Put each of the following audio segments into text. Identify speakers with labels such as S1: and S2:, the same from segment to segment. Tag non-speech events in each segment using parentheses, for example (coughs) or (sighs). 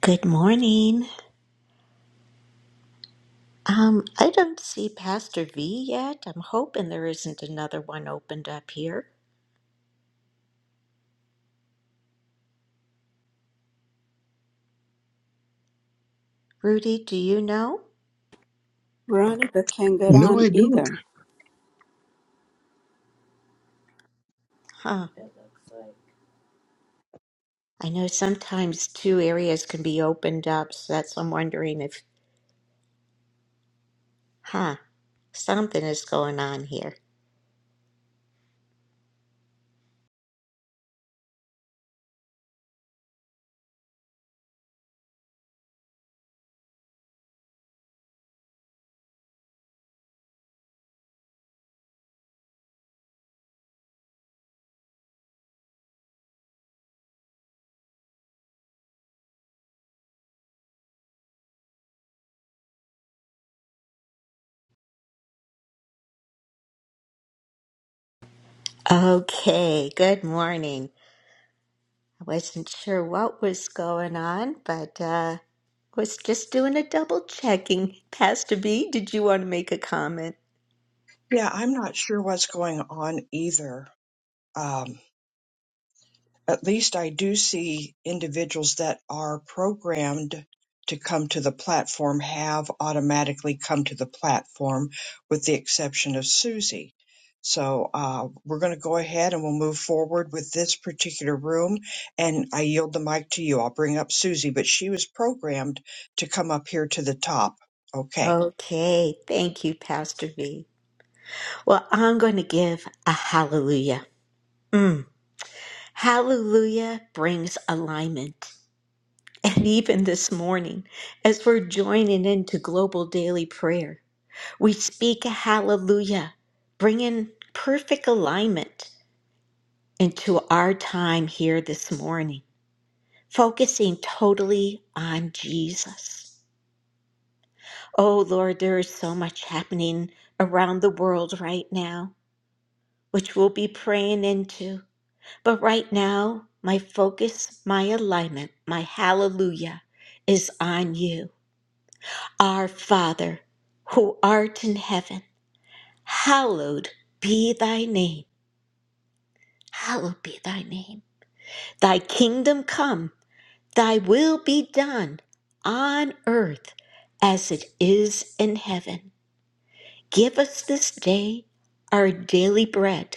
S1: Good morning. Um, I don't see Pastor V yet. I'm hoping there isn't another one opened up here. Rudy, do you know?
S2: Veronica can't get
S3: No,
S2: on
S3: I don't.
S2: either.
S1: Huh. I know sometimes two areas can be opened up, so that's I'm wondering if, huh, something is going on here. Okay, good morning. I wasn't sure what was going on, but uh was just doing a double checking. Pastor V, did you want to make a comment?
S4: Yeah, I'm not sure what's going on either. Um, at least I do see individuals that are programmed to come to the platform have automatically come to the platform, with the exception of Susie. So uh, we're going to go ahead and we'll move forward with this particular room. And I yield the mic to you. I'll bring up Susie, but she was programmed to come up here to the top. Okay.
S1: Okay, thank you, Pastor V. Well, I'm going to give a hallelujah. Mm. Hallelujah brings alignment. And even this morning, as we're joining into global daily prayer, we speak a hallelujah, bringing perfect alignment into our time here this morning, focusing totally on Jesus. Oh Lord, there is so much happening around the world right now, which we'll be praying into. But right now, my focus, my alignment, my hallelujah is on you. Our Father, who art in heaven, hallowed be thy name. Hallowed be thy name. Thy kingdom come, thy will be done on earth as it is in heaven. Give us this day our daily bread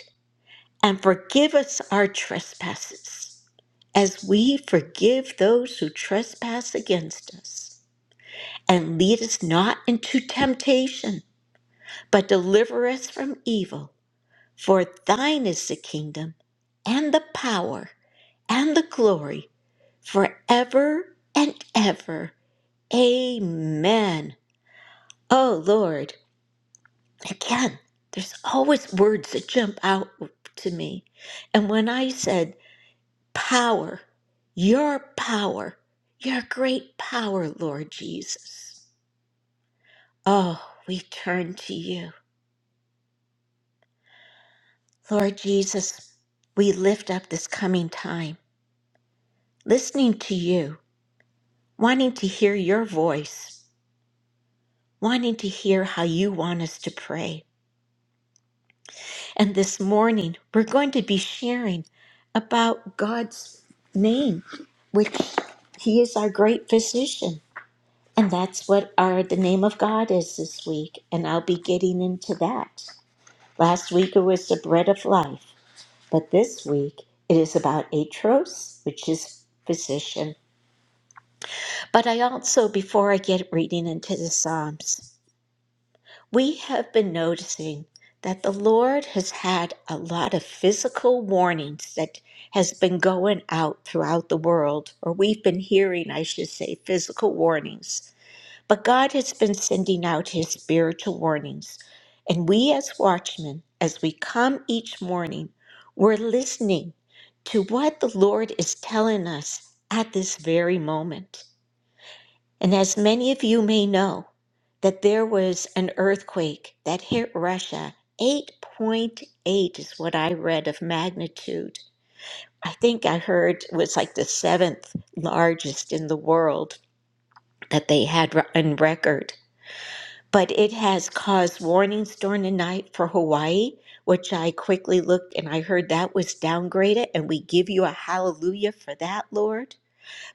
S1: and forgive us our trespasses, as we forgive those who trespass against us. And lead us not into temptation, but deliver us from evil. For thine is the kingdom, and the power, and the glory, forever and ever. Amen. Oh Lord, again, there's always words that jump out to me. And when I said, Power, your power, your great power, Lord Jesus. Oh, we turn to you. Lord Jesus, we lift up this coming time, listening to you, wanting to hear your voice, wanting to hear how you want us to pray. And this morning, we're going to be sharing about God's name, which He is our great physician. And that's what our the name of God is this week, and I'll be getting into that. Last week it was the bread of life, but this week it is about atros, which is physician. But I also, before I get reading into the Psalms, we have been noticing that the Lord has had a lot of physical warnings that has been going out throughout the world, or we've been hearing, I should say, physical warnings But God has been sending out his spiritual warnings, and we as watchmen, as we come each morning, we're listening to what the Lord is telling us at this very moment. And as many of you may know, that there was an earthquake that hit Russia. 8.8 is what I read of magnitude. I think I heard it was like the seventh largest in the world that they had re- on record but it has caused warnings during the night for Hawaii, which I quickly looked and I heard that was downgraded. And we give you a hallelujah for that, Lord.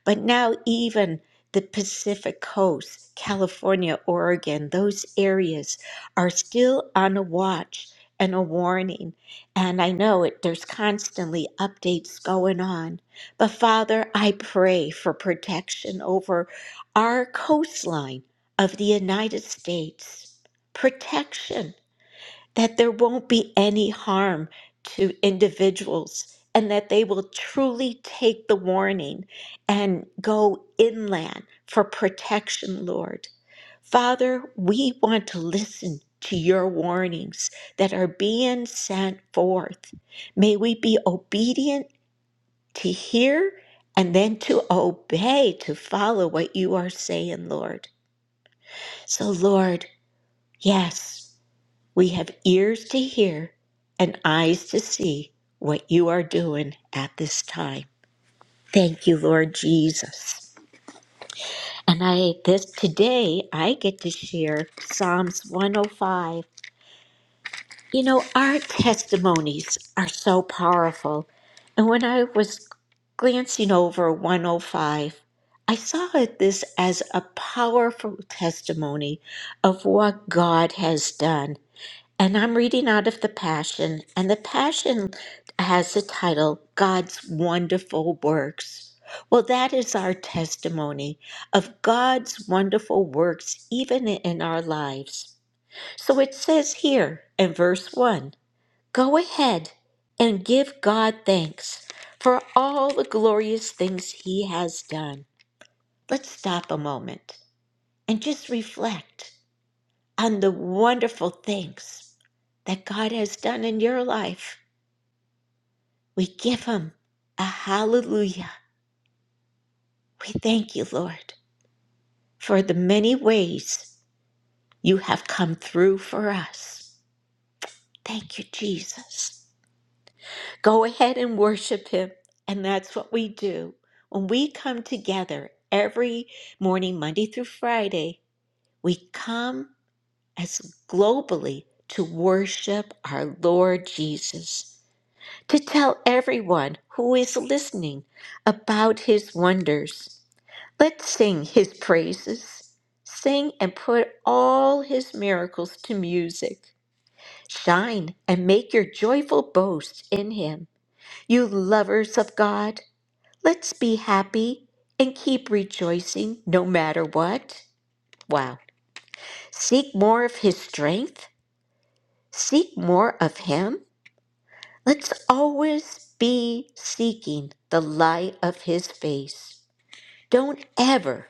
S1: But now, even the Pacific coast, California, Oregon, those areas are still on a watch and a warning. And I know it, there's constantly updates going on. But Father, I pray for protection over our coastline of the United States. Protection that there won't be any harm to individuals and that they will truly take the warning and go inland for protection, Lord. Father, we want to listen to your warnings that are being sent forth. May we be obedient to hear and then to obey, to follow what you are saying, Lord. So, Lord, yes. We have ears to hear and eyes to see what you are doing at this time. Thank you, Lord Jesus. And I this today I get to share Psalms 105. You know, our testimonies are so powerful. And when I was glancing over 105, I saw it this as a powerful testimony of what God has done And I'm reading out of the Passion, and the Passion has the title God's Wonderful Works. Well, that is our testimony of God's wonderful works, even in our lives. So it says here in verse 1 Go ahead and give God thanks for all the glorious things He has done. Let's stop a moment and just reflect on the wonderful things that God has done in your life. We give Him a hallelujah. We thank you, Lord, for the many ways you have come through for us. Thank you, Jesus. Go ahead and worship Him. And that's what we do. When we come together every morning, Monday through Friday, we come as globally to worship our Lord Jesus. to tell everyone who is listening about his wonders. Let's sing his praises. Sing and put all his miracles to music. Shine and make your joyful boast in him. You lovers of God, let's be happy and keep rejoicing no matter what. Wow. Seek more of his strength. Seek more of him. Let's always be seeking the light of his face. Don't ever,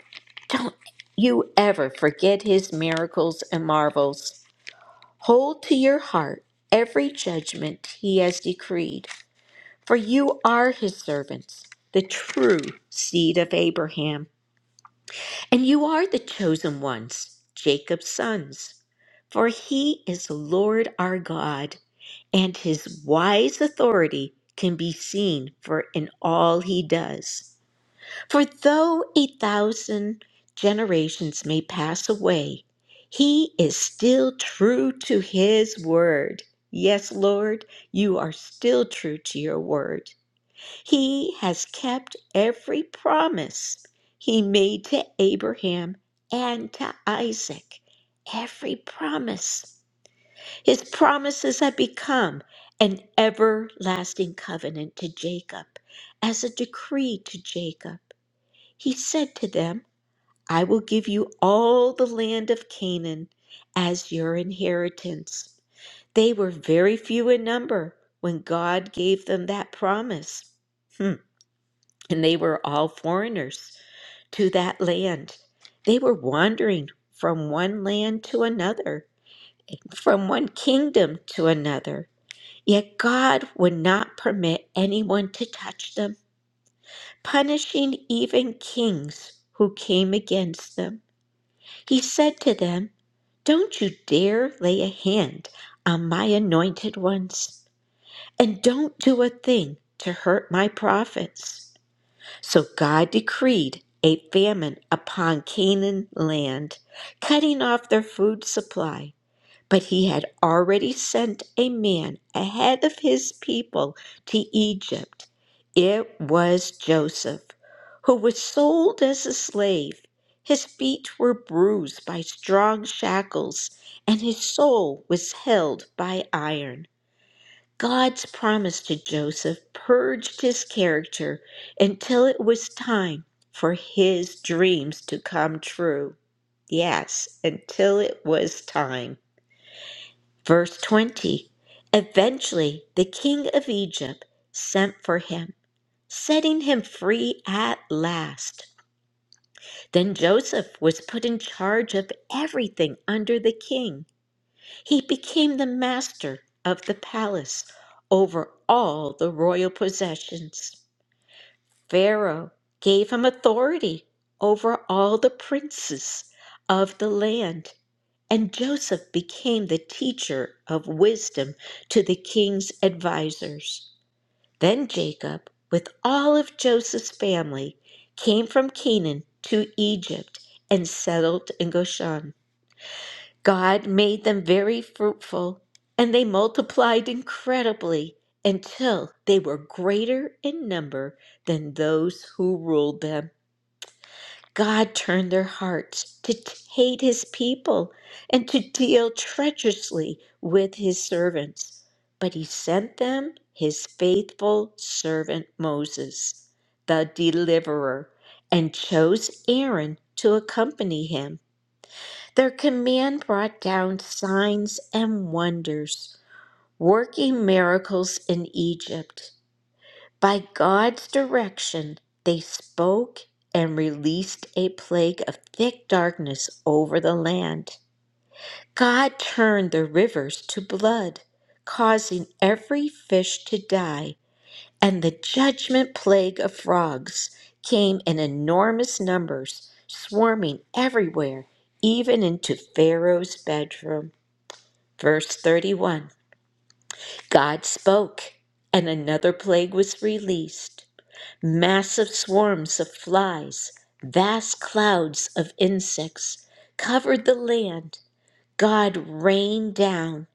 S1: don't you ever forget his miracles and marvels. Hold to your heart every judgment he has decreed, for you are his servants, the true seed of Abraham. And you are the chosen ones, Jacob's sons. For he is the Lord our God, and his wise authority can be seen for in all he does. For though a thousand generations may pass away, he is still true to his word. Yes, Lord, you are still true to your word. He has kept every promise he made to Abraham and to Isaac. Every promise. His promises have become an everlasting covenant to Jacob, as a decree to Jacob. He said to them, I will give you all the land of Canaan as your inheritance. They were very few in number when God gave them that promise. Hmm and they were all foreigners to that land. They were wandering from one land to another, from one kingdom to another. Yet God would not permit anyone to touch them, punishing even kings who came against them. He said to them, Don't you dare lay a hand on my anointed ones, and don't do a thing to hurt my prophets. So God decreed a famine upon Canaan land, cutting off their food supply. But he had already sent a man ahead of his people to Egypt. It was Joseph, who was sold as a slave. His feet were bruised by strong shackles, and his soul was held by iron. God's promise to Joseph purged his character until it was time for his dreams to come true. Yes, until it was time. Verse 20 Eventually, the king of Egypt sent for him, setting him free at last. Then Joseph was put in charge of everything under the king. He became the master of the palace over all the royal possessions. Pharaoh gave him authority over all the princes of the land, and Joseph became the teacher of wisdom to the king's advisors. Then Jacob, with all of Joseph's family, came from Canaan to Egypt and settled in Goshen. God made them very fruitful, and they multiplied incredibly until they were greater in number than those who ruled them. God turned their hearts to hate his people and to deal treacherously with his servants, but he sent them his faithful servant Moses, the deliverer, and chose Aaron to accompany him. Their command brought down signs and wonders, working miracles in Egypt. By God's direction, they spoke and released a plague of thick darkness over the land. God turned the rivers to blood, causing every fish to die, and the judgment plague of frogs came in enormous numbers, swarming everywhere, even into Pharaoh's bedroom. Verse 31 God spoke, and another plague was released massive swarms of flies, vast clouds of insects covered the land. God rained down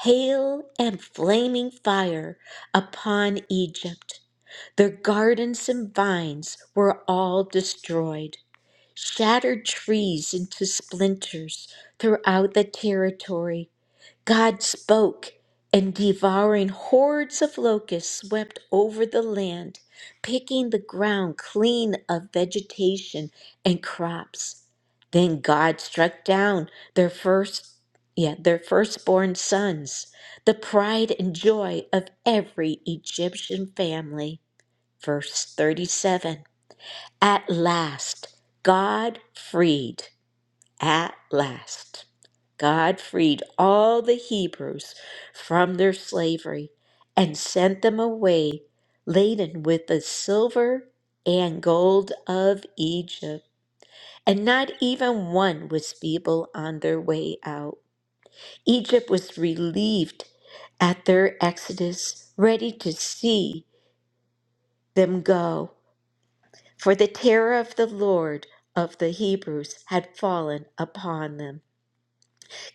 S1: hail and flaming fire upon Egypt. Their gardens and vines were all destroyed shattered trees into splinters throughout the territory. God spoke, and devouring hordes of locusts swept over the land, picking the ground clean of vegetation and crops. Then God struck down their first yeah, their firstborn sons, the pride and joy of every Egyptian family. Verse 37. At last, God freed, at last, God freed all the Hebrews from their slavery and sent them away laden with the silver and gold of Egypt. And not even one was feeble on their way out. Egypt was relieved at their exodus, ready to see them go. for the terror of the Lord of the Hebrews had fallen upon them.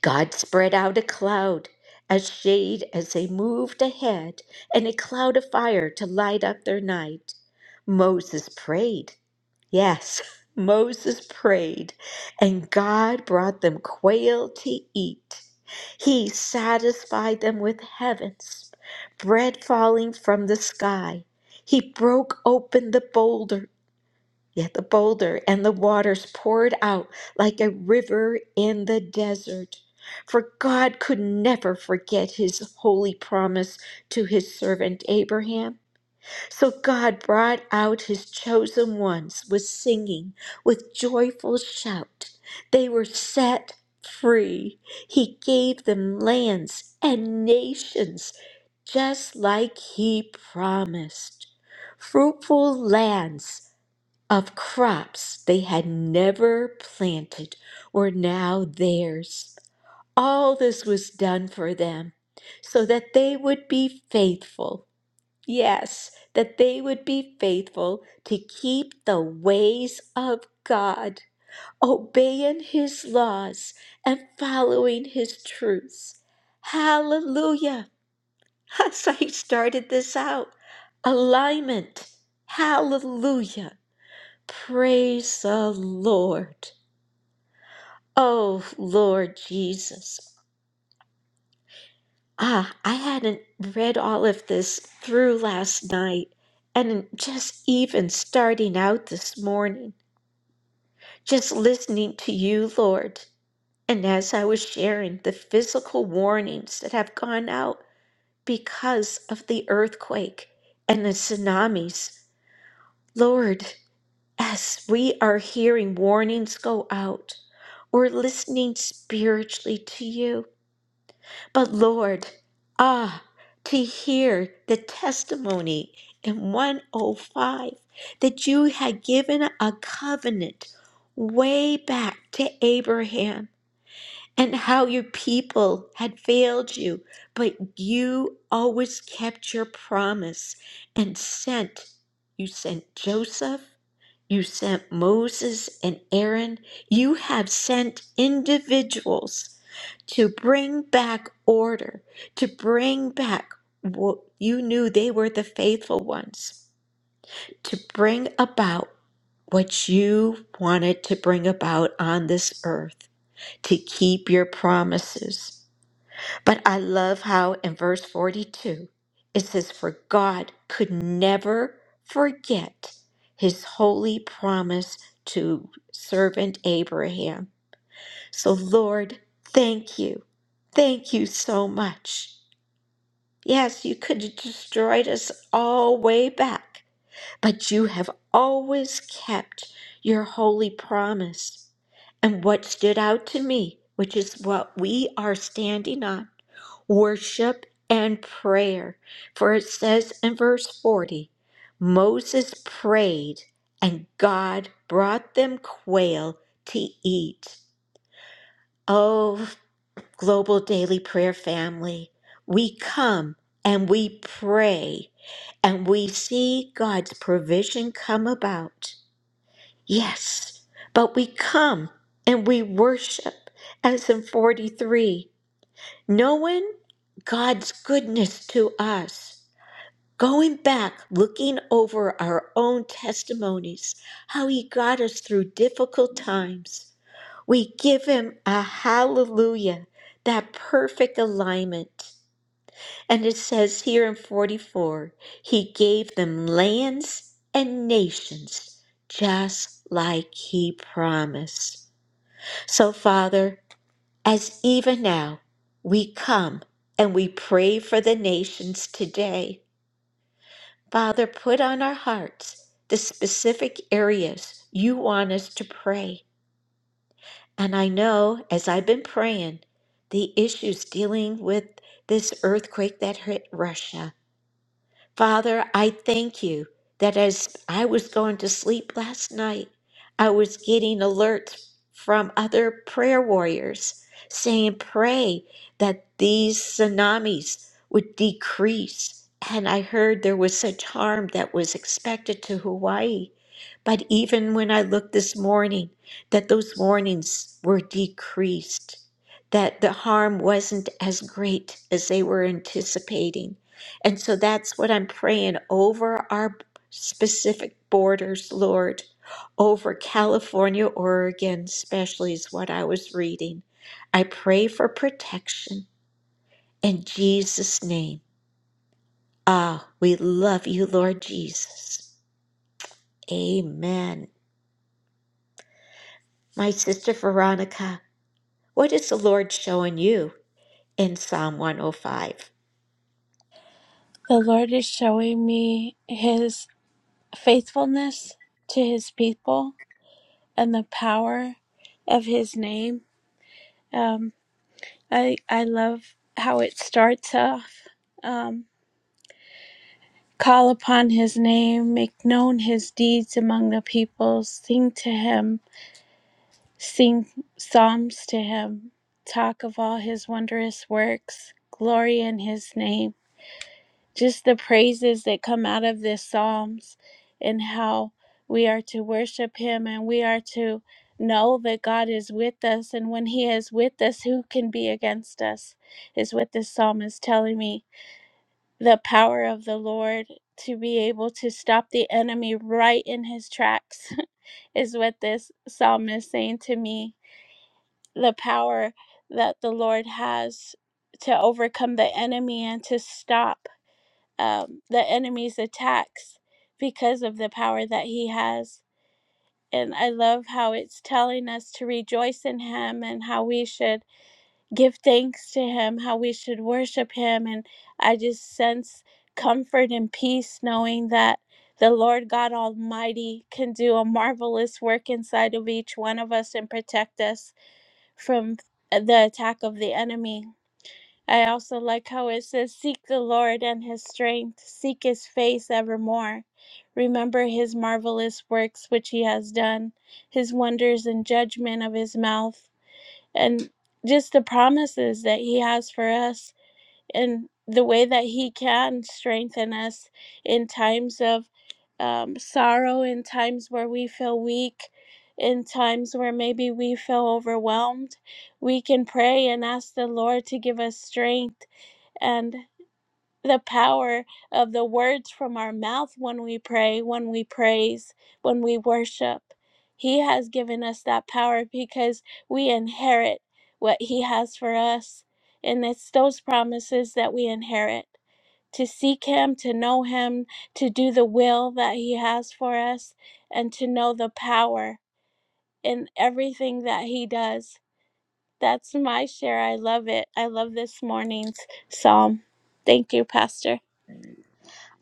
S1: God spread out a cloud, a shade as they moved ahead, and a cloud of fire to light up their night. Moses prayed. Yes, (laughs) Moses prayed, and God brought them quail to eat. He satisfied them with heavens, bread falling from the sky. He broke open the boulder. Yet the boulder and the waters poured out like a river in the desert. For God could never forget his holy promise to his servant Abraham. So God brought out his chosen ones with singing, with joyful shout. They were set free. He gave them lands and nations, just like he promised. Fruitful lands of crops they had never planted were now theirs. All this was done for them so that they would be faithful. Yes, that they would be faithful to keep the ways of God, obeying His laws and following His truths. Hallelujah. (laughs) As I started this out, alignment. Hallelujah. Praise the Lord. Oh, Lord Jesus. Ah, I hadn't read all of this through last night and just even starting out this morning, just listening to you, Lord. And as I was sharing the physical warnings that have gone out because of the earthquake and the tsunamis, Lord, as we are hearing warnings go out, we're listening spiritually to you. But Lord, ah, to hear the testimony in 105 that you had given a covenant way back to Abraham and how your people had failed you, but you always kept your promise and sent, you sent Joseph you sent Moses and Aaron. You have sent individuals to bring back order, to bring back what you knew they were the faithful ones, to bring about what you wanted to bring about on this earth, to keep your promises. But I love how in verse 42 it says, For God could never forget his holy promise to servant Abraham. So, Lord, thank you. Thank you so much. Yes, you could have destroyed us all way back, but you have always kept your holy promise. And what stood out to me, which is what we are standing on worship and prayer. For it says in verse 40 Moses prayed, and God brought them quail to eat. Oh. Global Daily Prayer family, we come and we pray and we see God's provision come about. Yes, but we come and we worship as in 43, knowing God's goodness to us. Going back, looking over our own testimonies, how He got us through difficult times, we give him a hallelujah, that perfect alignment. And it says here in 44, he gave them lands and nations, just like he promised. So, Father, as even now we come and we pray for the nations today, Father, put on our hearts the specific areas you want us to pray. And I know as I've been praying, the issues dealing with this earthquake that hit Russia. Father, I thank you that as I was going to sleep last night, I was getting alerts from other prayer warriors saying, pray that these tsunamis would decrease. And I heard there was such harm that was expected to Hawaii. But even when I looked this morning, that those warnings were decreased, that the harm wasn't as great as they were anticipating. And so that's what I'm praying over our specific borders, Lord, over California, Oregon, especially is what I was reading. I pray for protection in Jesus' name. Ah, we love you, Lord Jesus. Amen. My sister Veronica. What is the Lord showing you in Psalm 105?
S5: The Lord is showing me his faithfulness to his people and the power of his name. Um, I, I love how it starts off. Um, Call upon his name, make known his deeds among the peoples, sing to him, sing psalms to him, talk of all his wondrous works, glory in his name. just the praises that come out of this psalms and how we are to worship him and we are to know that God is with us and when he is with us who can be against us is what this psalm is telling me the power of the Lord to be able to stop the enemy right in his tracks (laughs) is what this psalm is saying to me the power that the Lord has to overcome the enemy and to stop um, the enemy's attacks because of the power that he has. And I love how it's telling us to rejoice in him and how we should give thanks to him, how we should worship him. And I just sense comfort and peace knowing that the Lord God Almighty can do a marvelous work inside of each one of us and protect us from the attack of the enemy. I also like how it says, Seek the Lord and his strength, seek his face evermore. Remember his marvelous works which he has done, his wonders and judgment of his mouth, and just the promises that he has for us, and the way that he can strengthen us in times of um, sorrow, in times where we feel weak, in times where maybe we feel overwhelmed. We can pray and ask the Lord to give us strength and the power of the words from our mouth when we pray, when we praise, when we worship. He has given us that power because we inherit what He has for us. And it's those promises that we inherit to seek Him, to know Him, to do the will that He has for us, and to know the power in everything that He does. That's my share. I love it. I love this morning's psalm. Thank you, Pastor.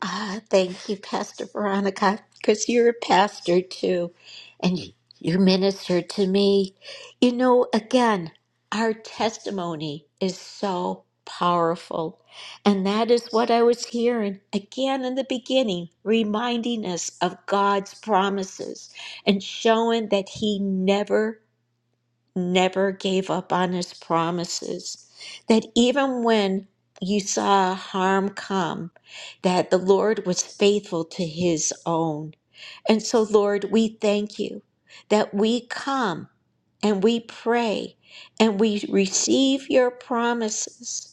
S1: Ah, thank you, Pastor Veronica, because you're a pastor too, and you you minister to me. You know, again, our testimony is so powerful, and that is what I was hearing again in the beginning, reminding us of God's promises and showing that He never never gave up on his promises. That even when you saw harm come, that the Lord was faithful to his own. And so, Lord, we thank you that we come and we pray and we receive your promises.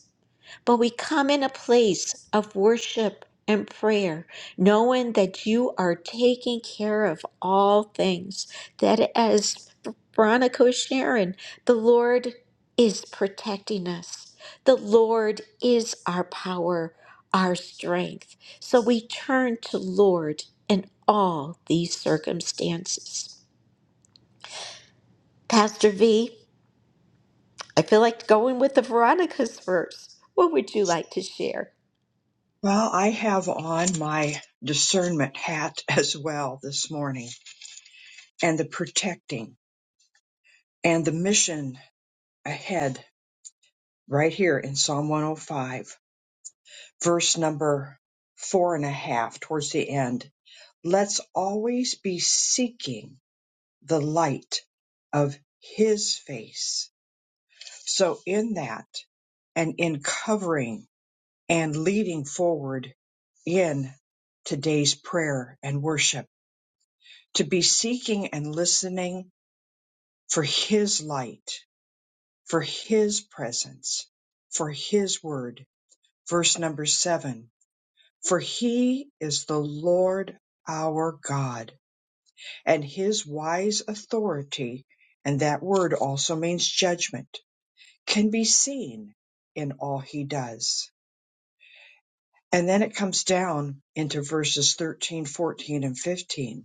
S1: But we come in a place of worship and prayer, knowing that you are taking care of all things, that as Veronica was sharing, the Lord is protecting us. The Lord is our power, our strength. So we turn to Lord in all these circumstances. Pastor V, I feel like going with the Veronica's verse. What would you like to share?
S4: Well, I have on my discernment hat (laughs) as well this morning and the protecting and the mission ahead right here in Psalm 105, verse number four and a half towards the end. Let's always be seeking the light of his face. So in that and in covering and leading forward in today's prayer and worship to be seeking and listening for His light, for His presence, for His word. Verse number seven For He is the Lord our God, and His wise authority, and that word also means judgment, can be seen in all He does. And then it comes down into verses 13, 14, and 15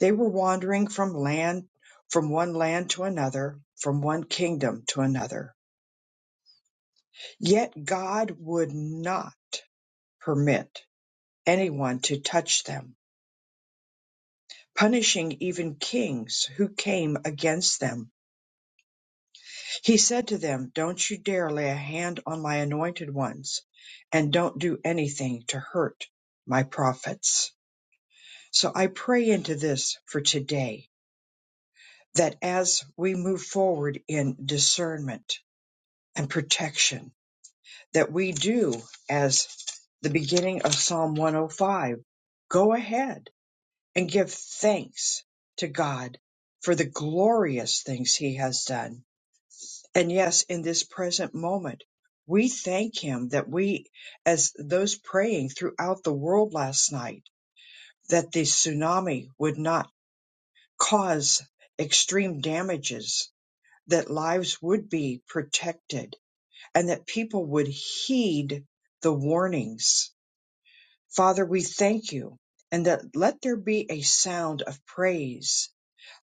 S4: They were wandering from land, from one land to another, from one kingdom to another. Yet God would not permit anyone to touch them, punishing even kings who came against them. He said to them, Don't you dare lay a hand on my anointed ones, and don't do anything to hurt my prophets. So I pray into this for today, that as we move forward in discernment and protection, that we do as the beginning of Psalm 105. Go ahead and give thanks to God for the glorious things he has done. And yes, in this present moment, we thank him that we, as those praying throughout the world last night, that the tsunami would not cause extreme damages, that lives would be protected, and that people would heed the warnings Father, we thank you and that let there be a sound of praise,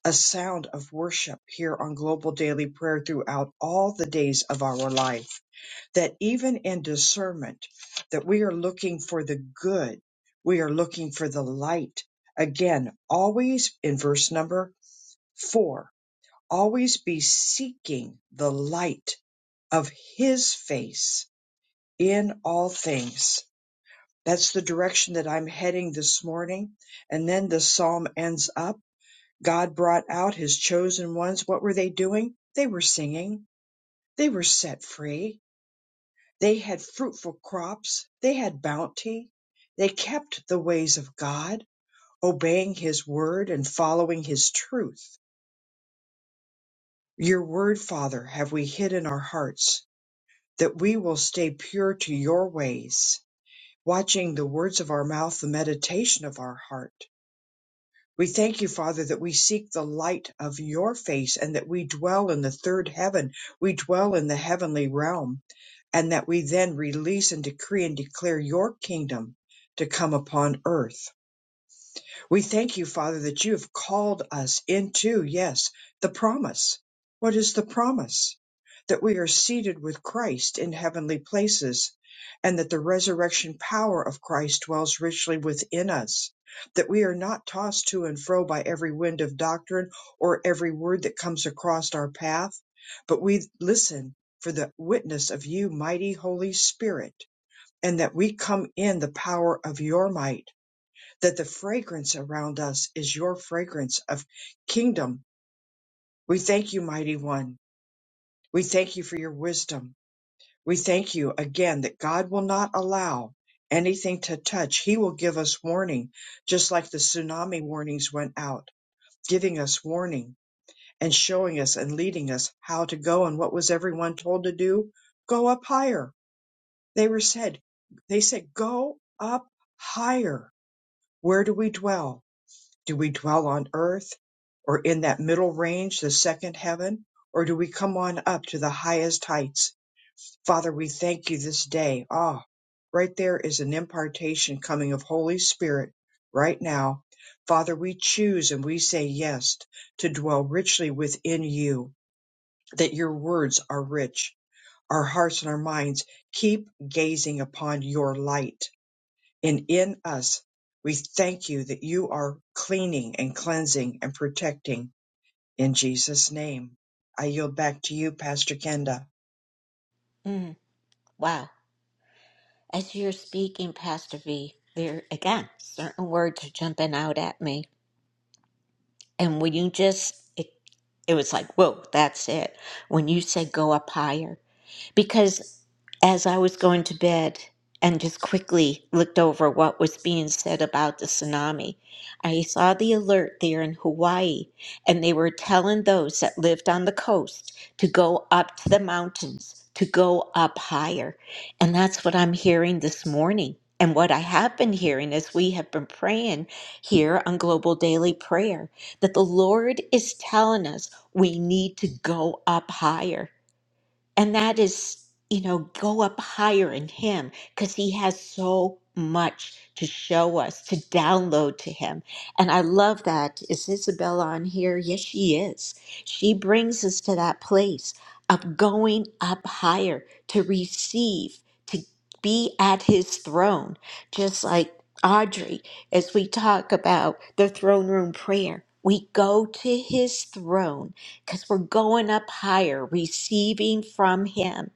S4: a sound of worship here on Global Daily Prayer throughout all the days of our life. That even in discernment, that we are looking for the good, we are looking for the light. Again, always in verse number four, always be seeking the light of his face in all things that's the direction that I'm heading this morning. And then the psalm ends up. God brought out his chosen ones. What were they doing? They were singing. They were set free. They had fruitful crops. They had bounty. They kept the ways of God, obeying his word and following his truth. Your word, Father, have we hid in our hearts that we will stay pure to your ways, watching the words of our mouth, the meditation of our heart We thank you, Father, that we seek the light of your face and that we dwell in the third heaven. We dwell in the heavenly realm and that we then release and decree and declare your kingdom to come upon earth. We thank you, Father, that you have called us into, yes, the promise. What is the promise? That we are seated with Christ in heavenly places, and that the resurrection power of Christ dwells richly within us. That we are not tossed to and fro by every wind of doctrine or every word that comes across our path, but we listen for the witness of you, mighty Holy Spirit, and that we come in the power of your might that the fragrance around us is your fragrance of kingdom. We thank you, mighty one. We thank you for your wisdom. We thank you again that God will not allow anything to touch. He will give us warning, just like the tsunami warnings went out, giving us warning and showing us and leading us how to go. And what was everyone told to do? Go up higher. They were said, they said, go up higher. Where do we dwell? Do we dwell on earth or in that middle range, the second heaven, or do we come on up to the highest heights? Father, we thank you this day. Ah, right there is an impartation coming of Holy Spirit right now. Father, we choose and we say yes to dwell richly within you, that your words are rich. Our hearts and our minds keep gazing upon your light and in us. We thank you that you are cleaning and cleansing and protecting in Jesus' name. I yield back to you, Pastor Kenda.
S1: Mm, wow. As you're speaking, Pastor V, there again, certain words are jumping out at me. And when you just, it, it was like, whoa, that's it. When you said go up higher, because as I was going to bed and just quickly looked over what was being said about the tsunami, I saw the alert there in Hawaii, and they were telling those that lived on the coast to go up to the mountains, to go up higher. And that's what I'm hearing this morning. And what I have been hearing as we have been praying here on Global Daily Prayer, that the Lord is telling us we need to go up higher. And that is, you know, go up higher in Him because He has so much to show us, to download to Him. And I love that. Is Isabel on here? Yes, she is. She brings us to that place of going up higher to receive, to be at His throne, just like Audrey, as we talk about the throne room prayer. We go to His throne because we're going up higher, receiving from Him.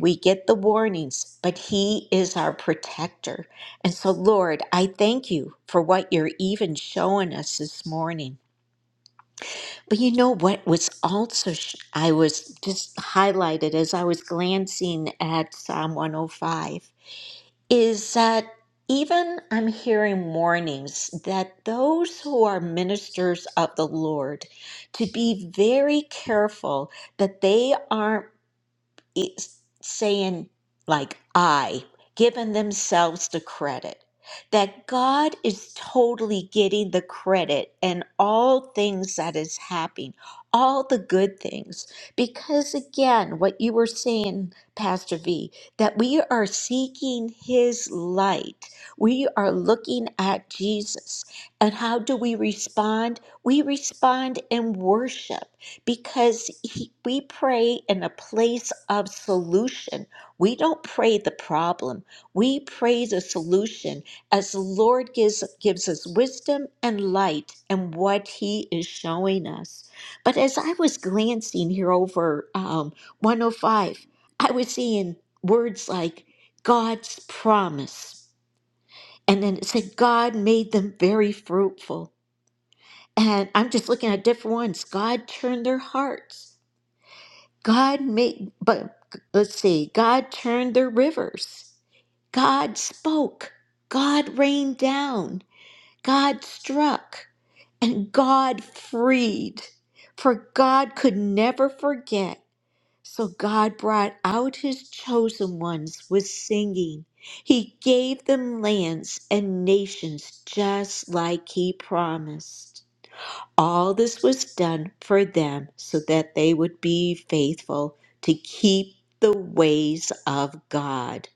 S1: We get the warnings, but He is our protector. And so, Lord, I thank you for what you're even showing us this morning. But you know what was also, sh- I was just highlighted as I was glancing at Psalm 105 is that even I'm hearing warnings that those who are ministers of the Lord to be very careful that they aren't it's saying like I, giving themselves the credit. That God is totally getting the credit and all things that is happening, all the good things. Because again, what you were saying, Pastor V, that we are seeking his light. We are looking at Jesus. And how do we respond? We respond in worship because he, we pray in a place of solution. We don't pray the problem. We pray the solution as the Lord gives, gives us wisdom and light and what he is showing us. But as I was glancing here over um, 105, I was seeing words like God's promise. And then it said, God made them very fruitful. And I'm just looking at different ones. God turned their hearts. God made, but let's see, God turned the rivers. God spoke. God rained down. God struck. And God freed. For God could never forget. So God brought out his chosen ones with singing. He gave them lands and nations just like he promised. All this was done for them so that they would be faithful to keep the ways of God,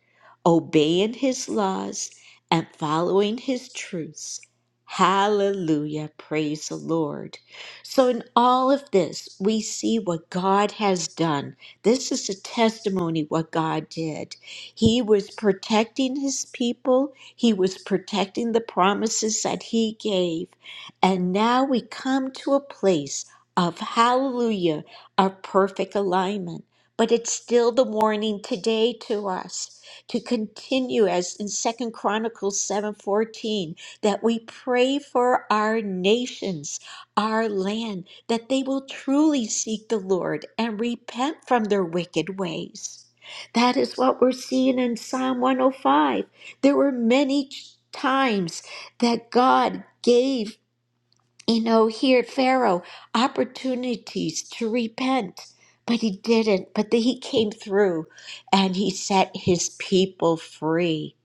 S1: obeying his laws and following his truths. Hallelujah. Praise the Lord. So, in all of this, we see what God has done. This is a testimony what God did. He was protecting his people, he was protecting the promises that he gave and now we come to a place of hallelujah, our perfect alignment. But it's still the warning today to us to continue as in Second Chronicles 7:14 that we pray for our nations, our land, that they will truly seek the Lord and repent from their wicked ways. That is what we're seeing in Psalm 105. There were many ch- times that God gave you know, here at Pharaoh opportunities to repent, but he didn't. But then he came through and he set his people free.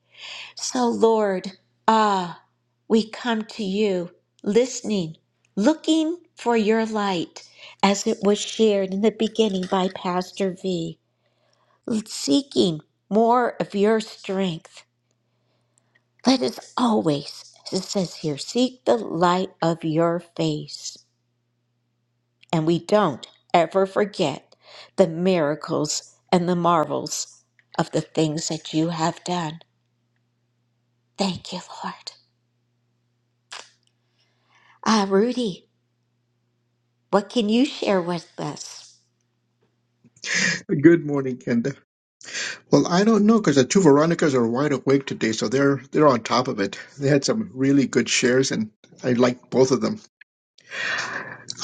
S1: So, Lord, ah, we come to you listening, looking for your light as it was shared in the beginning by Pastor V, seeking more of your strength. Let us always, as it says here, seek the light of your face. and we don't ever forget the miracles and the marvels of the things that you have done. Thank you, Lord. Ah, Rudy, what can you share with us?
S3: Good morning, Kenda. Well, I don't know because the two Veronicas are wide awake today, so they're they're on top of it. They had some really good shares, and I liked both of them.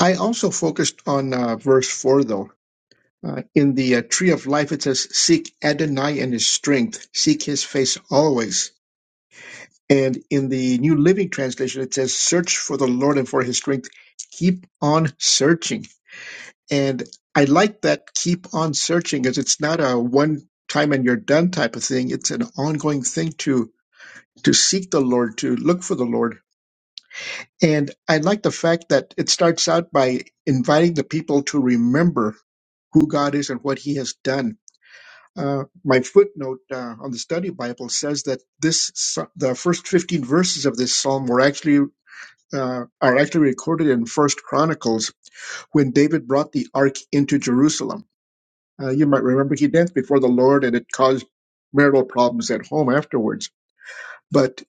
S3: I also focused on uh, verse four, though. Uh, in the uh, tree of life, it says, "Seek Adonai and His strength; seek His face always." And in the New Living Translation, it says, Search for the Lord and for his strength. Keep on searching. And I like that keep on searching as it's not a one time and you're done type of thing. It's an ongoing thing to, to seek the Lord, to look for the Lord. And I like the fact that it starts out by inviting the people to remember who God is and what he has done. Uh, my footnote uh, on the study Bible says that this the first 15 verses of this psalm were actually uh, are actually recorded in First Chronicles when David brought the ark into Jerusalem. Uh, you might remember he danced before the Lord, and it caused marital problems at home afterwards. But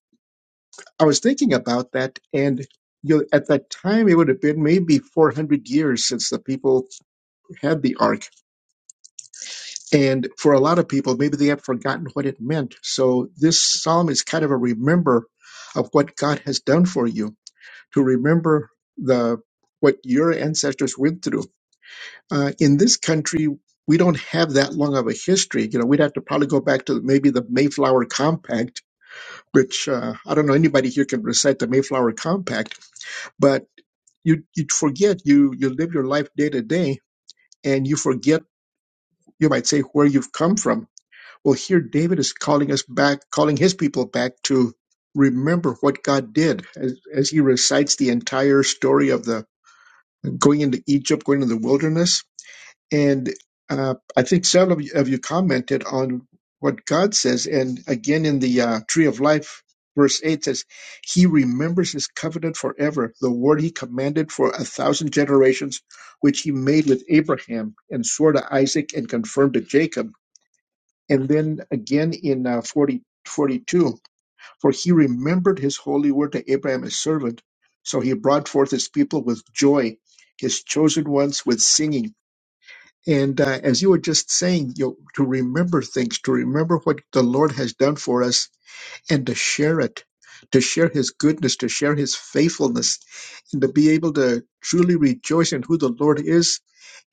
S3: I was thinking about that, and you know, at that time it would have been maybe 400 years since the people had the ark, and for a lot of people, maybe they have forgotten what it meant. So this psalm is kind of a remember of what God has done for you, to remember the what your ancestors went through Uh, in this country, we don't have that long of a history. You know, we'd have to probably go back to maybe the Mayflower Compact, which uh, I don't know anybody here can recite the Mayflower Compact, but you you forget you you live your life day to day, and you forget you might say where you've come from. Well, here David is calling us back, calling his people back to remember what God did as, as he recites the entire story of the going into Egypt, going to the wilderness And uh, I think several of you, of you commented on what God says. And again, in the uh, Tree of Life, verse 8 says, He remembers His covenant forever, the word He commanded for a thousand generations, which He made with Abraham and swore to Isaac and confirmed to Jacob. And then again in uh, 40, forty-two, For He remembered His holy word to Abraham, His servant. So He brought forth His people with joy, His chosen ones with singing. And uh, as you were just saying, you to remember things, to remember what the Lord has done for us, and to share it, to share His goodness, to share His faithfulness, and to be able to truly rejoice in who the Lord is.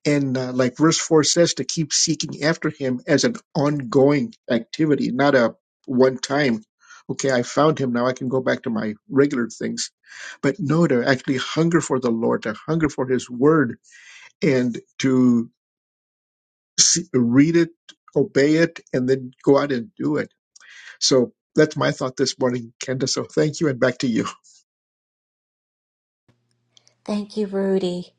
S3: And uh, like verse 4 says, to keep seeking after Him as an ongoing activity, not a one time, okay, I found Him, now I can go back to my regular things. But no, to actually hunger for the Lord, to hunger for His word, and to s- read it, obey it, and then go out and do it. So that's my thought this morning, Kenda. So thank you, and back to you.
S1: Thank you, Rudy.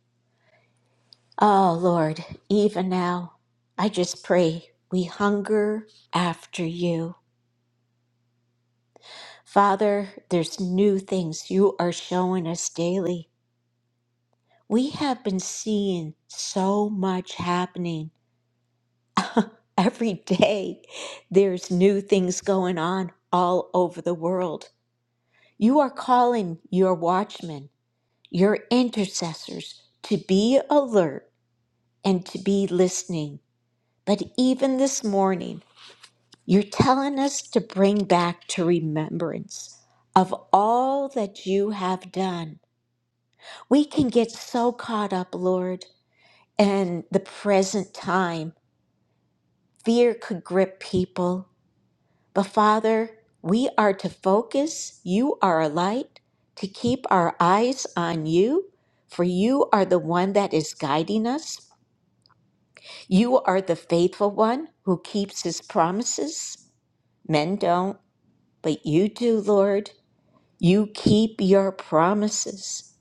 S1: Oh, Lord, even now, I just pray we hunger after you. Father, there's new things you are showing us daily. We have been seeing so much happening Every day, there's new things going on all over the world. You are calling your watchmen, your intercessors, to be alert and to be listening. But even this morning, you're telling us to bring back to remembrance of all that you have done. We can get so caught up, Lord, in the present time. Fear could grip people, But Father, we are to focus. You are a light, to keep our eyes on you, for you are the one that is guiding us. You are the faithful one who keeps his promises. Men don't, but you do, Lord. You keep your promises.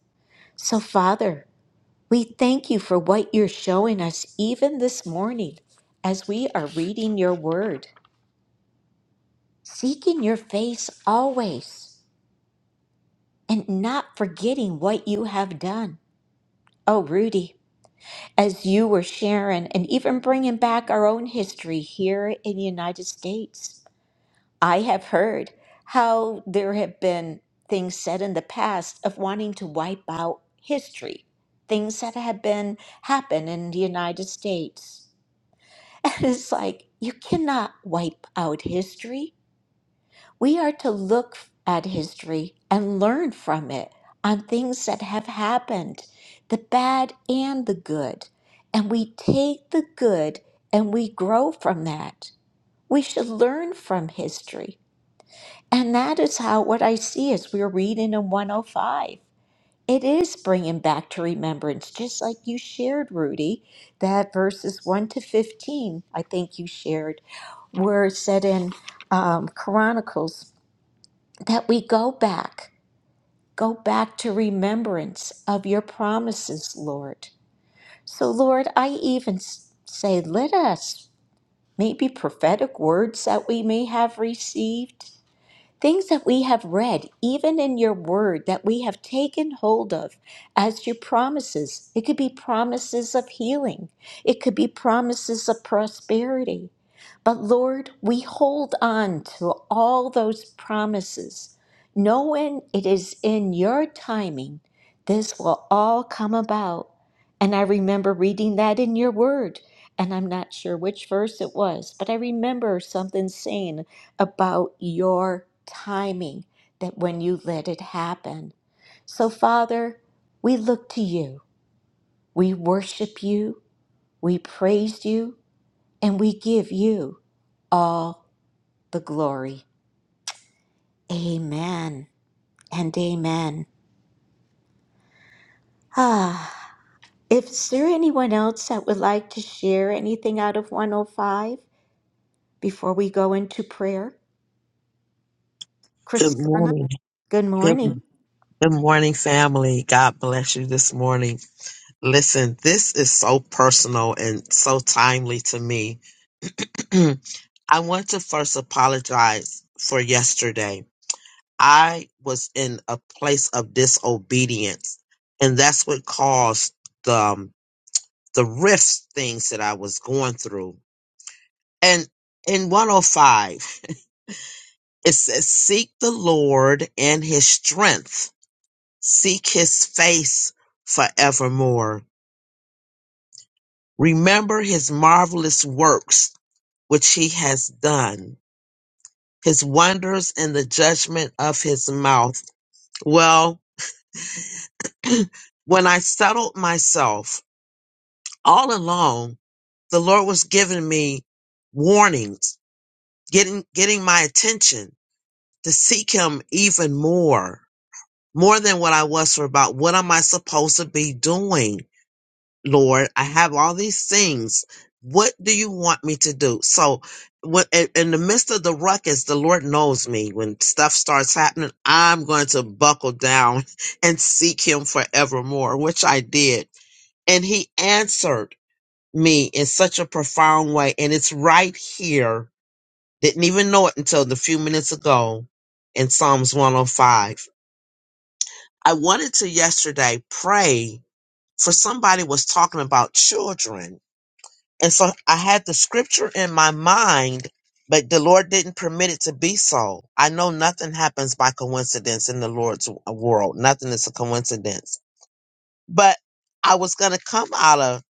S1: So, Father, we thank you for what you're showing us even this morning as we are reading your word, seeking your face always. and not forgetting what you have done. Oh, Rudy, as you were sharing and even bringing back our own history here in the United States, I have heard how there have been things said in the past of wanting to wipe out history, things that have been happened in the United States. (laughs) And it's like, you cannot wipe out history We are to look at history and learn from it on things that have happened, the bad and the good. And we take the good and we grow from that. We should learn from history. And that is how what I see as we're reading in 105. It is bringing back to remembrance, just like you shared, Rudy, that verses 1 to 15, I think you shared, were set in um, Chronicles that we go back, go back to remembrance of your promises, Lord. So, Lord, I even s- say, let us, maybe prophetic words that we may have received, things that we have read, even in your word, that we have taken hold of as your promises. It could be promises of healing, it could be promises of prosperity. But Lord, we hold on to all those promises, knowing it is in your timing this will all come about. And I remember reading that in your word. And I'm not sure which verse it was, but I remember something saying about your timing that when you let it happen. So, Father, we look to you, we worship you, we praise you, and we give you all the glory. Amen and amen. Ah, if is there anyone else that would like to share anything out of 105 before we go into prayer?
S6: Good
S1: Christana,
S6: morning.
S1: good
S6: Good,
S1: morning.
S6: good morning, family. God bless you this morning. Listen, this is so personal and so timely to me. (clears throat) I want to first apologize for yesterday. I was in a place of disobedience, and that's what caused the, um, the rift things that I was going through. And in 105, (laughs) it says, Seek the Lord and his strength. Seek his face forevermore. Remember his marvelous works which he has done, his wonders and the judgment of his mouth. Well, (clears throat) when I settled myself all along, the Lord was giving me warnings, getting, getting my attention to seek him even more, more than what I was for about what am I supposed to be doing? Lord, I have all these things. What do you want me to do? So, what in in the midst of the ruckus, the Lord knows me. When stuff starts happening, I'm going to buckle down (laughs) and seek Him forevermore, which I did. And He answered me in such a profound way. And it's right here. Didn't even know it until the few minutes ago in Psalms 105. I wanted to yesterday pray for somebody was talking about children And so I had the scripture in my mind, but the Lord didn't permit it to be so. I know nothing happens by coincidence in the Lord's w- uh, world. Nothing is a coincidence. But I was going to come out of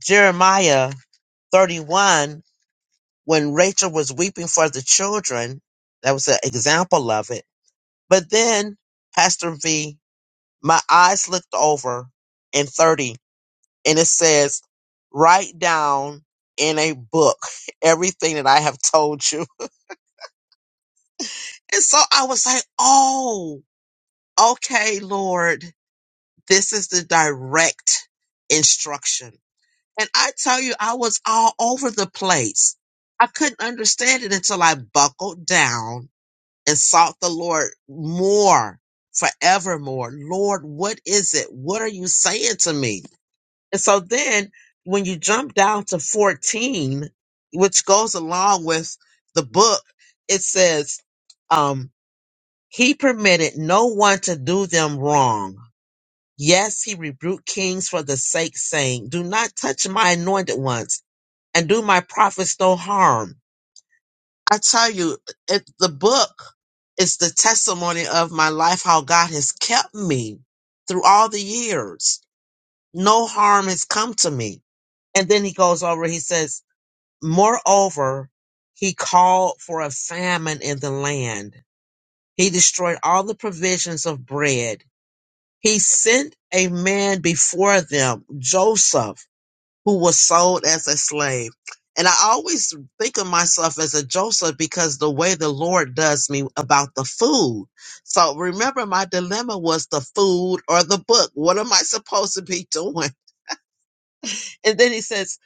S6: Jeremiah 31 when Rachel was weeping for the children. That was an example of it. But then, Pastor V, my eyes looked over in 30 and it says, write down in a book everything that I have told you. And so I was like, oh, okay, Lord, this is the direct instruction. And I tell you, I was all over the place. I couldn't understand it until I buckled down and sought the Lord more, forevermore. Lord, what is it? What are you saying to me? And so then when you jump down to 14, which goes along with the book, it says, um, he permitted no one to do them wrong. Yes, he rebuked kings for the sake saying, do not touch my anointed ones and do my prophets no harm. I tell you, it, the book is the testimony of my life, how God has kept me through all the years. No harm has come to me and then he goes over, he says, Moreover, he called for a famine in the land. He destroyed all the provisions of bread. He sent a man before them, Joseph, who was sold as a slave. And I always think of myself as a Joseph because the way the Lord does me about the food. So remember, my dilemma was the food or the book. What am I supposed to be (laughs) doing? And then he says,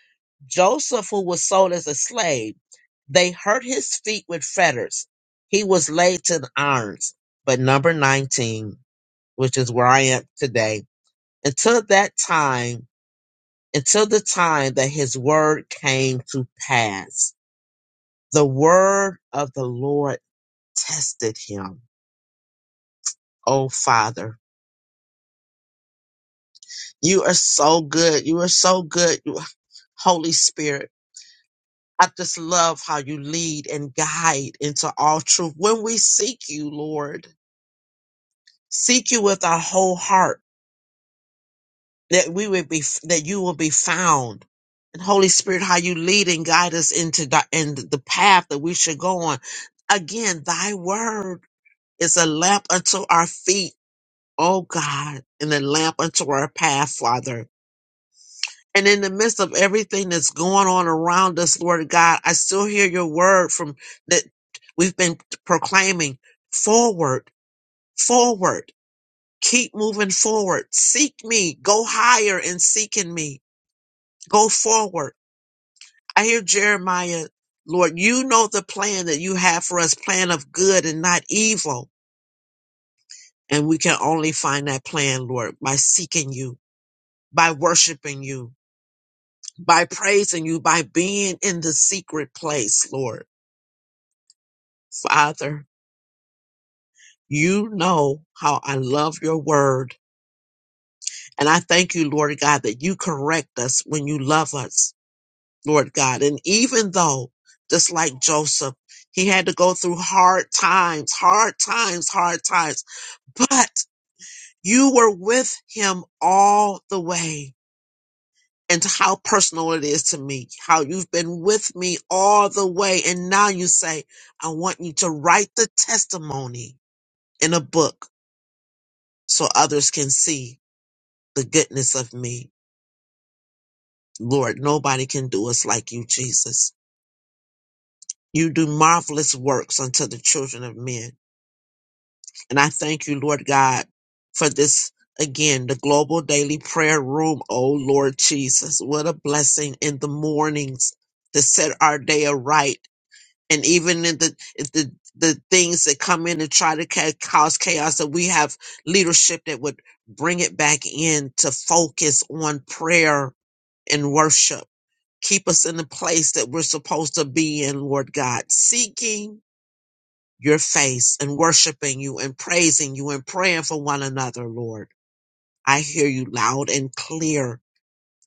S6: Joseph, who was sold as a slave. They hurt his feet with fetters. He was laid to the irons. But number 19, which is where I am today, until that time, until the time that his word came to pass, the word of the Lord tested him. Oh, Father, you are so good. You are so good. You, Holy Spirit, I just love how you lead and guide into all truth. When we seek you, Lord, seek you with our whole heart that we would be that you will be found and holy spirit how you lead and guide us into the and the path that we should go on again thy word is a lamp unto our feet oh god and a lamp unto our path father and in the midst of everything that's going on around us lord god i still hear your word from that we've been proclaiming forward forward keep moving forward seek me go higher and seek in me go forward. I hear Jeremiah, Lord, you know the plan that you have for us, plan of good and not evil. And we can only find that plan, Lord, by seeking you, by worshiping you, by praising you, by being in the secret place, Lord. Father, you know how I love your word. And I thank you, Lord God, that you correct us when you love us Lord God. And even though, just like Joseph, he had to go through hard times, hard times, hard times, but you were with him all the way. And how personal it is to me, how you've been with me all the way. And now you say, I want you to write the testimony in a book so others can see the goodness of me. Lord, nobody can do us like you, Jesus. You do marvelous works unto the children of men. And I thank you, Lord God, for this again, the global daily prayer room. Oh, Lord Jesus, what a blessing in the mornings to set our day aright. And even in the, if the, the things that come in and try to ca- cause chaos, that we have leadership that would bring it back in to focus on prayer and worship. Keep us in the place that we're supposed to be in, Lord God, seeking your face and worshiping you and praising you and praying for one another, Lord. I hear you loud and clear.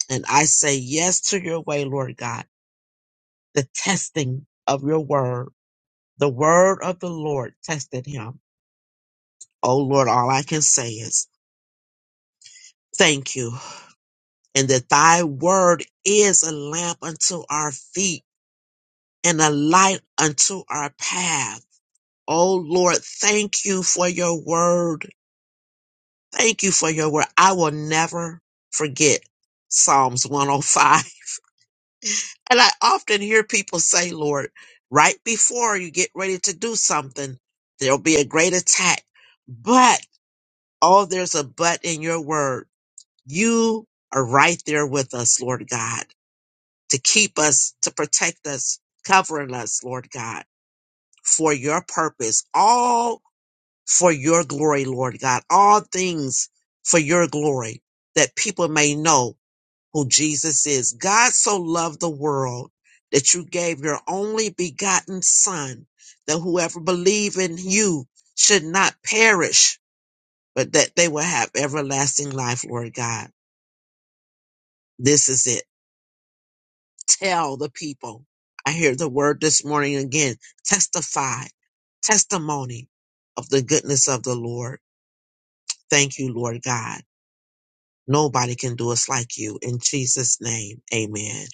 S6: And I say yes to your way, Lord God. The testing of your word, the word of the Lord tested him. Oh Lord, all I can say is thank you. And that thy word is a lamp unto our feet and a light unto our path. Oh Lord, thank you for your word Thank you for your word. I will never forget Psalms 105. (laughs) And I often hear people say, Lord, right before you get ready to do something, there'll be a great attack. But, oh, there's a but in your word. You are right there with us, Lord God, to keep us, to protect us, covering us, Lord God, for your purpose, all for your glory, Lord God, all things for your glory that people may know who Jesus is. God so loved the world that you gave your only begotten son that whoever believe in you should not perish, but that they will have everlasting life, Lord God. This is it. Tell the people. I hear the word this morning again. Testify, testimony of the goodness of the Lord. Thank you, Lord God. Nobody can do us like you. In Jesus' name, amen.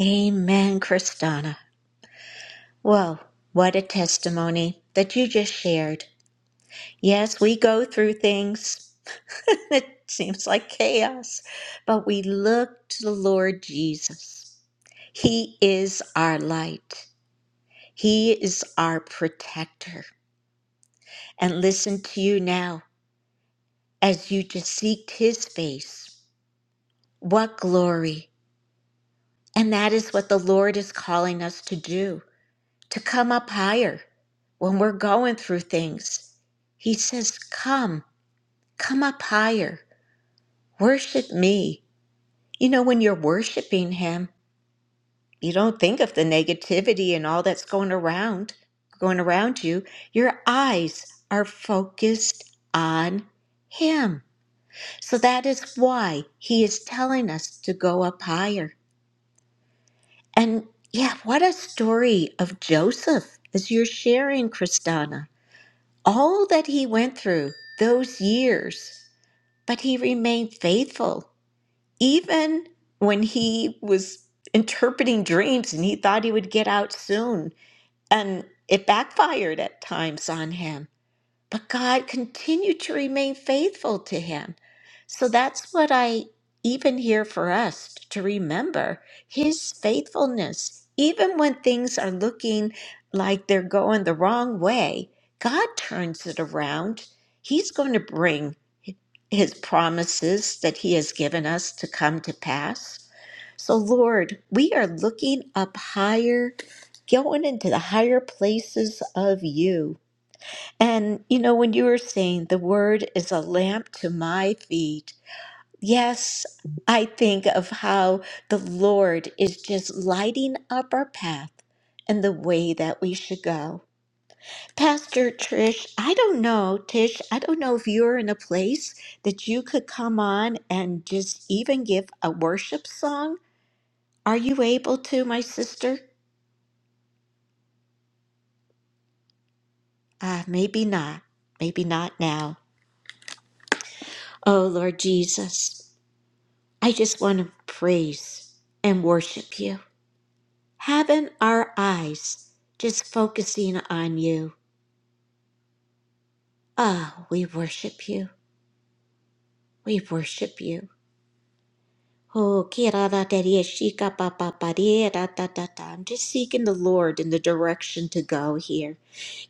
S1: Amen, Christana. Well, what a testimony that you just shared. Yes, we go through things. (laughs) it seems like chaos, but we look to the Lord Jesus. He is our light, He is our protector. And listen to you now as you just seek His face. What glory! And that is what the Lord is calling us to do. to come up higher when we're going through things. He says, Come, come up higher, worship me. You know, when you're worshiping Him, you don't think of the negativity and all that's going around, going around you. Your eyes are focused on Him. So that is why He is telling us to go up higher. And yeah, what a story of Joseph as you're sharing, Kristana. all that he went through those years, but he remained faithful. Even when he was interpreting dreams and he thought he would get out soon, and it backfired at times on him. But God continued to remain faithful to him. So that's what I even hear for us to remember his faithfulness. Even when things are looking like they're going the wrong way, God turns it around. He's going to bring his promises that he has given us to come to pass. So, Lord, we are looking up higher, going into the higher places of you. And you know, when you were saying the word is a lamp to my feet, yes, I think of how the Lord is just lighting up our path and the way that we should go. Pastor Trish, I don't know, Tish, I don't know if you're in a place that you could come on and just even give a worship song. Are you able to, my sister? Ah, maybe not. Maybe not now. Oh, Lord Jesus. I just want to praise and worship you. Having our eyes just focusing on you. Ah, we worship you. We worship you. Oh, kira da da dia shika pa pa pa dia da da da da. I'm just seeking the Lord in the direction to go here.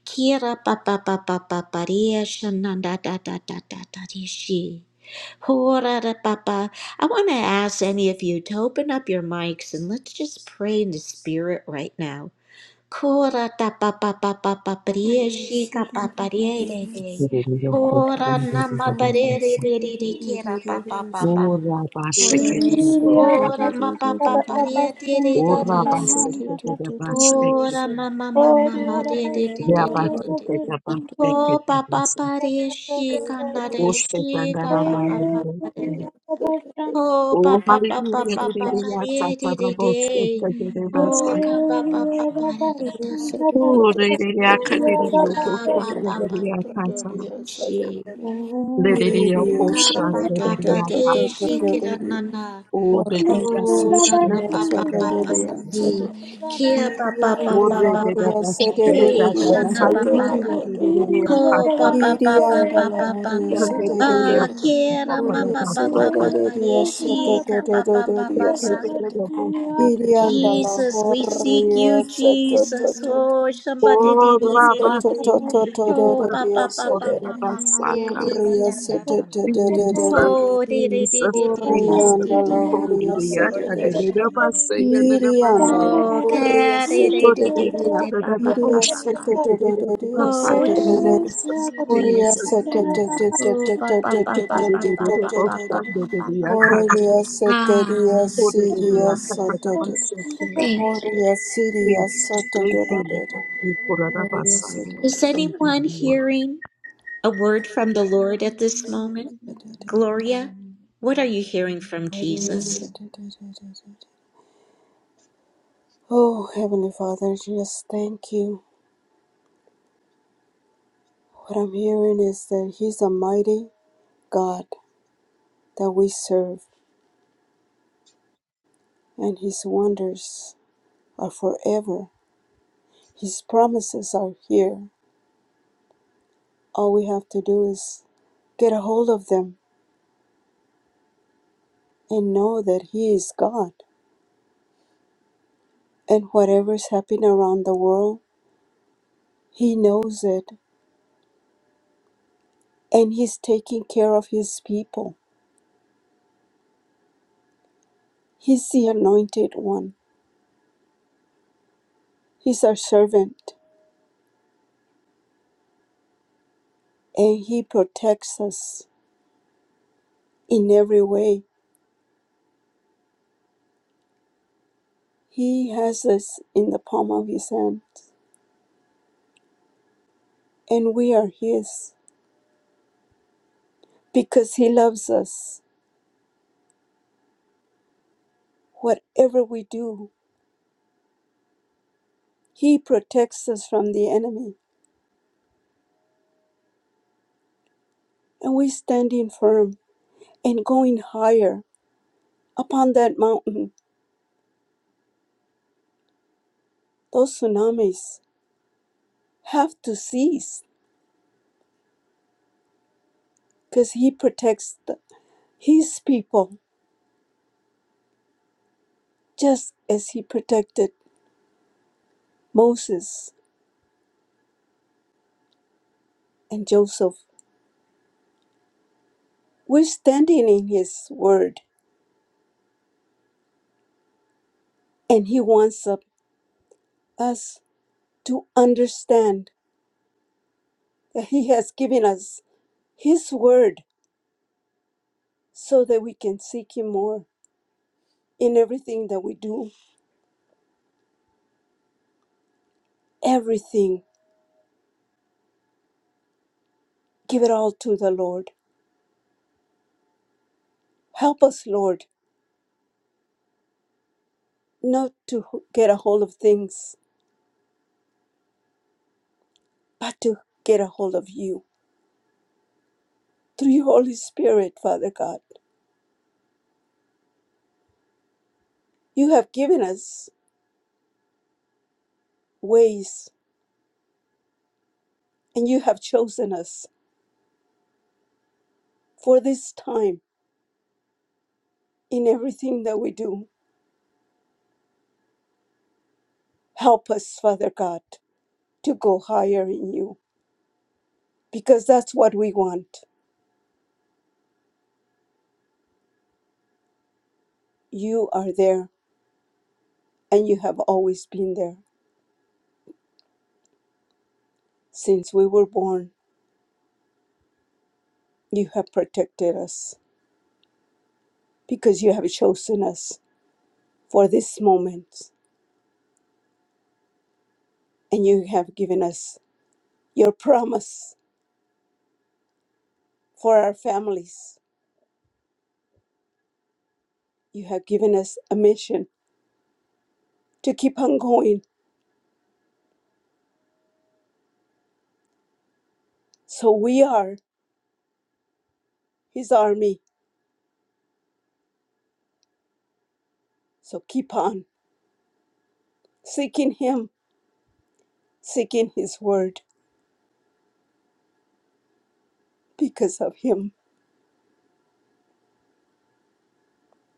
S1: Kira pa pa pa pa pa pa dia shana da da da da da da dia shi. Hora da pa pa. I want to ask any of you to open up your mics and let's just pray in the spirit right now. Kora ta pa pa pa pa pa prie shi ka pa pa re re re. Kora na ma pa re re re re re ke pa pa pa pa shi.
S5: Thank you.
S1: Kora ma pa pa pa re re re re re re re. Kora ma ma ma ma ma re re re re re re re. Ko pa pa pa re shi ka na re shi ka pa pa pa pa re re.
S6: Oshketandaramahindehe.
S1: Ko pa
S6: Oh,
S1: pa pa pa
S6: hallelujah.
S2: (laughs)
S1: pa pa pa
S6: Hallelujah.
S1: re re re re.
S7: Merely
S1: Ko
S6: Tsatsarabotsotsagerevasai.
S1: ka
S7: begin the
S1: pa pa pa
S7: motion
S1: pa ra
S7: of
S1: ra ra ra.
S2: Yes, Irianda
S6: Oh,
S7: the
S6: hallelujah.
S7: system.
S1: Oh,
S6: Hallelujah.
S1: ka pa pa pa
S6: Hallelujah.
S7: Merely
S6: Tsatsar.
S7: begins to
S1: shi.
S7: do the
S1: Oh,
S6: Hallelujah. Hallelujah. Oh,
S1: ka
S7: confusions of
S1: pa
S7: the
S1: pa pa
S6: hallelujah.
S1: de
S7: universe.
S1: shi ki
S7: Merely
S1: da na
S7: begin the
S1: na.
S7: motion.
S6: Oh, hallelujah.
S1: Oh, da
S6: Hallelujah.
S1: na pa pa pa pa
S7: Merely
S1: pa ni.
S7: begin the
S1: Kia pa
S7: motion.
S1: pa pa pa pa pa pa ni. Hey, shana pa pa
S7: Merely
S1: pa.
S7: begin the
S6: Hallelujah.
S1: Ko pa
S6: Tsatsar.
S1: pa pa pa pa pa pa. pa
S6: Hallelujah.
S1: kia ra ma pa pa pa pa
S5: Thank
S7: motion.
S1: pa de shi ka pa pa pa pa pa.
S6: Tsatsarabotsotsagerevasai.
S2: la
S1: Jesus, we seek
S7: Merely
S1: you,
S2: horia
S7: begin the
S1: Jesus.
S2: Sata
S1: Oh, somebody
S2: Horiya
S6: Oh,
S1: did
S2: Siria
S1: it, did
S6: Rabba,
S1: it, did.
S7: motion.
S1: Oh, pa pa pa pa pa pa pa de
S6: Basaka.
S1: ki da da da da da.
S6: Jesus,
S1: Oh, de de de
S6: Jesus,
S1: de de de de
S6: Jesus.
S1: de de. Oh, Lord, Lord,
S6: Kobidiya,
S1: Lord, yes,
S6: Kabedida,
S1: Shama.
S6: Basaya, Nedabasa.
S1: Oh, ka de de de de de
S6: Kobidiya,
S1: de pa pa pa
S6: Nedabush,
S1: pa
S2: Soto
S1: pa.
S6: Kabedida, Basa.
S1: Oh, Jesus,
S6: Jesus,
S1: Jesus.
S6: Jesus, Jesus.
S1: Oh, pa pa pa pa pa pa
S6: Kobidiya,
S1: pa pa
S6: Basa,
S1: pa pa pa. pa.
S6: Nedabush, Kobidiya, Kabedabasa.
S5: you.
S1: Thank. you.
S6: Jesus, thank
S2: Dodo
S6: you, Lord.
S2: Dodo
S6: Kobidiya,
S2: Oh,
S6: Basaya.
S1: Is
S6: Thank you,
S1: anyone
S6: Lord.
S1: hearing? A word from the Lord at this moment? Gloria, what are you hearing from Jesus?
S2: Heavenly Father, just thank you. What I'm hearing is that He's a mighty God that we serve, and His wonders are forever. His promises are here. All we have to do is get a hold of them and know that He is God. And whatever is happening around the world, He knows it, and He's taking care of His people. He's the anointed one. He's our servant and He protects us in every way. He has us in the palm of His hand and we are His because He loves us. Whatever we do, He protects us from the enemy and we standing firm and going higher upon that mountain. Those tsunamis have to cease because He protects the, His people just as He protected Moses and Joseph. We're standing in His Word, and He wants of- us to understand that He has given us His Word so that we can seek Him more in everything that we do. Everything, give it all to the Lord. Help us, Lord, not to h- get a hold of things, but to get a hold of You. Through your Holy Spirit, Father God, you have given us ways and you have chosen us for this time in everything that we do. Help us, Father God, to go higher in you because that's what we want. You are there and you have always been there. Since we were born, you have protected us because you have chosen us for this moment and you have given us your promise for our families. You have given us a mission to keep on going. So we are his army. So keep on seeking him, seeking his word because of him.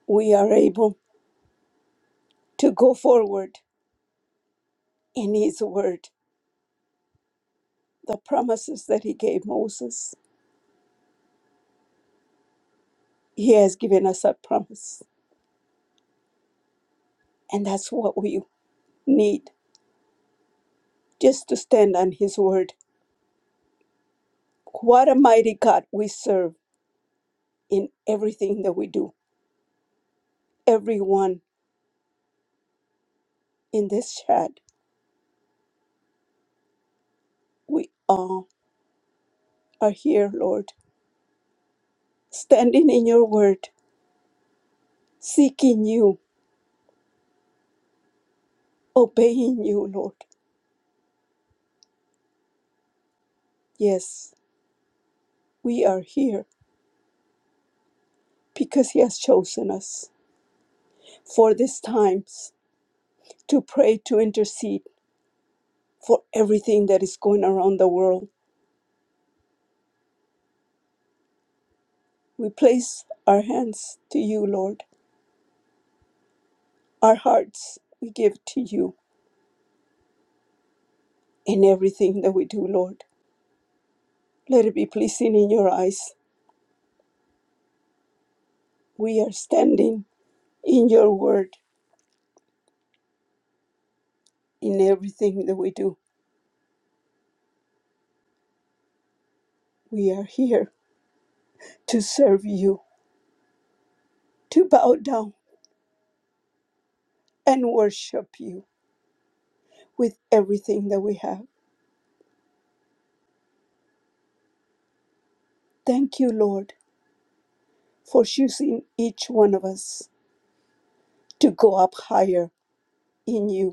S2: we are able to go forward in His word, the promises that He gave Moses. He has given us a promise, and that's what we need just to stand on His word. What a mighty God we serve in everything that we do. Everyone in this chat, we all are here, Lord, standing in your word, seeking you, obeying you, Lord. Yes, we are here because He has chosen us for these times to pray, to intercede for everything that is going around the world. We place our hands to you, Lord. Our hearts we give to you in everything that we do, Lord. Let it be pleasing in your eyes. We are standing in your word in everything that we do. We are here to serve you, to bow down and worship you with everything that we have. Thank you, Lord, for choosing each one of us to go up higher in you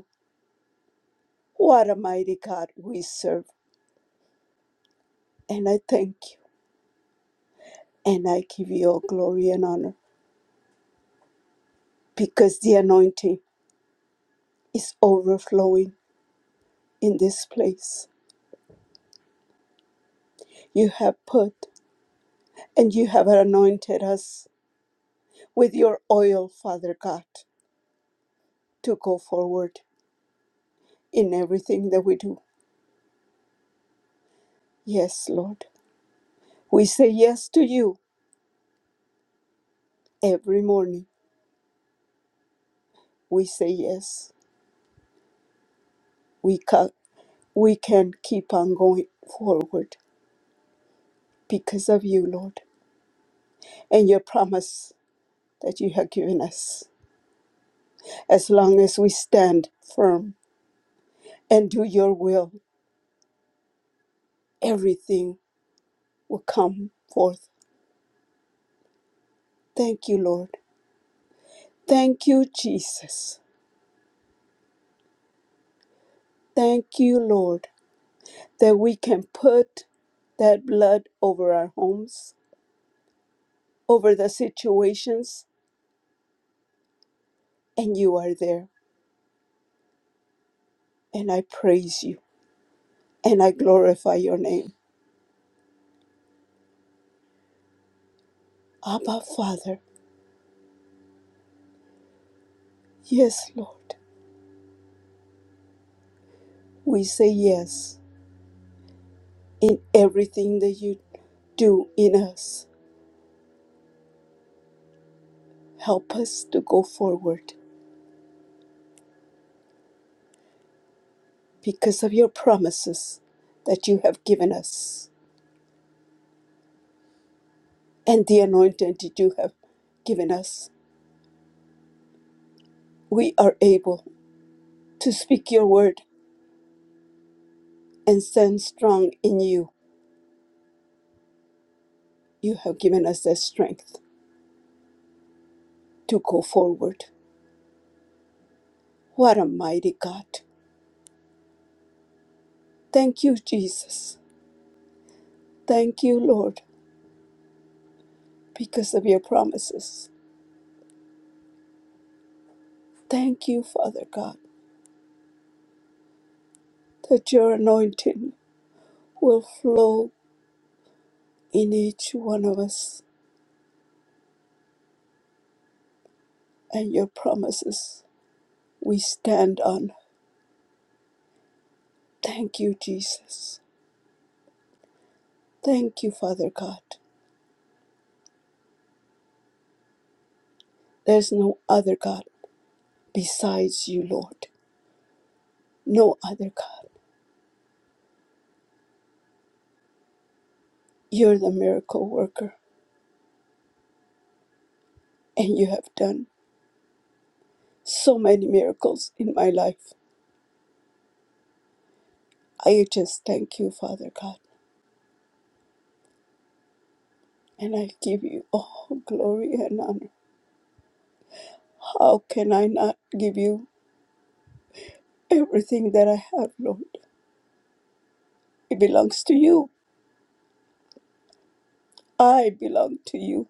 S2: What a mighty God we serve. And I thank you and I give you all glory and honor because the anointing is overflowing in this place. You have put and you have anointed us with your oil, Father God, to go forward in everything that we do. Yes, Lord. We say yes to you every morning. We say yes. We, can. we can keep on going forward because of you, Lord, and your promise that you have given us. As long as we stand firm and do your will, everything will come forth. Thank you, Lord. Thank you, Jesus. Thank you, Lord, that we can put that blood over our homes, over the situations, and you are there. And I praise you and I glorify your name. Abba, Father. Yes, Lord. We say yes in everything that you do in us. Help us to go forward because of your promises that you have given us and the anointing that you have given us. We are able to speak your word and stand strong in you. You have given us the strength to go forward. What a mighty God. Thank you, Jesus. Thank you, Lord, because of your promises. Thank you, Father God, that your anointing will flow in each one of us and your promises we stand on. Thank you, Jesus. Thank you, Father God. There's no other God besides you, Lord. No other God. You're the miracle worker, and you have done so many miracles in my life. I just thank you, Father God, and I give you all glory and honor. How can I not give you everything that I have, Lord? It belongs to you. I belong to you.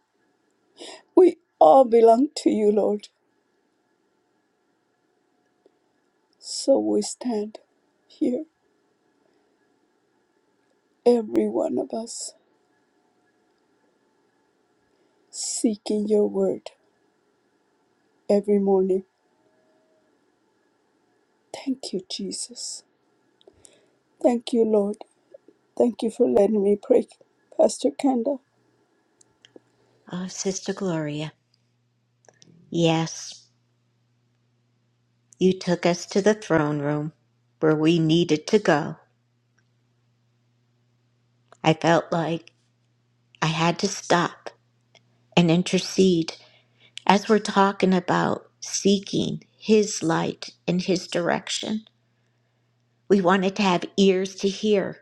S2: We all belong to you, Lord. So we stand here, every one of us, seeking your word every morning. Thank you, Jesus. Thank you, Lord. Thank you for letting me pray, Pastor Kenda.
S1: Oh, Sister Gloria. Yes, you took us to the throne room where we needed to go. I felt like I had to stop and intercede as we're talking about seeking His light and His direction. We wanted to have ears to hear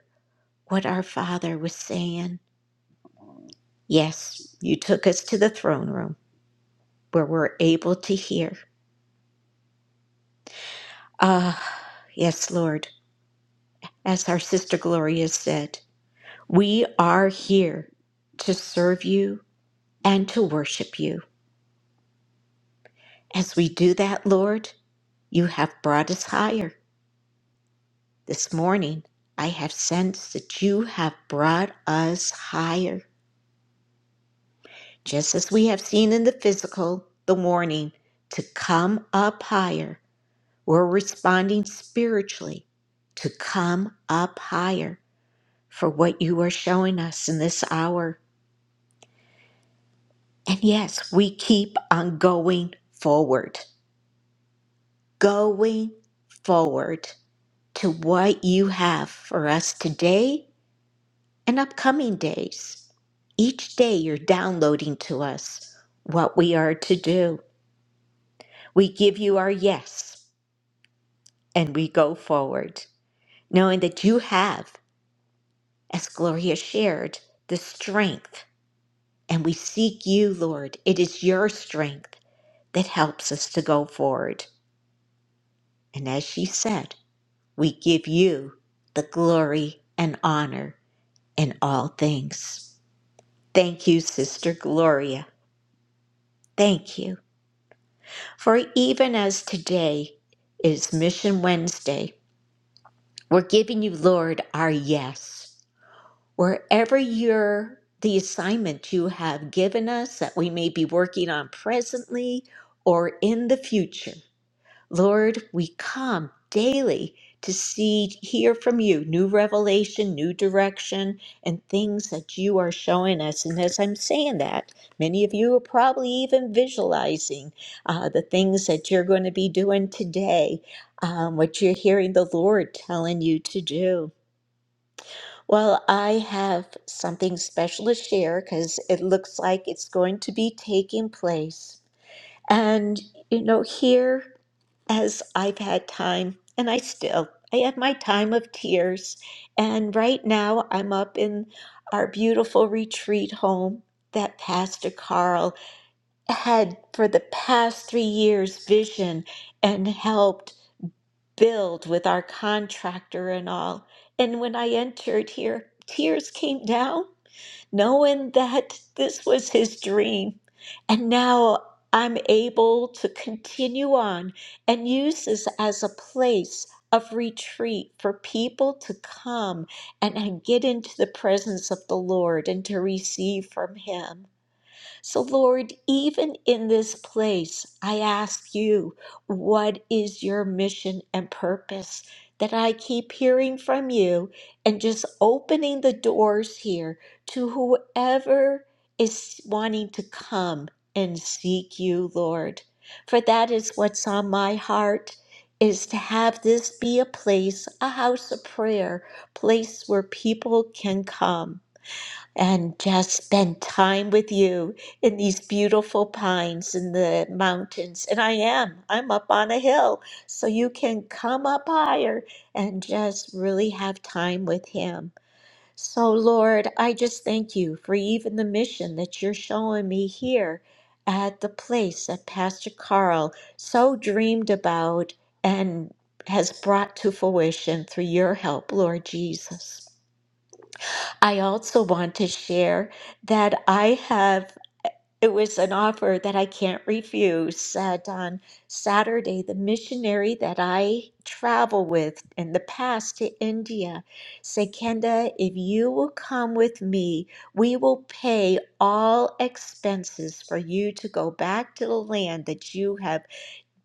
S1: what our Father was saying. Yes, you took us to the throne room where we're able to hear. Ah, yes, Lord, as our sister Gloria said, we are here to serve you and to worship you. As we do that, Lord, you have brought us higher. This morning, I have sensed that you have brought us higher, just as we have seen in the physical, the warning to come up higher. We're responding spiritually to come up higher for what you are showing us in this hour. And yes, we keep on going forward, going forward to what you have for us today and upcoming days. Each day you're downloading to us what we are to do. We give you our yes and we go forward, knowing that you have, as Gloria shared, the strength. And we seek you, Lord. It is your strength that helps us to go forward. And as she said, We give you the glory and honor in all things. Thank you, Sister Gloria. Thank you. For even as today is Mission Wednesday, we're giving you, Lord, our yes. Wherever your the assignment you have given us that we may be working on presently or in the future, Lord, we come daily to see, hear from you new revelation, new direction, and things that you are showing us. And as I'm saying that, many of you are probably even visualizing uh, the things that you're going to be doing today, um, what you're hearing the Lord telling you to do. Well, I have something special to share because it looks like it's going to be taking place. And, you know, here as I've had time, and I still, I had my time of tears. And right now, I'm up in our beautiful retreat home that Pastor Carl had for the past three years vision and helped build with our contractor and all. And when I entered here, tears came down knowing that this was his dream. And now I'm able to continue on and use this as a place of retreat for people to come and, and get into the presence of the Lord and to receive from him. So, Lord, even in this place, I ask you, what is your mission and purpose? That I keep hearing from you and just opening the doors here to whoever is wanting to come and seek you, Lord. For that is what's on my heart is to have this be a place, a house of prayer, place where people can come and just spend time with you in these beautiful pines in the mountains. And I am, I'm up on a hill, so you can come up higher and just really have time with Him. So, Lord, I just thank you for even the mission that you're showing me here at the place that Pastor Carl so dreamed about and has brought to fruition through your help, Lord Jesus. I also want to share that I have, it was an offer that I can't refuse. That on Saturday, the missionary that I travel with in the past to India said, Kenda, if you will come with me, we will pay all expenses for you to go back to the land that you have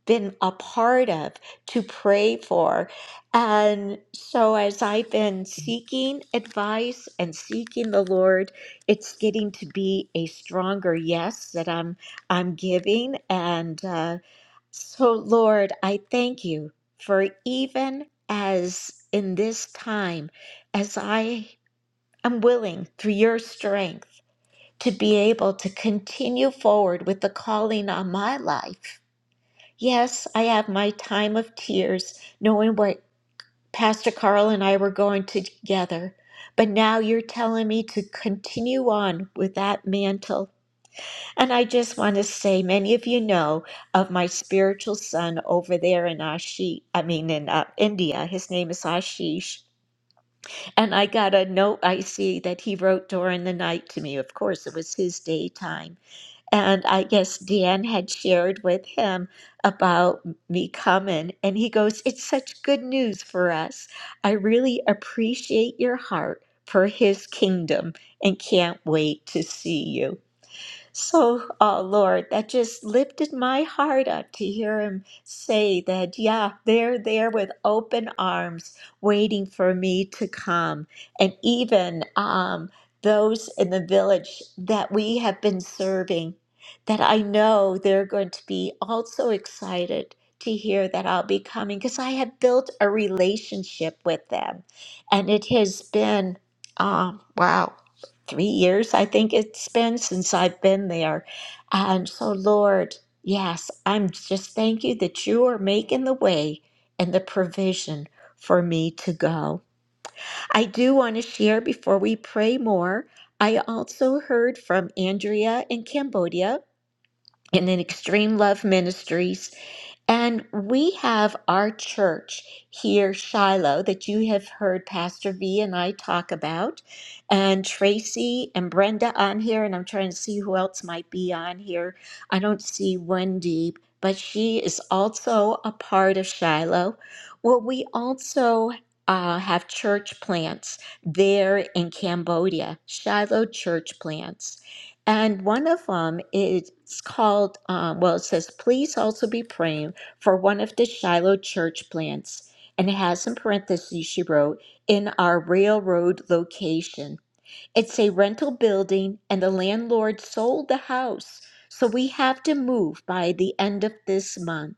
S1: been a part of to pray for. And so, as I've been seeking advice and seeking the Lord, it's getting to be a stronger yes that I'm I'm giving. And uh, so, Lord, I thank you for even as in this time, as I am willing through your strength to be able to continue forward with the calling on my life Yes, I have my time of tears, knowing what Pastor Carl and I were going to together. But now you're telling me to continue on with that mantle. And I just want to say, many of you know of my spiritual son over there in Ashish, I mean, in uh, India. His name is Ashish. And I got a note I see that he wrote during the night to me. Of course, it was his daytime. And I guess Deanne had shared with him about me coming. And he goes, It's such good news for us. I really appreciate your heart for his kingdom and can't wait to see you. So, uh, Lord, that just lifted my heart up to hear him say that, yeah, they're there with open arms waiting for me to come. And even um, those in the village that we have been serving, that I know they're going to be also excited to hear that I'll be coming because I have built a relationship with them. And it has been, uh, wow three years, I think it's been since I've been there. And so, Lord, yes, I'm just thank you that you are making the way and the provision for me to go. I do want to share before we pray more. I also heard from Andrea in Cambodia and then Extreme Love Ministries. And we have our church here, Shiloh, that you have heard Pastor V and I talk about, and Tracy and Brenda on here. And I'm trying to see who else might be on here. I don't see Wendy, but she is also a part of Shiloh. Well, we also uh, have church plants there in Cambodia, Shiloh church plants. And one of them is called, um, well, it says, please also be praying for one of the Shiloh church plants. And it has in parentheses, she wrote, in our railroad location. It's a rental building, and the landlord sold the house. So we have to move by the end of this month.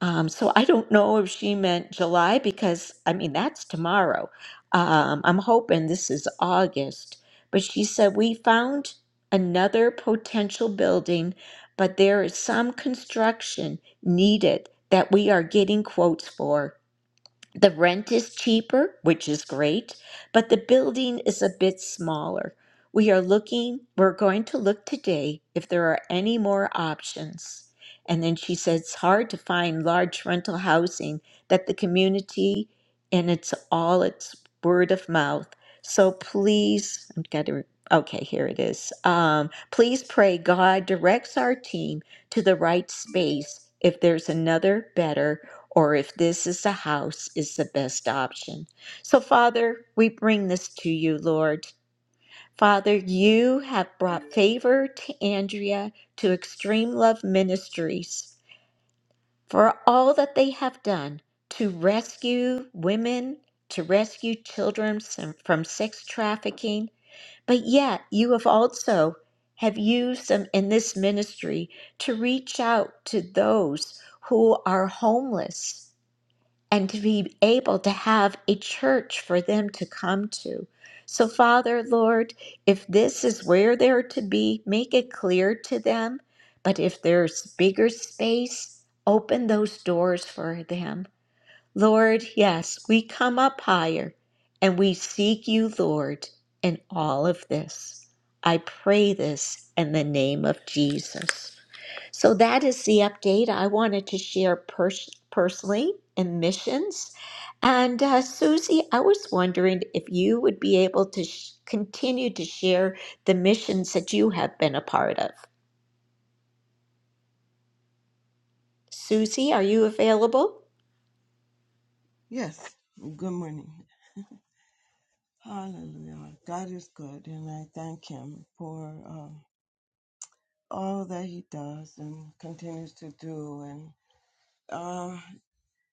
S1: Um, so I don't know if she meant July because, I mean, that's tomorrow. Um, I'm hoping this is August. But she said, We found another potential building, but there is some construction needed that we are getting quotes for. The rent is cheaper, which is great, but the building is a bit smaller. We are looking, we're going to look today if there are any more options. And then she said it's hard to find large rental housing that the community and it's all it's word of mouth. So please, I'm getting okay, here it is. Um, please pray God directs our team to the right space if there's another better or if this is the house is the best option. So, Father, we bring this to you, Lord. Father, you have brought favor to Andrea to Extreme Love Ministries for all that they have done to rescue women, to rescue children some- from sex trafficking. But yet, you have also have used them in this ministry to reach out to those who are homeless and to be able to have a church for them to come to. So, Father, Lord, if this is where they're to be, make it clear to them. But if there's bigger space, open those doors for them. Lord, yes, we come up higher and we seek you, Lord, in all of this. I pray this in the name of Jesus. So that is the update I wanted to share pers- personally in missions. And uh, Susie, I was wondering if you would be able to sh- continue to share the missions that you have been a part of. Susie, are you available?
S7: Yes, good morning. Hallelujah. God is good, and I thank Him for. uh, all that he does and continues to do. And uh,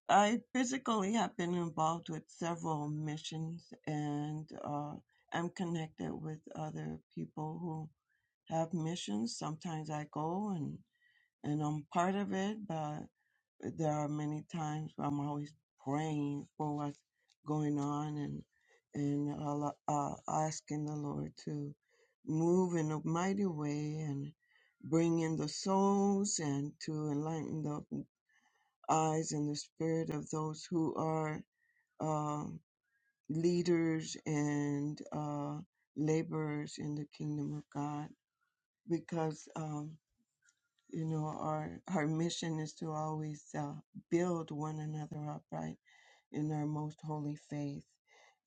S7: I physically have been involved with several missions, and uh, I'm connected with other people who have missions. Sometimes I go, and and I'm part of it, but there are many times where I'm always praying for what's going on and and al- uh, asking the Lord to move in a mighty way and bring in the souls and to enlighten the eyes and the spirit of those who are um leaders and uh, laborers in the kingdom of God because. um, you know our our mission is to always uh, build one another up right in our most holy faith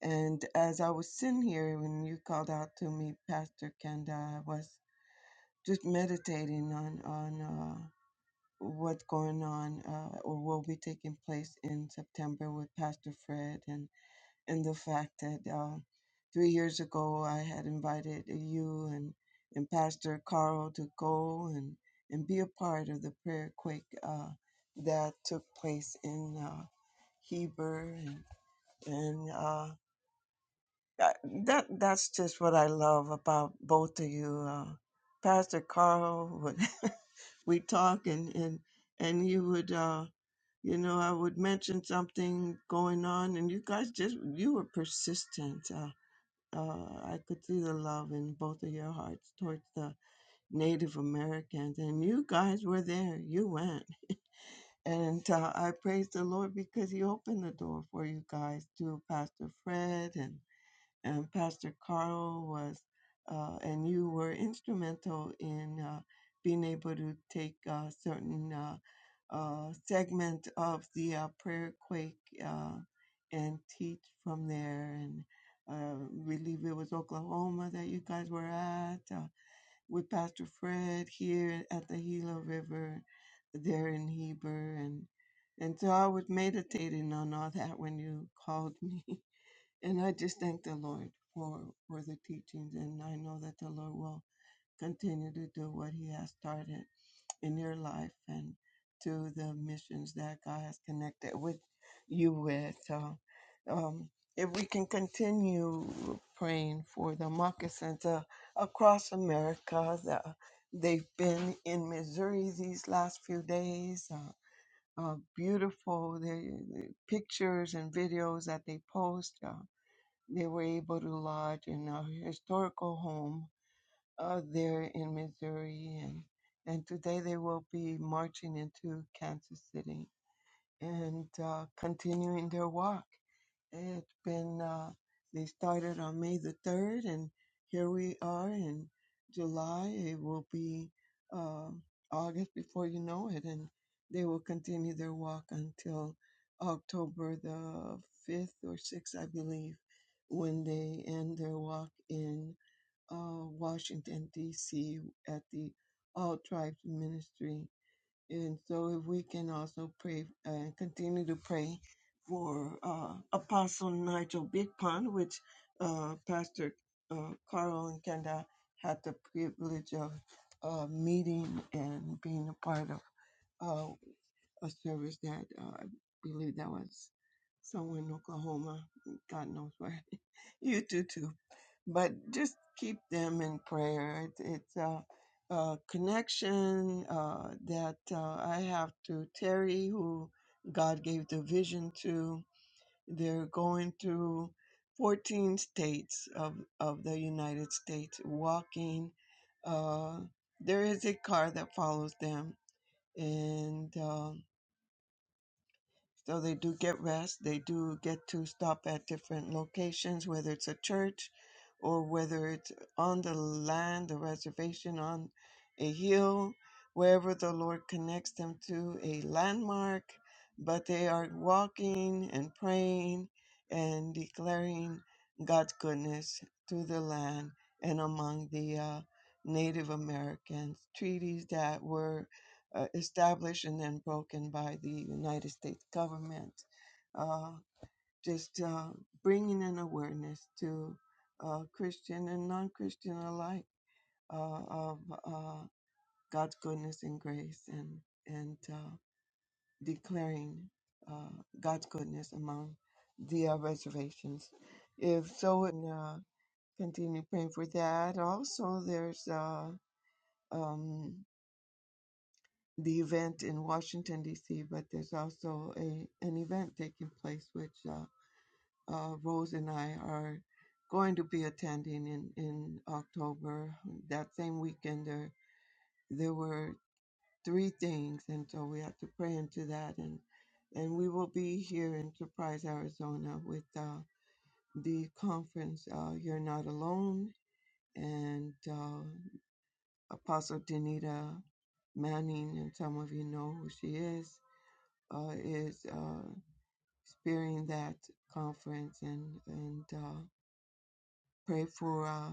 S7: and as i was sitting here when you called out to me pastor kenda i was just meditating on on uh, what's going on uh, or will be taking place in september with pastor fred and and the fact that uh, three years ago I had invited you and, and Pastor Carl to go and, and be a part of the prayer quake uh, that took place in uh, Heber. And, and uh, that, that that's just what I love about both of you. Uh, Pastor Carl, would, (laughs) we talk and, and, and you would. Uh, you know, I would mention something going on, and you guys just you were persistent. Uh, uh, I could see the love in both of your hearts towards the Native Americans. And you guys were there. You went. And uh, I praise the Lord because He opened the door for you guys to Pastor Fred and and Pastor Carl was, uh, and you were instrumental in uh, being able to take a certain uh, uh, segment of the uh, prayer quake uh, and teach from there. And uh, believe it was Oklahoma that you guys were at uh, with Pastor Fred here at the Gila River, there in Heber, and and so I was meditating on all that when you called me. (laughs) And I just thank the Lord for, for the teachings, and I know that the Lord will continue to do what He has started in your life and to the missions that God has connected with you with. So, um, if we can continue praying for the moccasins uh, across America, the, they've been in Missouri these last few days. Uh, uh, beautiful the, the pictures and videos that they post. Uh, they were able to lodge in our historical home uh, there in Missouri, and and today they will be marching into Kansas City and uh, continuing their walk. It's been, uh, they started on May the 3rd, and here we are in July. It will be uh, August before you know it, and they will continue their walk until October the 5th or 6th, I believe, when they end their walk in uh, Washington, D.C. at the All Tribes Ministry and so if we can also pray and continue to pray for uh, Apostle Nigel Big Pond, which uh, Pastor uh, Carl and Kenda had the privilege of uh, meeting and being a part of. Uh, a service that uh, I believe that was somewhere in Oklahoma, God knows where. (laughs) you do too, but just keep them in prayer. It, it's a, a connection uh, that uh, I have to Terry, who God gave the vision to. They're going through 14 states of, of the United States walking. Uh, there is a car that follows them, and uh, so they do get rest. They do get to stop at different locations, whether it's a church or whether it's on the land, the reservation, on a hill, wherever the Lord connects them to a landmark. But they are walking and praying and declaring God's goodness to the land and among the uh, Native Americans. Treaties that were uh, established and then broken by the United States government. Uh, just uh, bringing an awareness to uh, Christian and non Christian alike uh, of uh, God's goodness and grace and, and uh, declaring uh, God's goodness among the uh, reservations. If so, and, uh, continue praying for that. Also, there's uh, um, the event in Washington D.C., but there's also a an event taking place which uh, uh, Rose and I are going to be attending in in October. That same weekend, there there were three things, and so we have to pray into that, and and we will be here in Surprise, Arizona, with uh, the conference. Uh, You're not alone, and uh, Apostle Danita Manning, and some of you know who she is uh, is uh, spearing that conference and and uh, pray for uh,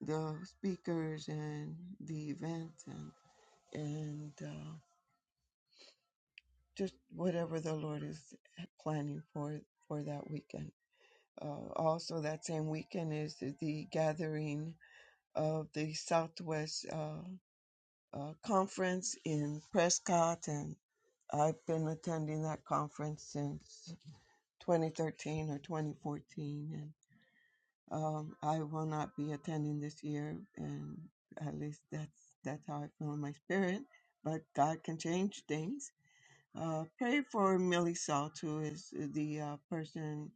S7: the speakers and the event and and uh, just whatever the Lord is planning for for that weekend. Uh, also, that same weekend is the gathering of the Southwest uh, uh, Conference in Prescott, and I've been attending that conference since 2013 or 2014, and. Um, I will not be attending this year, and at least that's that's how I feel in my spirit. But God can change things. Uh, pray for Millie Salt, who is the uh, person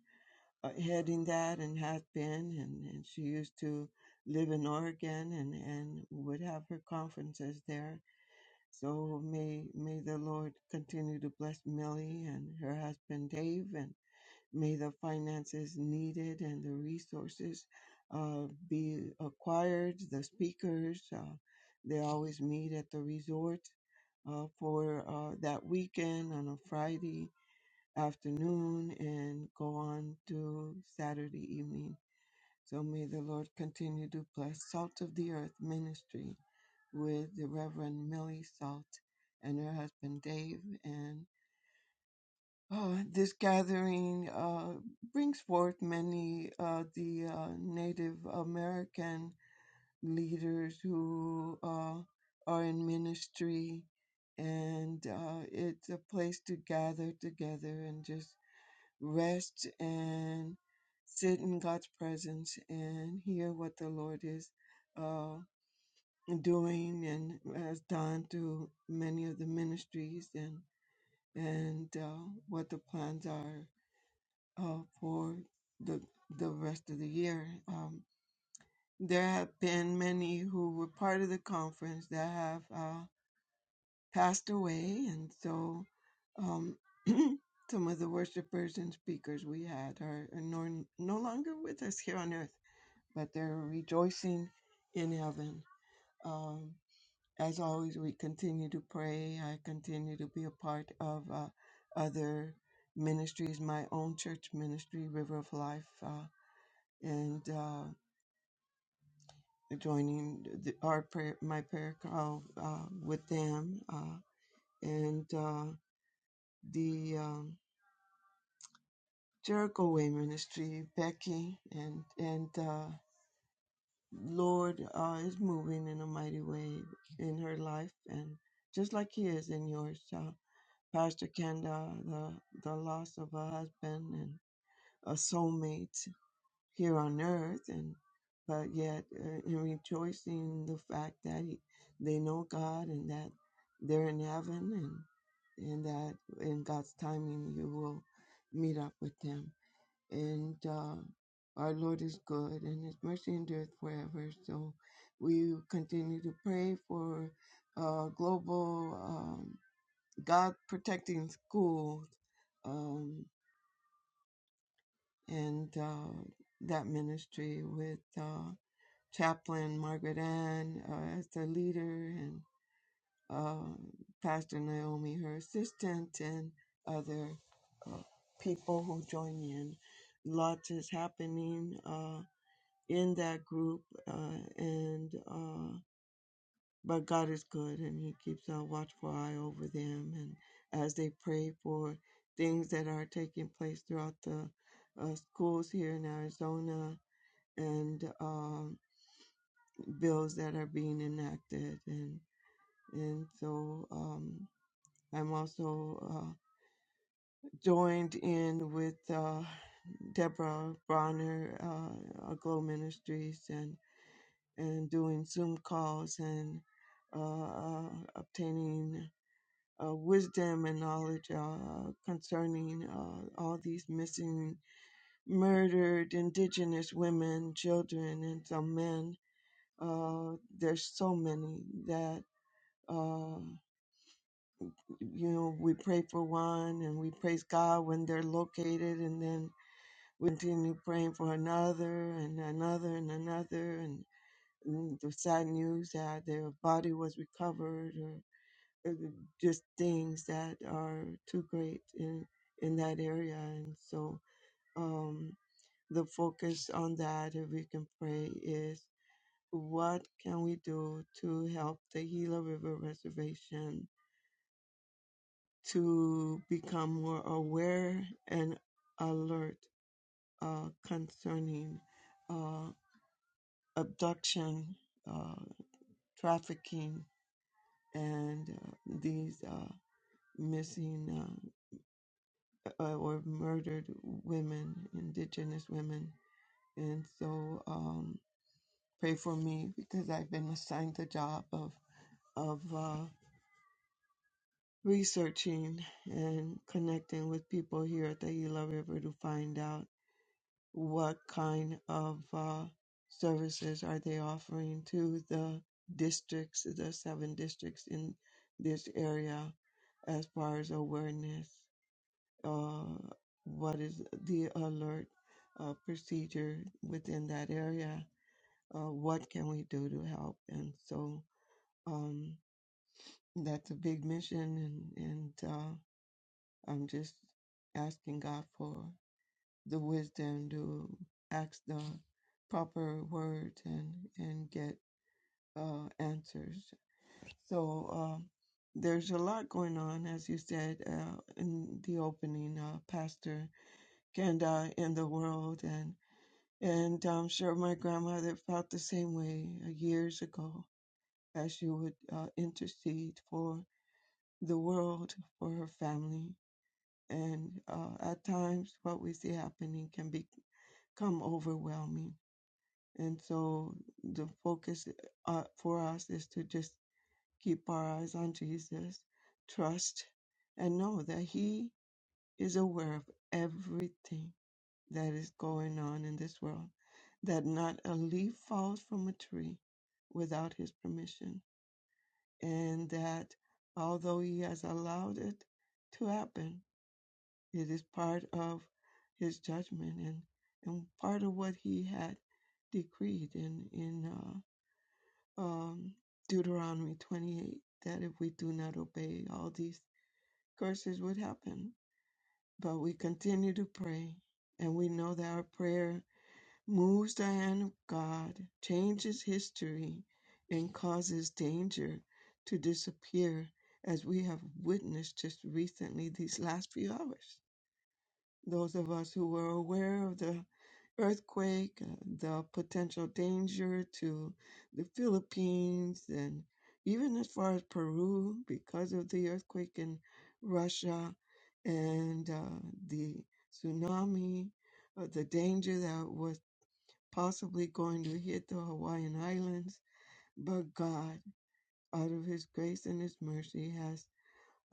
S7: uh, heading that and has been, and, and she used to live in Oregon and, and would have her conferences there. So may may the Lord continue to bless Millie and her husband Dave and. May the finances needed and the resources uh, be acquired. The speakers, uh, they always meet at the resort uh, for uh, that weekend on a Friday afternoon and go on to Saturday evening. So may the Lord continue to bless Salt of the Earth Ministry with the Reverend Millie Salt and her husband Dave. and. Uh, this gathering uh, brings forth many uh, the uh, Native American leaders who uh, are in ministry, and uh, it's a place to gather together and just rest and sit in God's presence and hear what the Lord is uh, doing and has done through many of the ministries and and uh, what the plans are uh, for the the rest of the year. Um, there have been many who were part of the conference that have uh, passed away, and so um, (clears throat) some of the worshipers and speakers we had are, are no, no longer with us here on earth, but they're rejoicing in heaven. Um, as always, we continue to pray. I continue to be a part of uh, other ministries, my own church ministry, River of Life. uh, and uh, joining the, our prayer, my prayer call uh, with them, uh, and uh, the um, Jericho Way Ministry, Becky, and and uh, Lord uh, is moving in a mighty way in her life, and just like He is in yours, uh, Pastor Kenda, the the loss of a husband and a soulmate, here on earth, and but yet uh, in rejoicing in the fact that he, they know God and that they're in heaven, and and that in God's timing He will meet up with them. And uh, our Lord is good, and His mercy endureth forever. So we continue to pray for uh, global um, God protecting schools um, and uh, that ministry with. Uh, Chaplain Margaret Ann uh, as the leader, and uh, Pastor Naomi, her assistant, and other uh, people who join in. Lots is happening uh, in that group, uh, and uh, but God is good, and He keeps a watchful eye over them, and as they pray for things that are taking place throughout the uh, schools here in Arizona, and um, bills that are being enacted and and so um I'm also uh, joined in with uh, Deborah Bronner, uh, uh, Glow Ministries, and and doing Zoom calls and uh, uh, obtaining uh, wisdom and knowledge uh, concerning uh, all these missing, murdered Indigenous women, children, and some men. Uh, there's so many that. Uh, you know, we pray for one and we praise God when they're located and then we continue praying for another and another and another and, and the sad news that their body was recovered or or the- just things that are too great in in that area and so um the focus on that if we can pray is what can we do to help the Gila River Reservation to become more aware and alert uh, concerning uh, abduction, uh, trafficking, and uh, these uh, missing uh, uh, or murdered women, indigenous women. And so um, pray for me because I've been assigned the job of, of uh, researching and connecting with people here at the Gila River to find out. what kind of uh, services are they offering to the districts, the seven districts in this area, as far as awareness? Uh, what is the alert uh, procedure within that area? Uh, what can we do to help? And so um, that's a big mission, and, and uh, I'm just asking God for. the wisdom to ask the proper words and and get uh, answers. So um, there's a lot going on, as you said uh, in the opening, uh, Pastor Kenda, in the world, and and I'm sure my grandmother felt the same way uh, years ago, as she would uh, intercede for the world, for her family, and uh, at times what we see happening can become overwhelming And so the focus uh, for us is to just keep our eyes on Jesus, trust, and know that He is aware of everything that is going on in this world, that not a leaf falls from a tree without His permission, and that although He has allowed it to happen, it is part of His judgment and, and part of what He had decreed in, in uh, um, Deuteronomy 28 that if we do not obey, all these curses would happen. But we continue to pray, and we know that our prayer moves the hand of God, changes history, and causes danger to disappear, as we have witnessed just recently these last few hours. Those of us who were aware of the earthquake, uh, the potential danger to the Philippines, and even as far as Peru because of the earthquake in Russia and uh, the tsunami, uh, the danger that was possibly going to hit the Hawaiian Islands. But God, out of His grace and His mercy, has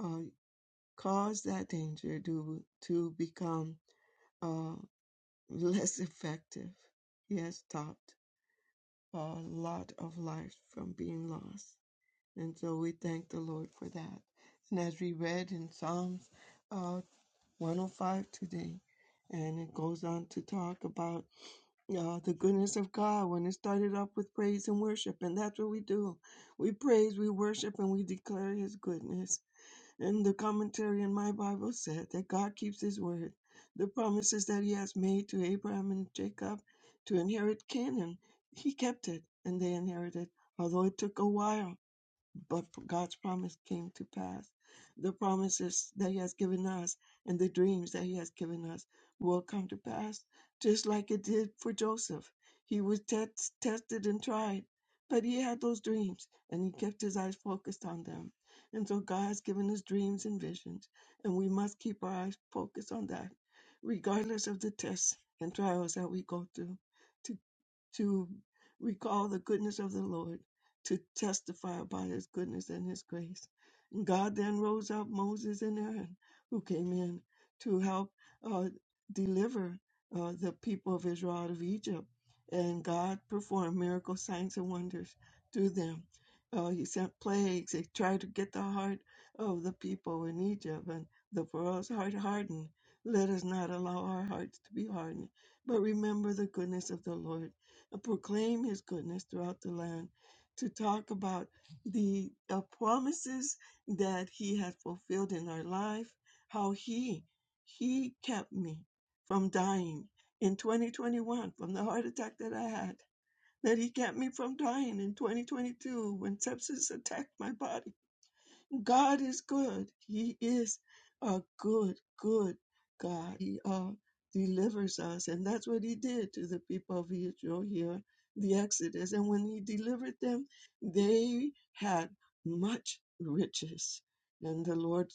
S7: uh, caused that danger to, to become. Uh, less effective. He has stopped a lot of lives from being lost. And so we thank the Lord for that. And as we read in Psalms uh, 105 today, and it goes on to talk about uh, the goodness of God when it started up with praise and worship. And that's what we do. We praise, we worship, and we declare His goodness and the commentary in my Bible said that God keeps his word. The promises that he has made to Abraham and Jacob to inherit Canaan, he kept it and they inherited, although it took a while but God's promise came to pass. The promises that He has given us and the dreams that He has given us will come to pass, just like it did for Joseph. He was test, tested and tried, but he had those dreams and he kept his eyes focused on them. And so God has given us dreams and visions, and we must keep our eyes focused on that, regardless of the tests and trials that we go through. to to recall the goodness of the Lord, to testify about his goodness and his grace. And God then rose up Moses and Aaron, who came in to help uh, deliver uh, the people of Israel out of Egypt. And God performed miracle signs and wonders through them. Uh, he sent plagues. He tried to get the heart of the people in Egypt, and the Pharaoh's heart hardened. Let us not allow our hearts to be hardened, but remember the goodness of the Lord to proclaim his goodness throughout the land, to talk about the uh, promises that he had fulfilled in our life, how he he kept me from dying in 2021 from the heart attack that I had, that he kept me from dying in 2022 when sepsis attacked my body God is good. He is a good, good God. He uh, delivers us. And that's what he did to the people of Israel here, the Exodus. And when he delivered them, they had much riches. And the Lord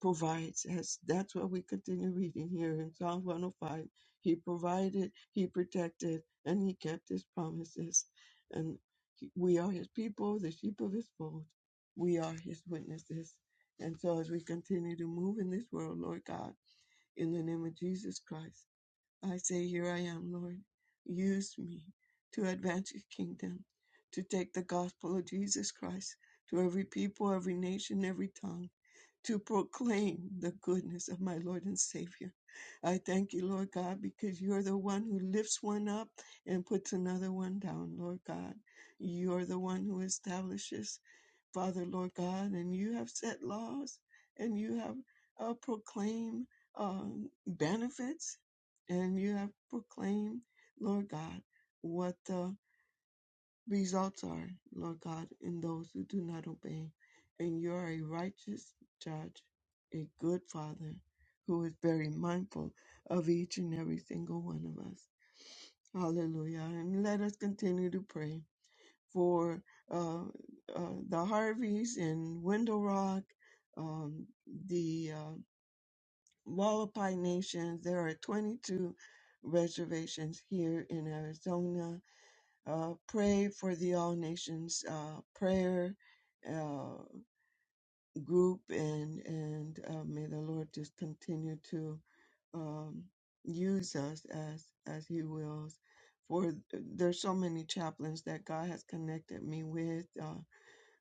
S7: provides. As that's what we continue reading here in Psalm 105. He provided, he protected, and he kept his promises. And he- we are his people, the sheep of his fold we are his witnesses. And so as we continue to move in this world, Lord God, in the name of Jesus Christ, I say, Here I am, Lord. Use me to advance your kingdom, to take the gospel of Jesus Christ to every people, every nation, every tongue, to proclaim the goodness of my Lord and Savior. I thank you, Lord God, because you're the one who lifts one up and puts another one down, Lord God. You're the one who establishes Father, Lord God, and you have set laws and you have uh, proclaimed um, benefits and you have proclaimed, Lord God, what the results are, Lord God, in those who do not obey. And you are a righteous judge, a good Father who is very mindful of each and every single one of us. Hallelujah. And let us continue to pray for uh, uh, the Harveys in Window Rock, um, the uh, Wallapai Nations. There are 22 reservations here in Arizona. Uh, pray for the All Nations uh, prayer uh, group, and and uh, may the Lord just continue to um, use us as as He wills. For there's so many chaplains that God has connected me with. Uh,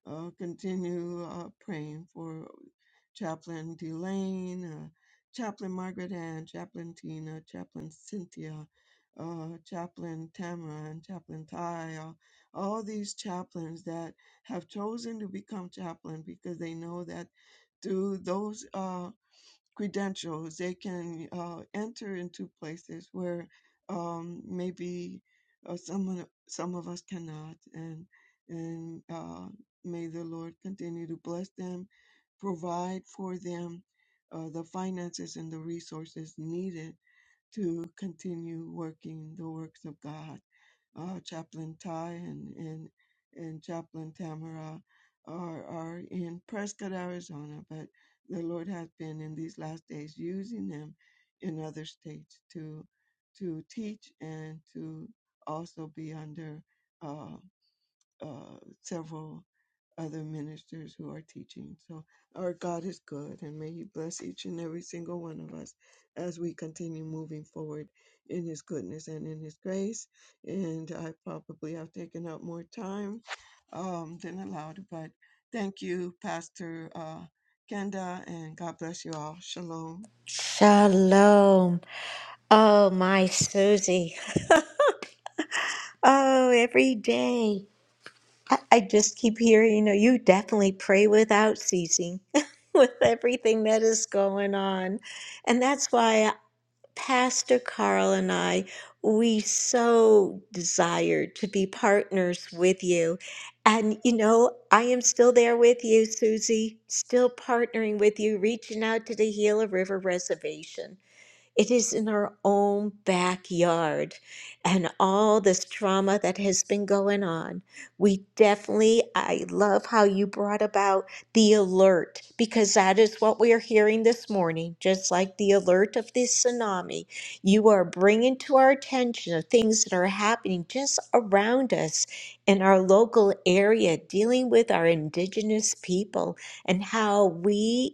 S7: uh, continue uh, praying for Chaplain Delane, uh, Chaplain Margaret Ann, Chaplain Tina, Chaplain Cynthia, uh, Chaplain Tamara, and Chaplain Ty, uh, all these chaplains that have chosen to become chaplain because they know that through those uh, credentials. They can uh, enter into places where um, maybe uh, someone, some of us cannot. And and uh, may the Lord continue to bless them, provide for them uh, the finances and the resources needed to continue working the works of God. Uh, Chaplain Ty and, and, and Chaplain Tamara are, are in Prescott, Arizona, but the Lord has been in these last days using them in other states to, to teach and to also be under uh, uh, several other ministers who are teaching. So our God is good, and may He bless each and every single one of us as we continue moving forward in His goodness and in His grace. And I probably have taken up more time um, than allowed, but thank you, Pastor uh, Kenda, and God bless you all. Shalom.
S1: Shalom. Oh, my Susie. Oh, every day. I, I just keep hearing, you know, you definitely pray without ceasing (laughs) with everything that is going on. And that's why Pastor Carl and I, we so desire to be partners with you. And, you know, I am still there with you, Susie, still partnering with you, reaching out to the Gila River Reservation. It is in our own backyard. And all this trauma that has been going on, we definitely, I love how you brought about the alert, because that is what we are hearing this morning, just like the alert of this tsunami. You are bringing to our attention of things that are happening just around us in our local area, dealing with our indigenous people and how we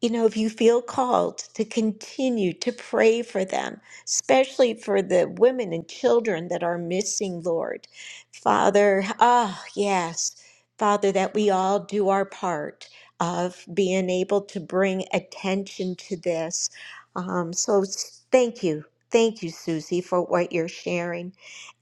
S1: you know, if you feel called to continue to pray for them, especially for the women and children that are missing, Lord. Father, ah, yes, Father, that we all do our part of being able to bring attention to this. Um, so s- thank you. Thank you, Susie, for what you're sharing.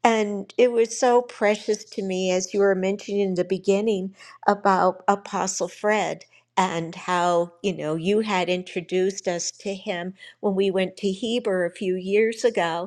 S1: And it was so precious to me as you were mentioning in the beginning about Apostle Fred and how, you know, you had introduced us to him when we went to Heber a few years ago.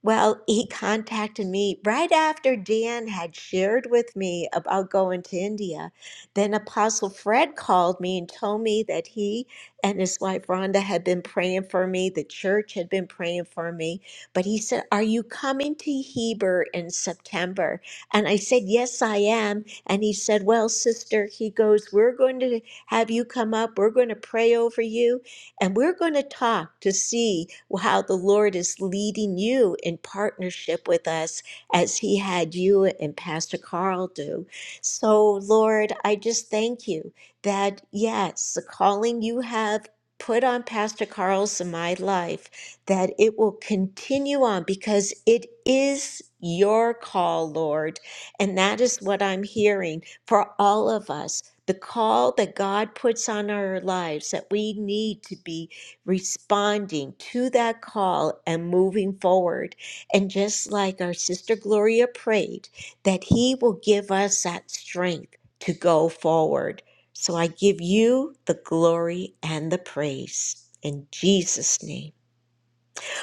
S1: Well, he contacted me right after Dan had shared with me about going to India. Then Apostle Fred called me and told me that he and his wife Rhonda had been praying for me, the church had been praying for me. But he said, Are you coming to Heber in September? And I said, Yes, I am. And he said, Well, sister, he goes, We're going to have you come up, we're going to pray over you. And we're going to talk to see how the Lord is leading you in partnership with us as He had you and Pastor Carl do. So, Lord, I just thank you that, yes, the calling you have put on Pastor Carl's in my life, that it will continue on because it is your call, Lord. And that is what I'm hearing for all of us the call that God puts on our lives that we need to be responding to that call and moving forward. And just like our sister Gloria prayed, that He will give us that strength to go forward. So I give you the glory and the praise in Jesus' name.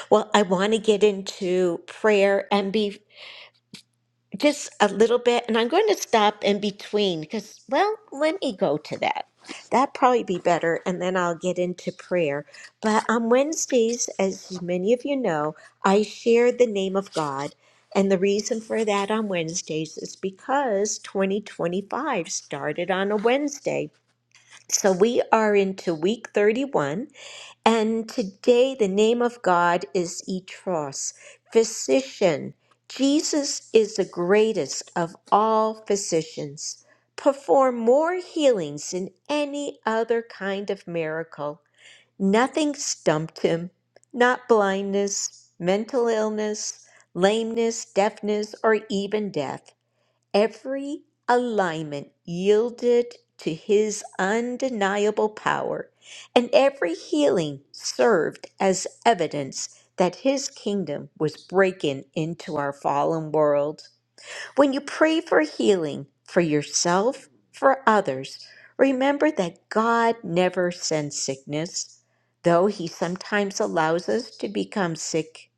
S1: Well, I want to get into prayer and be just a little bit, and I'm going to stop in between because, well, let me go to that. That'd probably be better, and then I'll get into prayer. But on Wednesdays, as many of you know, I share the name of God. And the reason for that on Wednesdays is because 2025 started on a Wednesday. So we are into week 31 and today, the name of God is Etros, physician. Jesus is the greatest of all physicians. Perform more healings than any other kind of miracle. Nothing stumped him, not blindness, mental illness, lameness, deafness, or even death. Every alignment yielded to his undeniable power, and every healing served as evidence that his kingdom was breaking into our fallen world. When you pray for healing for yourself, for others, remember that God never sends sickness, though he sometimes allows us to become sick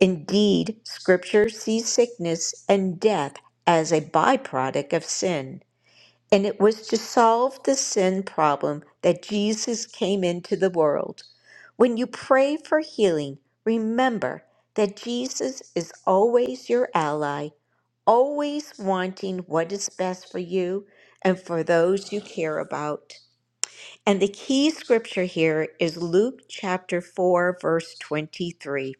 S1: Indeed, Scripture sees sickness and death as a byproduct of sin, and it was to solve the sin problem that Jesus came into the world. When you pray for healing, remember that Jesus is always your ally, always wanting what is best for you and for those you care about. And the key scripture here is Luke chapter 4, verse 23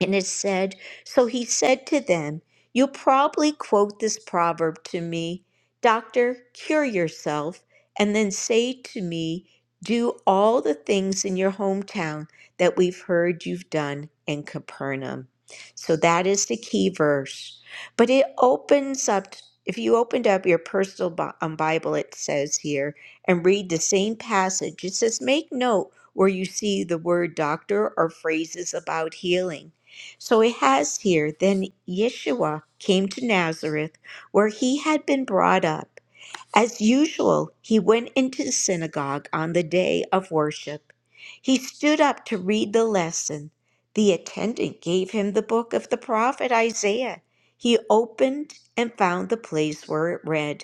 S1: and it said, So he said to them, You'll probably quote this proverb to me, Doctor, cure yourself, and then say to me, 'Do all the things in your hometown that we've heard you've done in Capernaum. So that is the key verse. But it opens up, if you opened up your personal Bi- um, Bible, it says here, and read the same passage, it says, Make note where you see the word doctor or phrases about healing. So it has here, then Yeshua came to Nazareth, where he had been brought up. As usual, he went into the synagogue on the day of worship. He stood up to read the lesson. The attendant gave him the book of the prophet Isaiah. He opened and found the place where it read.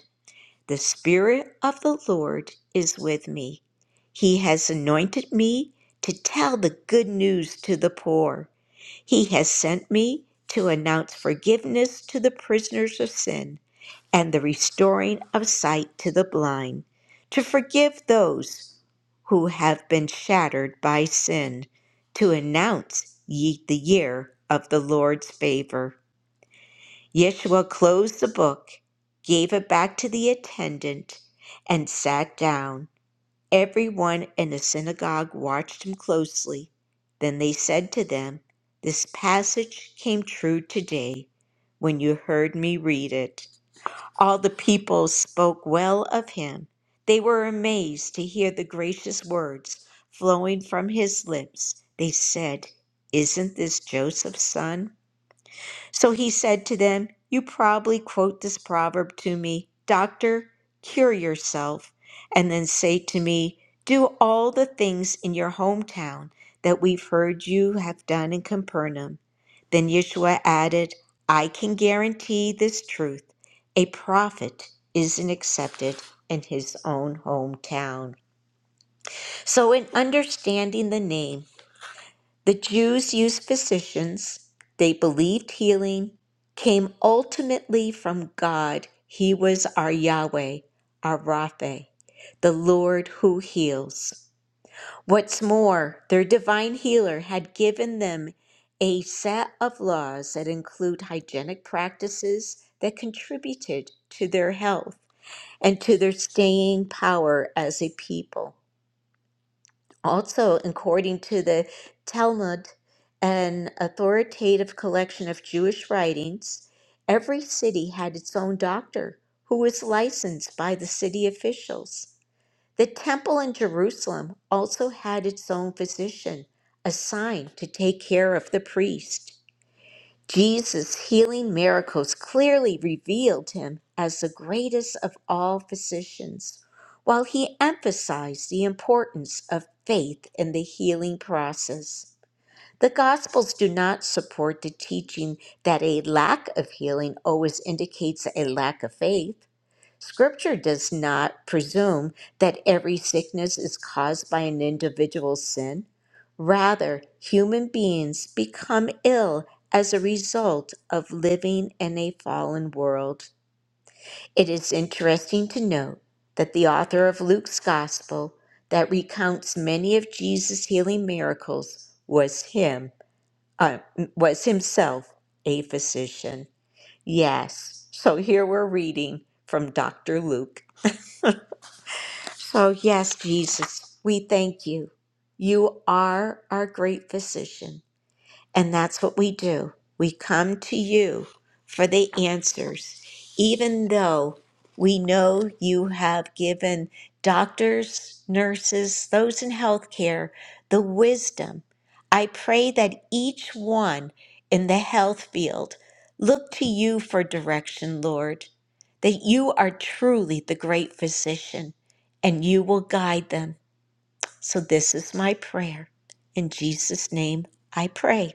S1: The Spirit of the Lord is with me. He has anointed me to tell the good news to the poor. He has sent me to announce forgiveness to the prisoners of sin and the restoring of sight to the blind, to forgive those who have been shattered by sin, to announce ye the year of the Lord's favor. Yeshua closed the book, gave it back to the attendant, and sat down. Everyone in the synagogue watched him closely. Then they said to them, This passage came true today when you heard me read it. All the people spoke well of him. They were amazed to hear the gracious words flowing from his lips. They said, Isn't this Joseph's son? So he said to them, You probably quote this proverb to me, 'Doctor, cure yourself, and then say to me, 'Do all the things in your hometown that we've heard you have done in Capernaum. Then Yeshua added, I can guarantee this truth a prophet isn't accepted in his own hometown. So, in understanding the name, the Jews used physicians they believed healing came ultimately from God. He was our Yahweh, our Rapha, the Lord who heals. What's more, their divine healer had given them a set of laws that include hygienic practices that contributed to their health and to their staying power as a people. Also, according to the Talmud, an authoritative collection of Jewish writings, every city had its own doctor who was licensed by the city officials. The temple in Jerusalem also had its own physician assigned to take care of the priest. Jesus' healing miracles clearly revealed him as the greatest of all physicians, while he emphasized the importance of faith in the healing process. The Gospels do not support the teaching that a lack of healing always indicates a lack of faith. Scripture does not presume that every sickness is caused by an individual's sin. Rather, human beings become ill as a result of living in a fallen world. It is interesting to note that the author of Luke's Gospel, that recounts many of Jesus' healing miracles, was him uh, was himself a physician. Yes, so here we're reading from Dr. Luke. Oh, yes, Jesus, we thank you. You are our great physician. And that's what we do. We come to you for the answers, even though we know you have given doctors, nurses, those in healthcare the wisdom. I pray that each one in the health field look to you for direction, Lord, that you are truly the great physician and you will guide them. So, this is my prayer. In Jesus' name, I pray.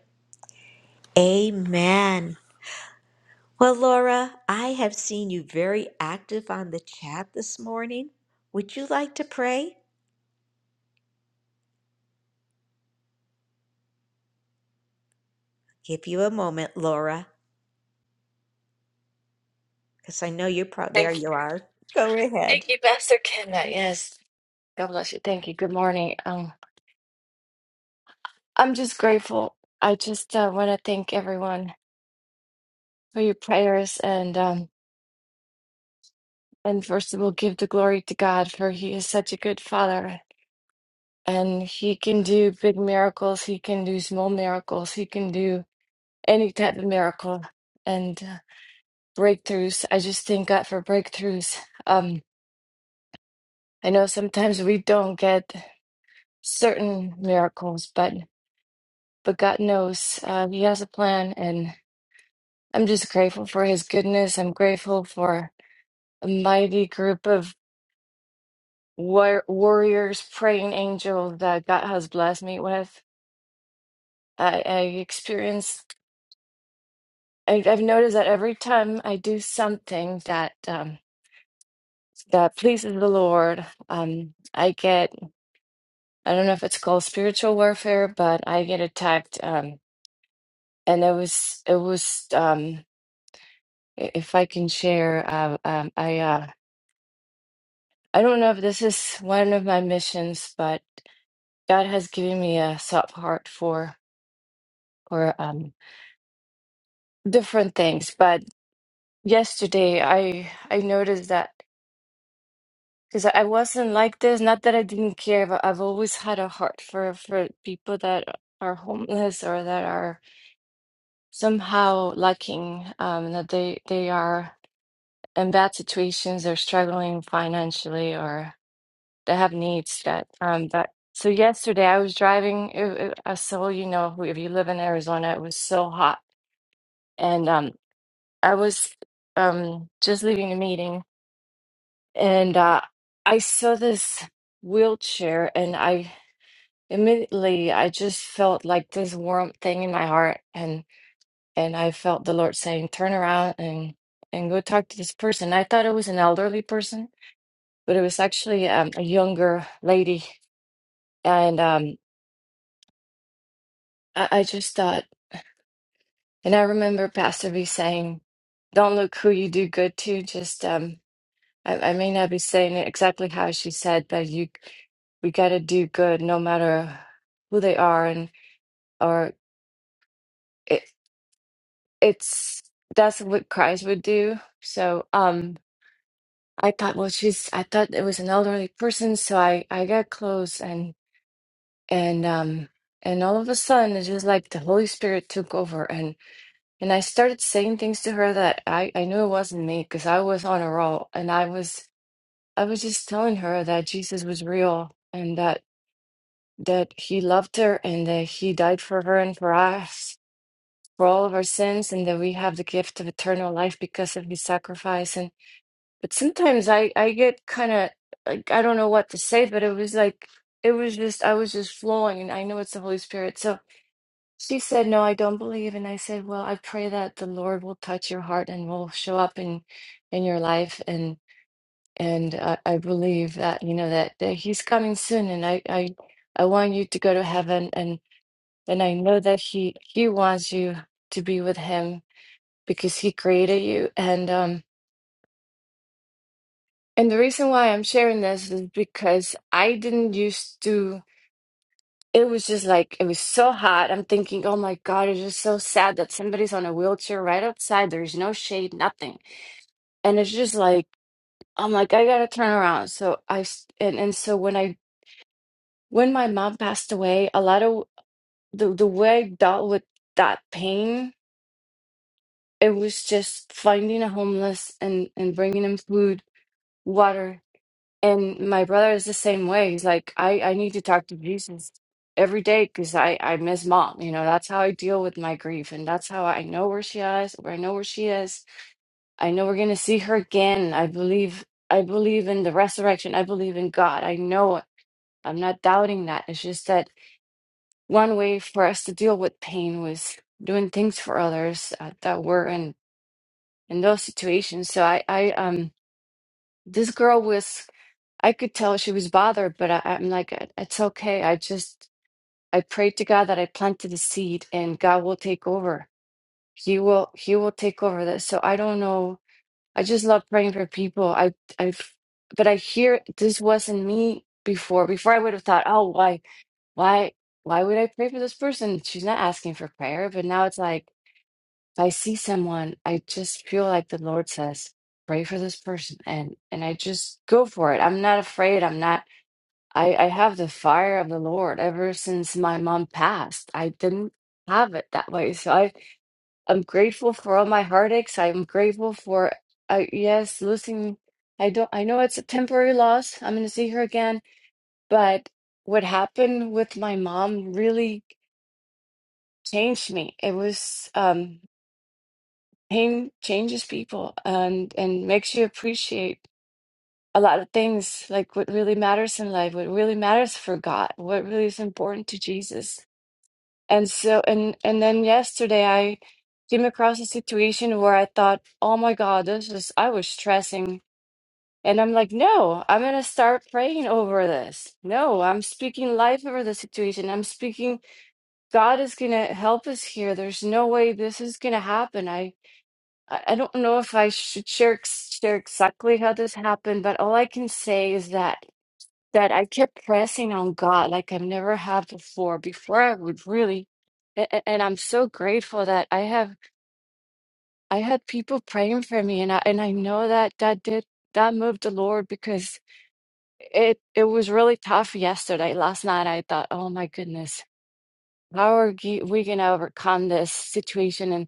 S1: Amen. Well, Laura, I have seen you very active on the chat this morning. Would you like to pray? Give you a moment, Laura, because I know you're probably there.
S8: Thank you.
S1: You are. Go
S8: Thank
S1: ahead.
S8: you, Pastor Kenda. Yes. God bless you. Thank you. Good morning. Um, I'm just grateful. I just uh, want to thank everyone for your prayers and um, and first of all, give the glory to God for He is such a good Father and He can do big miracles. He can do small miracles. He can do any type of miracle and uh, breakthroughs. I just thank God for breakthroughs. Um, I know sometimes we don't get certain miracles, but. but God knows uh, He has a plan, and I'm just grateful for His goodness. I'm grateful for a mighty group of war- warriors, praying angels that God has blessed me with. I, I experience. I, I've noticed that every time I do something that um, that pleases the Lord, um, I get. I don't know if it's called spiritual warfare, but I get attacked. Um, and it was it was um, i- if I can share, uh, um, I. Uh, I don't know if this is one of my missions, but God has given me a soft heart for for um, different things. But yesterday, I I noticed that because I wasn't like this. Not that I didn't care, but I've always had a heart for for people that are homeless or that are somehow lacking. Um, that they they are in bad situations, they're struggling financially, or that have needs that um that so yesterday I was driving it, it, uh, so you know who- if you live in Arizona it was so hot and um I was um just leaving a meeting and uh I saw this wheelchair and I immediately I just felt like this warm thing in my heart and and I felt the Lord saying turn around and and go talk to this person I thought it was an elderly person but it was actually um, a younger lady and um I, I just thought And I remember Pastor B saying, "Don't look who you do good to. Just um, I, I may not be saying it exactly how she said, but you, we got to do good no matter who they are, and or it, it's that's what Christ would do." So um, I thought, well, she's I thought it was an elderly person, so I I got close and and um and all of a sudden it's just like the Holy Spirit took over And I started saying things to her that I, I knew it wasn't me because I was on a roll and I was I was just telling her that Jesus was real and that that he loved her and that he died for her and for us for all of our sins and that we have the gift of eternal life because of his sacrifice and but sometimes I I get kind of like I don't know what to say but it was like it was just I was just flowing and I know it's the Holy Spirit so she said, No, I don't believe. And I said, Well, I pray that the Lord will touch your heart and will show up in in your life. And and I, I believe that, you know, that, that he's coming soon and I, I I want you to go to heaven and and I know that he he wants you to be with him because he created you. And um and the reason why I'm sharing this is because I didn't used to it was just like it was so hot. I'm thinking, oh my God, it's just so sad that somebody's on a wheelchair right outside. There's no shade, nothing. And it's just like I'm like, I gotta turn around. So I s- and and so when I when my mom passed away, a lot of the the way I dealt with that pain, it was just finding a homeless and and bringing him food, water. And my brother is the same way. He's like, I, I need to talk to Jesus every day because I, I miss mom. You know, that's how I deal with my grief. And that's how I know where she is, where I know where she is. I know we're gonna see her again. I believe I believe in the resurrection. I believe in God. I know it. I'm not doubting that. It's just that one way for us to deal with pain was doing things for others uh, that were in in those situations. So I, I um this girl was I could tell she was bothered, but I, I'm like, "It- it's okay. I just I prayed to God that I planted the seed, and God will take over. He will He will take over this. So I don't know. I just love praying for people. I I, but I hear this wasn't me before. Before I would have thought, oh, why why why would I pray for this person? She's not asking for prayer. But now it's like if I see someone, I just feel like the Lord says, pray for this person, and and I just go for it. I'm not afraid. I'm not. I, I have the fire of the Lord ever since my mom passed. I didn't have it that way. So I, I'm grateful for all my heartaches. I'm grateful for, uh, yes, losing. I don't, I know it's a temporary loss. I'm going to see her again. But what happened with my mom really changed me. It was, um, pain changes people and, and makes you appreciate a lot of things, like what really matters in life, what really matters for God, what really is important to Jesus And so and and then yesterday I came across a situation where I thought, "Oh my God, this is I was stressing." And I'm like, "No, I'm gonna start praying over this. No, I'm speaking life over the situation. I'm speaking God is gonna help us here. There's no way this is gonna happen." I I I don't know if I should share ex- share exactly how this happened, but all I can say is that that I kept pressing on God like I've never had before. Before I would really, a- a- and I'm so grateful that I have I had people praying for me, and I and I know that that did that moved the Lord because it it was really tough yesterday. Last night I thought, oh my goodness, how are ge- we gonna overcome this situation? And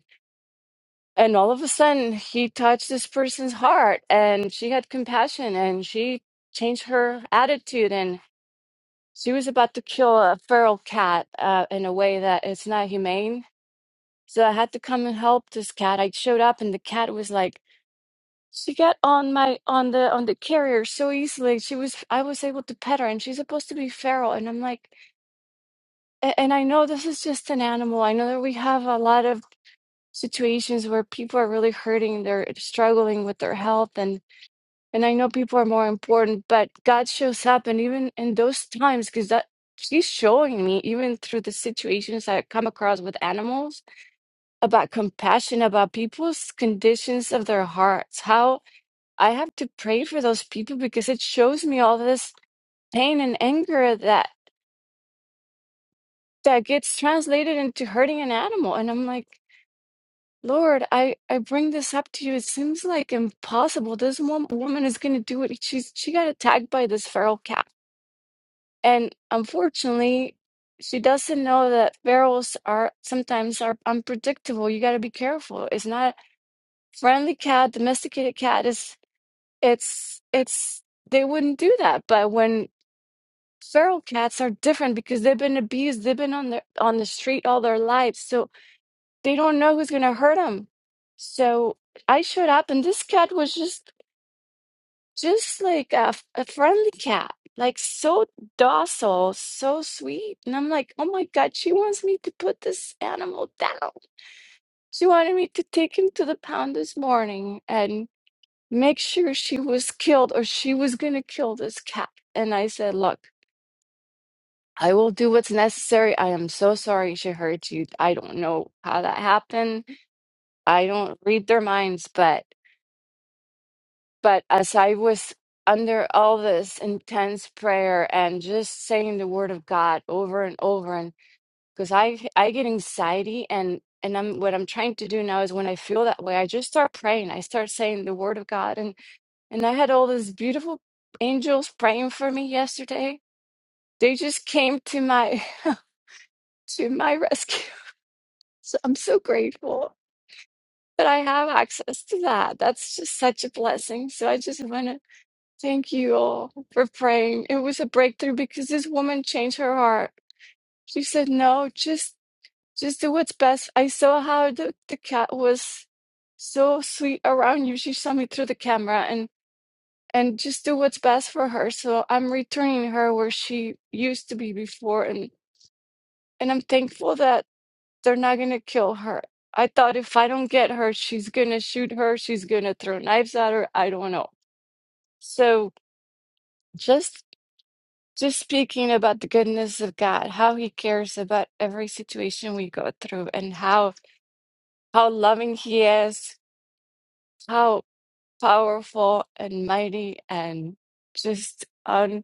S8: and all of a sudden he touched this person's heart, and she had compassion, and she changed her attitude, She was about to kill a feral cat uh, in a way that it's not humane. So I had to come and help this cat. I showed up and the cat was like, she got on my on the on the carrier so easily. She was I was able to pet her and she's supposed to be feral. And I'm like, a- and I know this is just an animal. I know that we have a lot of situations where people are really hurting, they're struggling with their health and. And I know people are more important, but God shows up. And even in those times, because that He's showing me, even through the situations I come across with animals, about compassion, about people's conditions of their hearts, how I have to pray for those people because it shows me all this pain and anger that that gets translated into hurting an animal. And I'm like, Lord, I, I bring this up to you. It seems like impossible. This one woman is going to do it. She's, she got attacked by this feral cat And unfortunately, she doesn't know that ferals are sometimes are unpredictable. You got to be careful. It's not friendly cat, domesticated cat is it's it's they wouldn't do that. But when feral cats are different because they've been abused, they've been on the on the street all their lives, so they don't know who's going to hurt them. So I showed up and this cat was just just like a, f- a friendly cat, like so docile, so sweet. And I'm like, oh my God, she wants me to put this animal down. She wanted me to take him to the pound this morning and make sure she was killed or she was going to kill this cat. And I said, look, I will do what's necessary. I am so sorry she hurt you. I don't know how that happened. I don't read their minds, but. But as I was under all this intense prayer and just saying the word of God over and over, and because I I get anxiety and and I'm what I'm trying to do now is when I feel that way, I just start praying. I start saying the word of God, and and I had all these beautiful angels praying for me yesterday. They just came to my (laughs) to my rescue. So I'm so grateful that I have access to that. That's just such a blessing. So I just want to Thank you all for praying. It was a breakthrough because this woman changed her heart. She said, "No, just just do what's best." I saw how the, the cat was so sweet around you. She saw me through the camera and and just do what's best for her. So I'm returning her where she used to be before and and I'm thankful that they're not going to kill her. I thought if I don't get her, she's going to shoot her, she's going to throw knives at her. I don't know. So just. Just speaking about the goodness of God, how He cares about every situation we go through, and how how loving He is, how powerful and mighty, and just un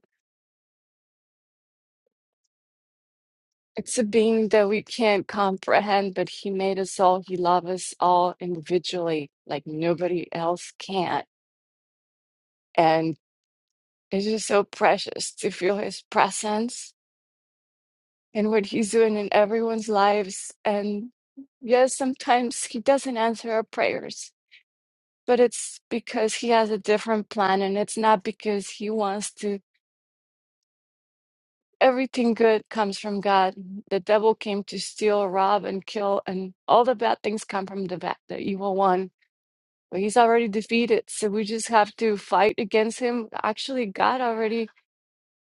S8: it's a being that we can't comprehend, but He made us all. He loves us all individually, like nobody else can, and it's just so precious to feel His presence and what he's doing in everyone's lives. And yes, sometimes he doesn't answer our prayers, but it's because he has a different plan and it's not because he wants to. Everything good comes from God. The devil came to steal, rob, and kill, and all the bad things come from the bad, the evil one. But he's already defeated, so we just have to fight against him. Actually, God already,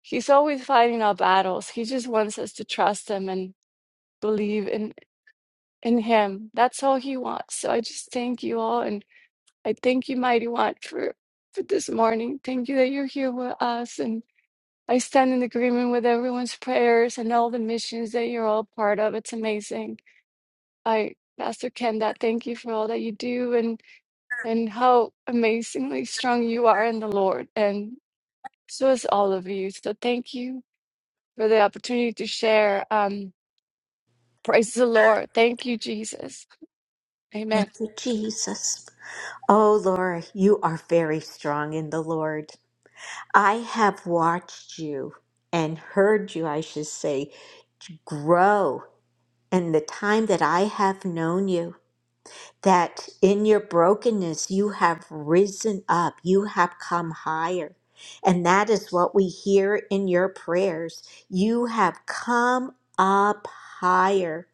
S8: he's always fighting our battles. He just wants us to trust him and believe. in. In him. That's all he wants. So I just thank you all and I thank you, mighty one, for, for this morning. Thank you that you're here with us and I stand in agreement with everyone's prayers and all the missions that you're all part of. It's amazing. I Pastor Ken, that thank you for all that you do and and how amazingly strong you are in the Lord. And so is all of you. So thank you for the opportunity to share. Um, praise the Lord. Thank you, Jesus.
S1: Thank
S8: Amen.
S1: you, Jesus. Oh, Laura, you are very strong in the Lord. I have watched you and heard you, I should say, grow in the time that I have known you. that in your brokenness you have risen up, you have come higher. And that is what we hear in your prayers. You have come up higher.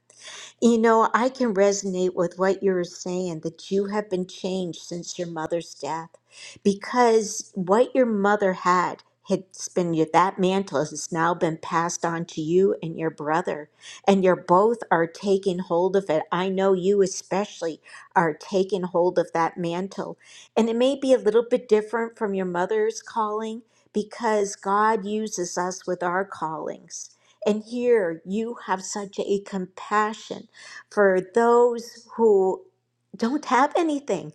S1: You know, I can resonate with what you're saying that you have been changed since your mother's death because what your mother had had been that mantle has now been passed on to you and your brother and you're both are taking hold of it i know you especially are taking hold of that mantle and it may be a little bit different from your mother's calling because god uses us with our callings and here you have such a compassion for those who don't have anything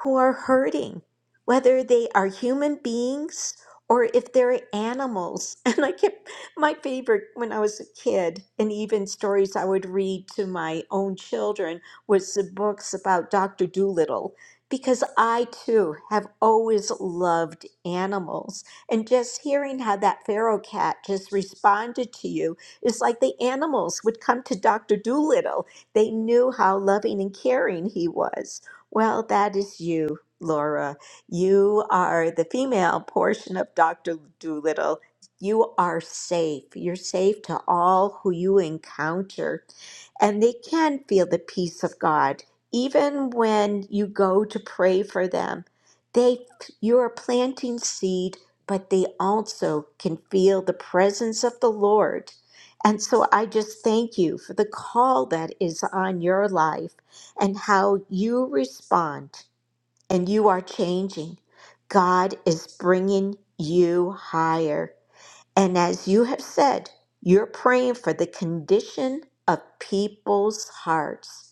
S1: who are hurting, whether they are human beings or if they're animals. (laughs) And I kept my favorite when I was a kid, and even stories I would read to my own children was the books about Dr. Dolittle, Because I too have always loved animals. And just hearing how that feral cat just responded to you is like the animals would come to Dr. Dolittle. They knew how loving and caring he was. Well, that is you, Laura. You are the female portion of Dr. Doolittle. You are safe. You're safe to all who you encounter, and they can feel the peace of God. Even when you go to pray for them, they you are planting seed, but they also can feel the presence of the Lord. And so I just thank you for the call that is on your life and how you respond and you are changing. God is bringing you higher. And as you have said, you're praying for the condition of people's hearts.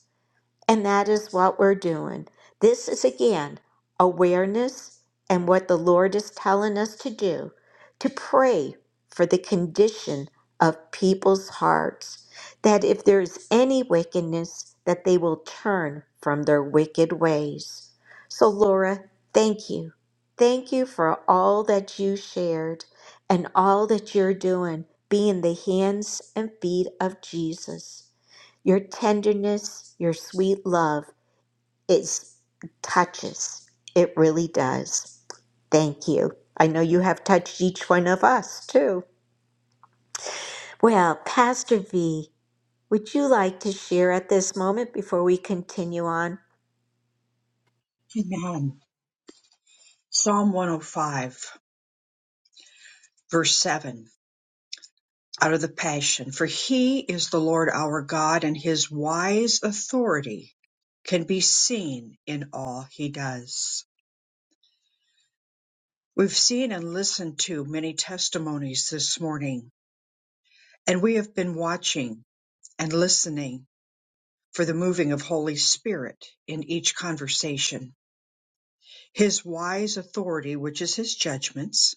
S1: And that is what we're doing. This is again awareness and what the Lord is telling us to do to pray for the condition of people's hearts, that if there is any wickedness, that they will turn from their wicked ways. So, Laura, thank you. Thank you for all that you shared and all that you're doing, being the hands and feet of Jesus. Your tenderness, your sweet love, it touches. It really does. Thank you. I know you have touched each one of us too. Well, Pastor V, would you like to share at this moment before we continue on?
S4: Amen. Psalm 105, verse 7, out of the Passion. For he is the Lord our God, and his wise authority can be seen in all he does. We've seen and listened to many testimonies this morning, and we have been watching and listening for the moving of Holy Spirit in each conversation. His wise authority, which is his judgments,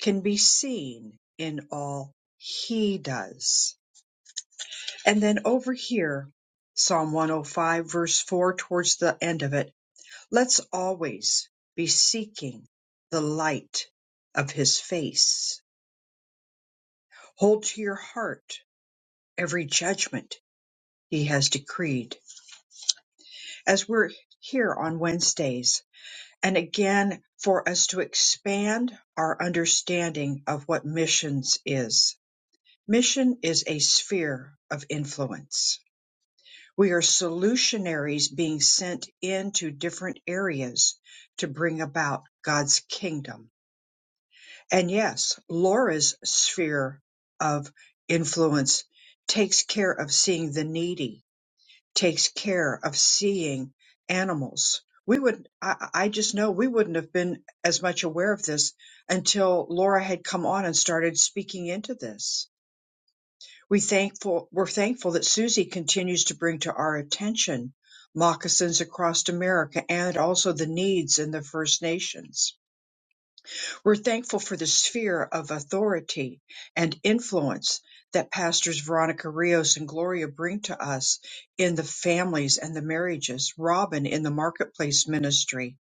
S4: can be seen in all he does. And then over here, Psalm 105, verse 4, towards the end of it, let's always be seeking the light of his face. Hold to your heart every judgment he has decreed. As we're here on Wednesdays, and again for us to expand our understanding of what missions is. Mission is a sphere of influence. We are solutionaries being sent into different areas to bring about God's kingdom. And yes, Laura's sphere of influence takes care of seeing the needy takes care of seeing animals. We would, I, I just know we wouldn't have been as much aware of this until Laura had come on and started speaking into this. We thankful, we're thankful that Susie continues to bring to our attention moccasins across America and also the needs in the First Nations. We're thankful for the sphere of authority and influence that pastors Veronica Rios and Gloria bring to us in the families and the marriages, Robin in the marketplace ministry,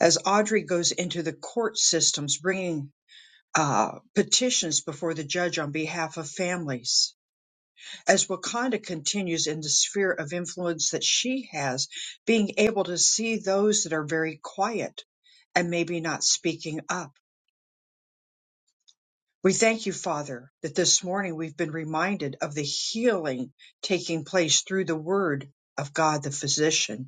S4: as Audrey goes into the court systems bringing uh, petitions before the judge on behalf of families, as Wakanda continues in the sphere of influence that she has, being able to see those that are very quiet and maybe not speaking up We thank you, Father, that this morning we've been reminded of the healing taking place through the word of God the physician.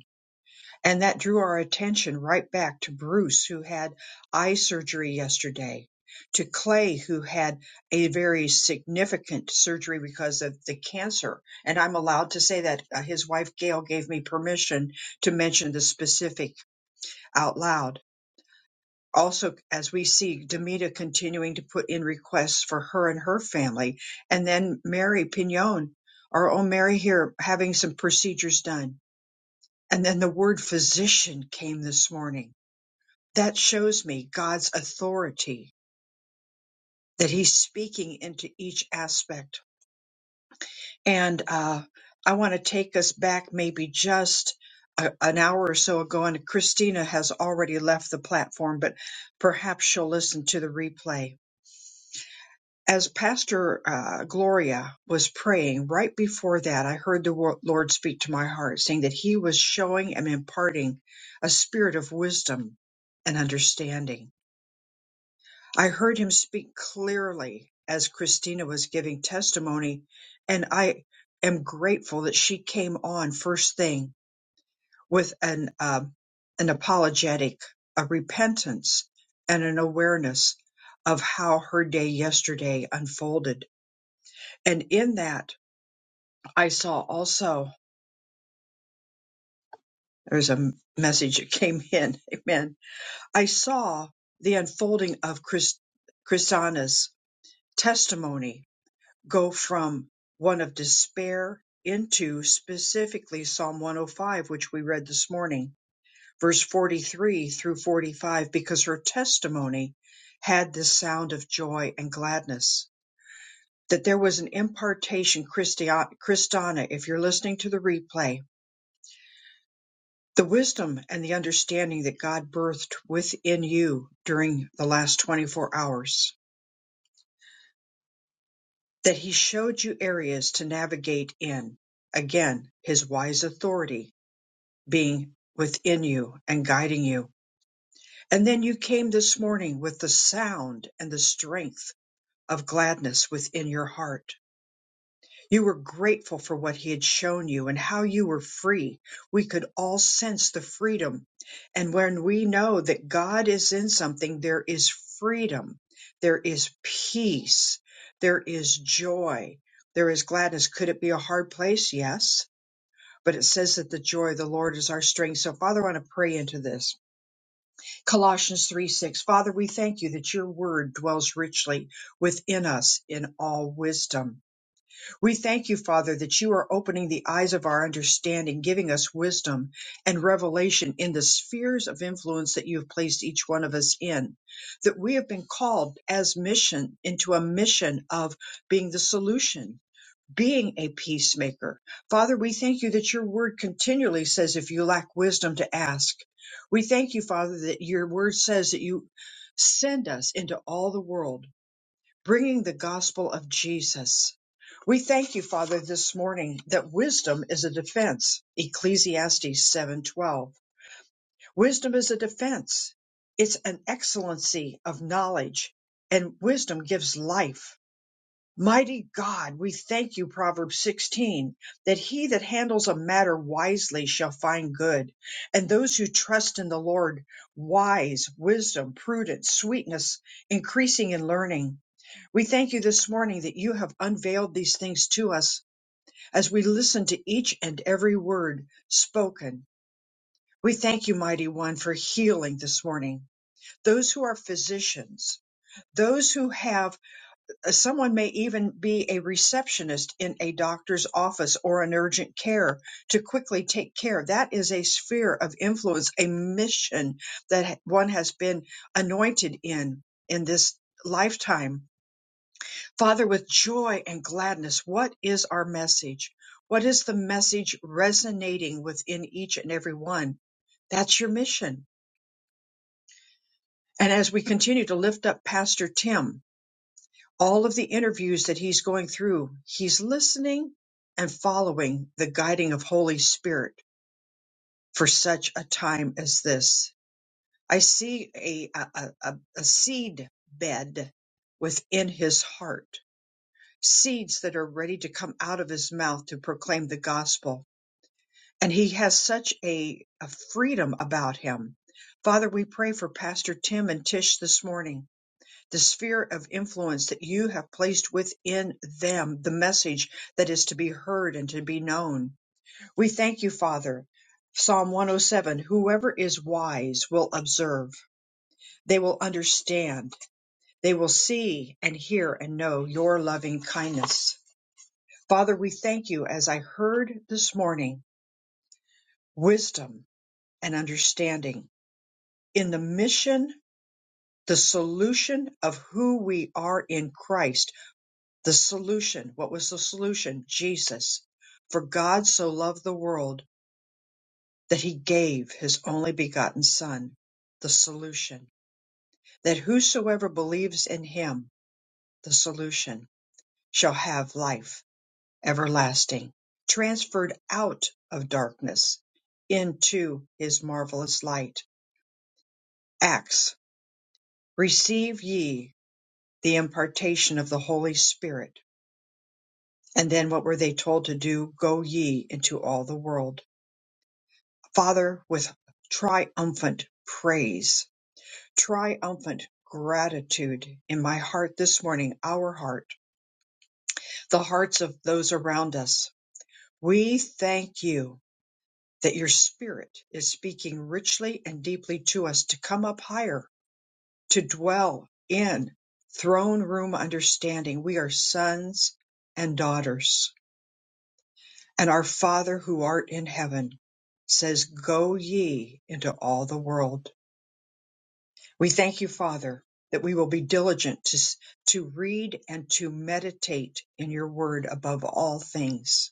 S4: And that drew our attention right back to Bruce, who had eye surgery yesterday, to Clay, who had a very significant surgery because of the cancer. And I'm allowed to say that uh, his wife, Gail, gave me permission to mention the specific out loud also as we see Demita continuing to put in requests for her and her family, and then Mary Pignon, our own Mary here, having some procedures done. And then the word physician came this morning. That shows me God's authority, that He's speaking into each aspect. And uh, I want to take us back maybe just a, an hour or so ago, and Christina has already left the platform, but perhaps she'll listen to the replay as Pastor uh, Gloria was praying right before that, I heard the wo- Lord speak to my heart saying that He was showing and imparting a spirit of wisdom and understanding. I heard Him speak clearly as Christina was giving testimony, and I am grateful that she came on first thing with an um, an apologetic, a repentance, and an awareness of how her day yesterday unfolded and in that, I saw also, there's a message that came (laughs) in. Amen. I saw the unfolding of Chris, Chrisana's testimony go from one of despair into specifically Psalm 105, which we read this morning, verse 43 through 45, because her testimony had this sound of joy and gladness. That there was an impartation, Christia- Christiana, if you're listening to the replay, The wisdom and the understanding that God birthed within you during the last 24 hours, that He showed you areas to navigate in. Again, His wise authority being within you and guiding you. And then you came this morning with the sound and the strength of gladness within your heart You were grateful for what he had shown you and how you were free. We could all sense the freedom. And when we know that God is in something, there is freedom, there is peace, there is joy, there is gladness. Could it be a hard place? Yes. But it says that the joy of the Lord is our strength. So, Father, I want to pray into this. Colossians 3 6. Father, we thank you that your word dwells richly within us in all wisdom we thank you, Father, that you are opening the eyes of our understanding, giving us wisdom and revelation in the spheres of influence that you have placed each one of us in. That we have been called as mission into a mission of being the solution, being a peacemaker. Father, we thank you that your word continually says, if you lack wisdom, to ask. We thank you, Father, that your word says that you send us into all the world bringing the gospel of Jesus. We thank you, Father, this morning that wisdom is a defense. Ecclesiastes 7:12. Wisdom is a defense. It's an excellency of knowledge, and wisdom gives life. Mighty God, we thank you, Proverbs 16, that he that handles a matter wisely shall find good, and those who trust in the Lord, wise, wisdom, prudence, sweetness, increasing in learning. We thank you this morning that you have unveiled these things to us as we listen to each and every word spoken. We thank you, Mighty One, for healing this morning. Those who are physicians, those who have, uh, someone may even be a receptionist in a doctor's office or an urgent care to quickly take care. That is a sphere of influence, a mission that one has been anointed in in this lifetime Father, with joy and gladness, what is our message? What is the message resonating within each and every one? That's your mission. And as we continue to lift up Pastor Tim, all of the interviews that he's going through, he's listening and following the guiding of Holy Spirit for such a time as this. I see a, a, a, a a seed bed within his heart seeds that are ready to come out of his mouth to proclaim the gospel. And he has such a, a freedom about him. Father, we pray for Pastor Tim and Tish this morning, the sphere of influence that you have placed within them, the message that is to be heard and to be known. We thank you, Father. Psalm 107 Whoever is wise will observe, they will understand, they will see and hear and know your loving kindness. Father, we thank you as I heard this morning wisdom and understanding in the mission, the solution of who we are in Christ. The solution, what was the solution? Jesus. For God so loved the world that he gave his only begotten Son, the solution, that whosoever believes in him, the solution, shall have life everlasting, transferred out of darkness into his marvelous light. Acts, receive ye the impartation of the Holy Spirit. And then what were they told to do? Go ye into all the world. Father, with triumphant praise, triumphant gratitude in my heart this morning, our heart, the hearts of those around us, we thank you that your spirit is speaking richly and deeply to us to come up higher, to dwell in throne room understanding. We are sons and daughters, and our Father who art in heaven says, Go ye into all the world. We thank you, Father, that we will be diligent to, s- to read and to meditate in your word above all things,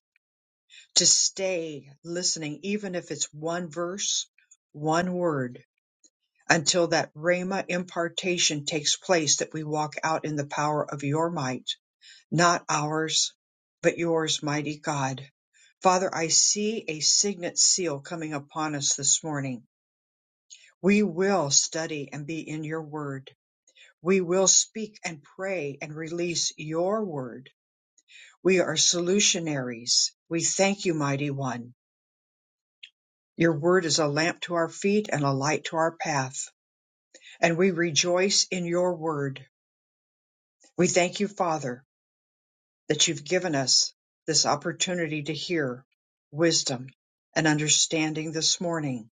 S4: to stay listening, even if it's one verse, one word until that Rhema impartation takes place that we walk out in the power of your might, not ours, but yours, mighty God. Father, I see a signet seal coming upon us this morning. We will study and be in your word. We will speak and pray and release your word. We are solutionaries. We thank you, mighty one. Your word is a lamp to our feet and a light to our path, and we rejoice in your word. We thank you, Father, that you've given us this opportunity to hear wisdom and understanding this morning,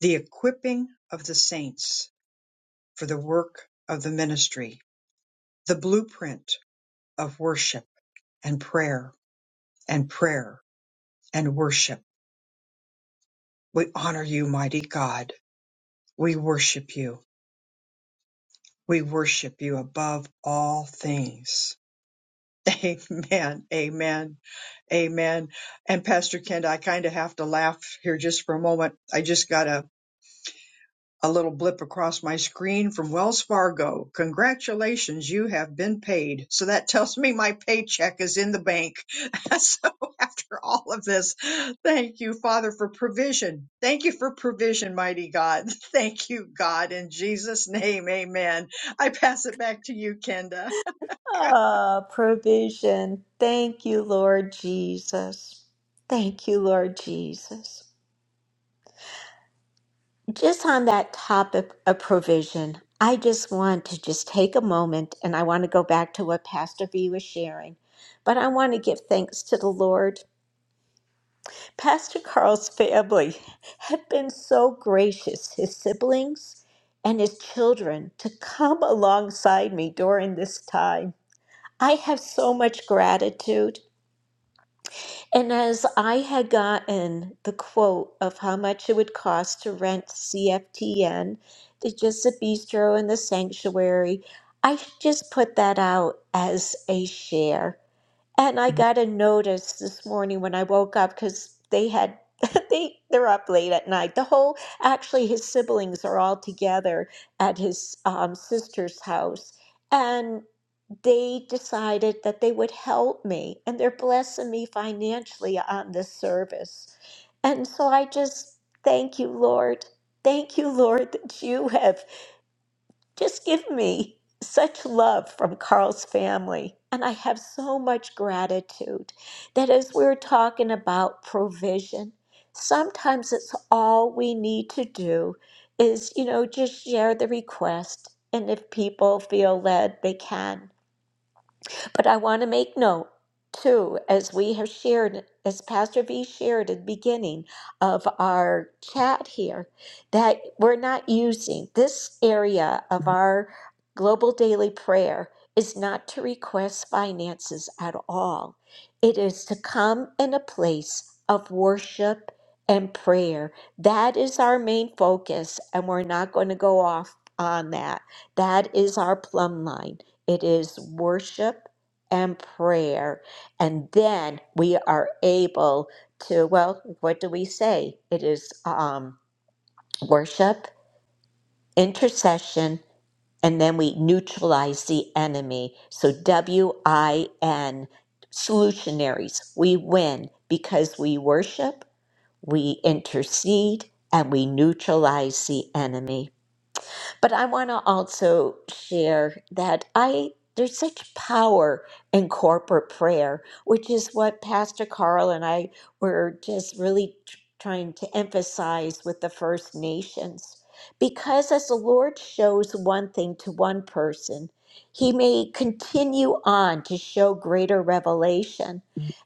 S4: the equipping of the saints for the work of the ministry, the blueprint of worship and prayer and prayer and worship. We honor you, mighty God. We worship you. We worship you above all things. (laughs) Amen. Amen. Amen. And Pastor Kent, I kind of have to laugh here just for a moment. I just got a, a little blip across my screen from Wells Fargo. Congratulations, you have been paid. So that tells me my paycheck is in the bank. (laughs) so after all of this, thank you, Father, for provision. Thank you for provision, mighty God. (laughs) Thank you, God, in Jesus' name. Amen. I pass it back to you, Kenda.
S1: Ah, provision. Thank you, Lord Jesus. Thank you, Lord Jesus. Just on that topic of provision, I just want to just take a moment and I want to go back to what Pastor V was sharing. But I want to give thanks to the Lord. Pastor Carl's family have been so gracious, his siblings and his children, to come alongside me during this time. I have so much gratitude. And as I had gotten the quote of how much it would cost to rent CFTN, the just the bistro and the sanctuary, I just put that out as a share. And I got a notice this morning when I woke up because they had (laughs) they they're up late at night. The whole actually his siblings are all together at his um, sister's house, and they decided that they would help me and they're blessing me financially on this service. And so I just thank you, Lord. Thank you, Lord, that you have just given me such love from Carl's family. And I have so much gratitude that as we're talking about provision, sometimes it's all we need to do is, you know, just share the request. And if people feel led, they can. But I want to make note, too, as we have shared, as Pastor V shared at the beginning of our chat here, that we're not using this area of our global daily prayer is not to request finances at all. It is to come in a place of worship and prayer. That is our main focus, and we're not going to go off on that. That is our plumb line. It is worship and prayer. And then we are able to, well, what do we say? It is um, worship, intercession, and then we neutralize the enemy. So W I N, solutionaries. We win because we worship, we intercede, and we neutralize the enemy. But I want to also share that I there's such power in corporate prayer, which is what Pastor Carl and I were just really tr- trying to emphasize with the First Nations. Because as the Lord shows one thing to one person, he may continue on to show greater revelation.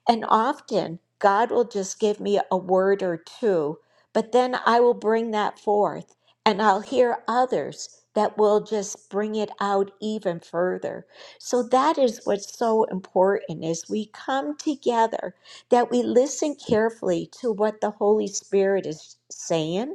S1: And often God will just give me a word or two, but then I will bring that forth and I'll hear others that will just bring it out even further. So that is what's so important as we come together that we listen carefully to what the Holy Spirit is saying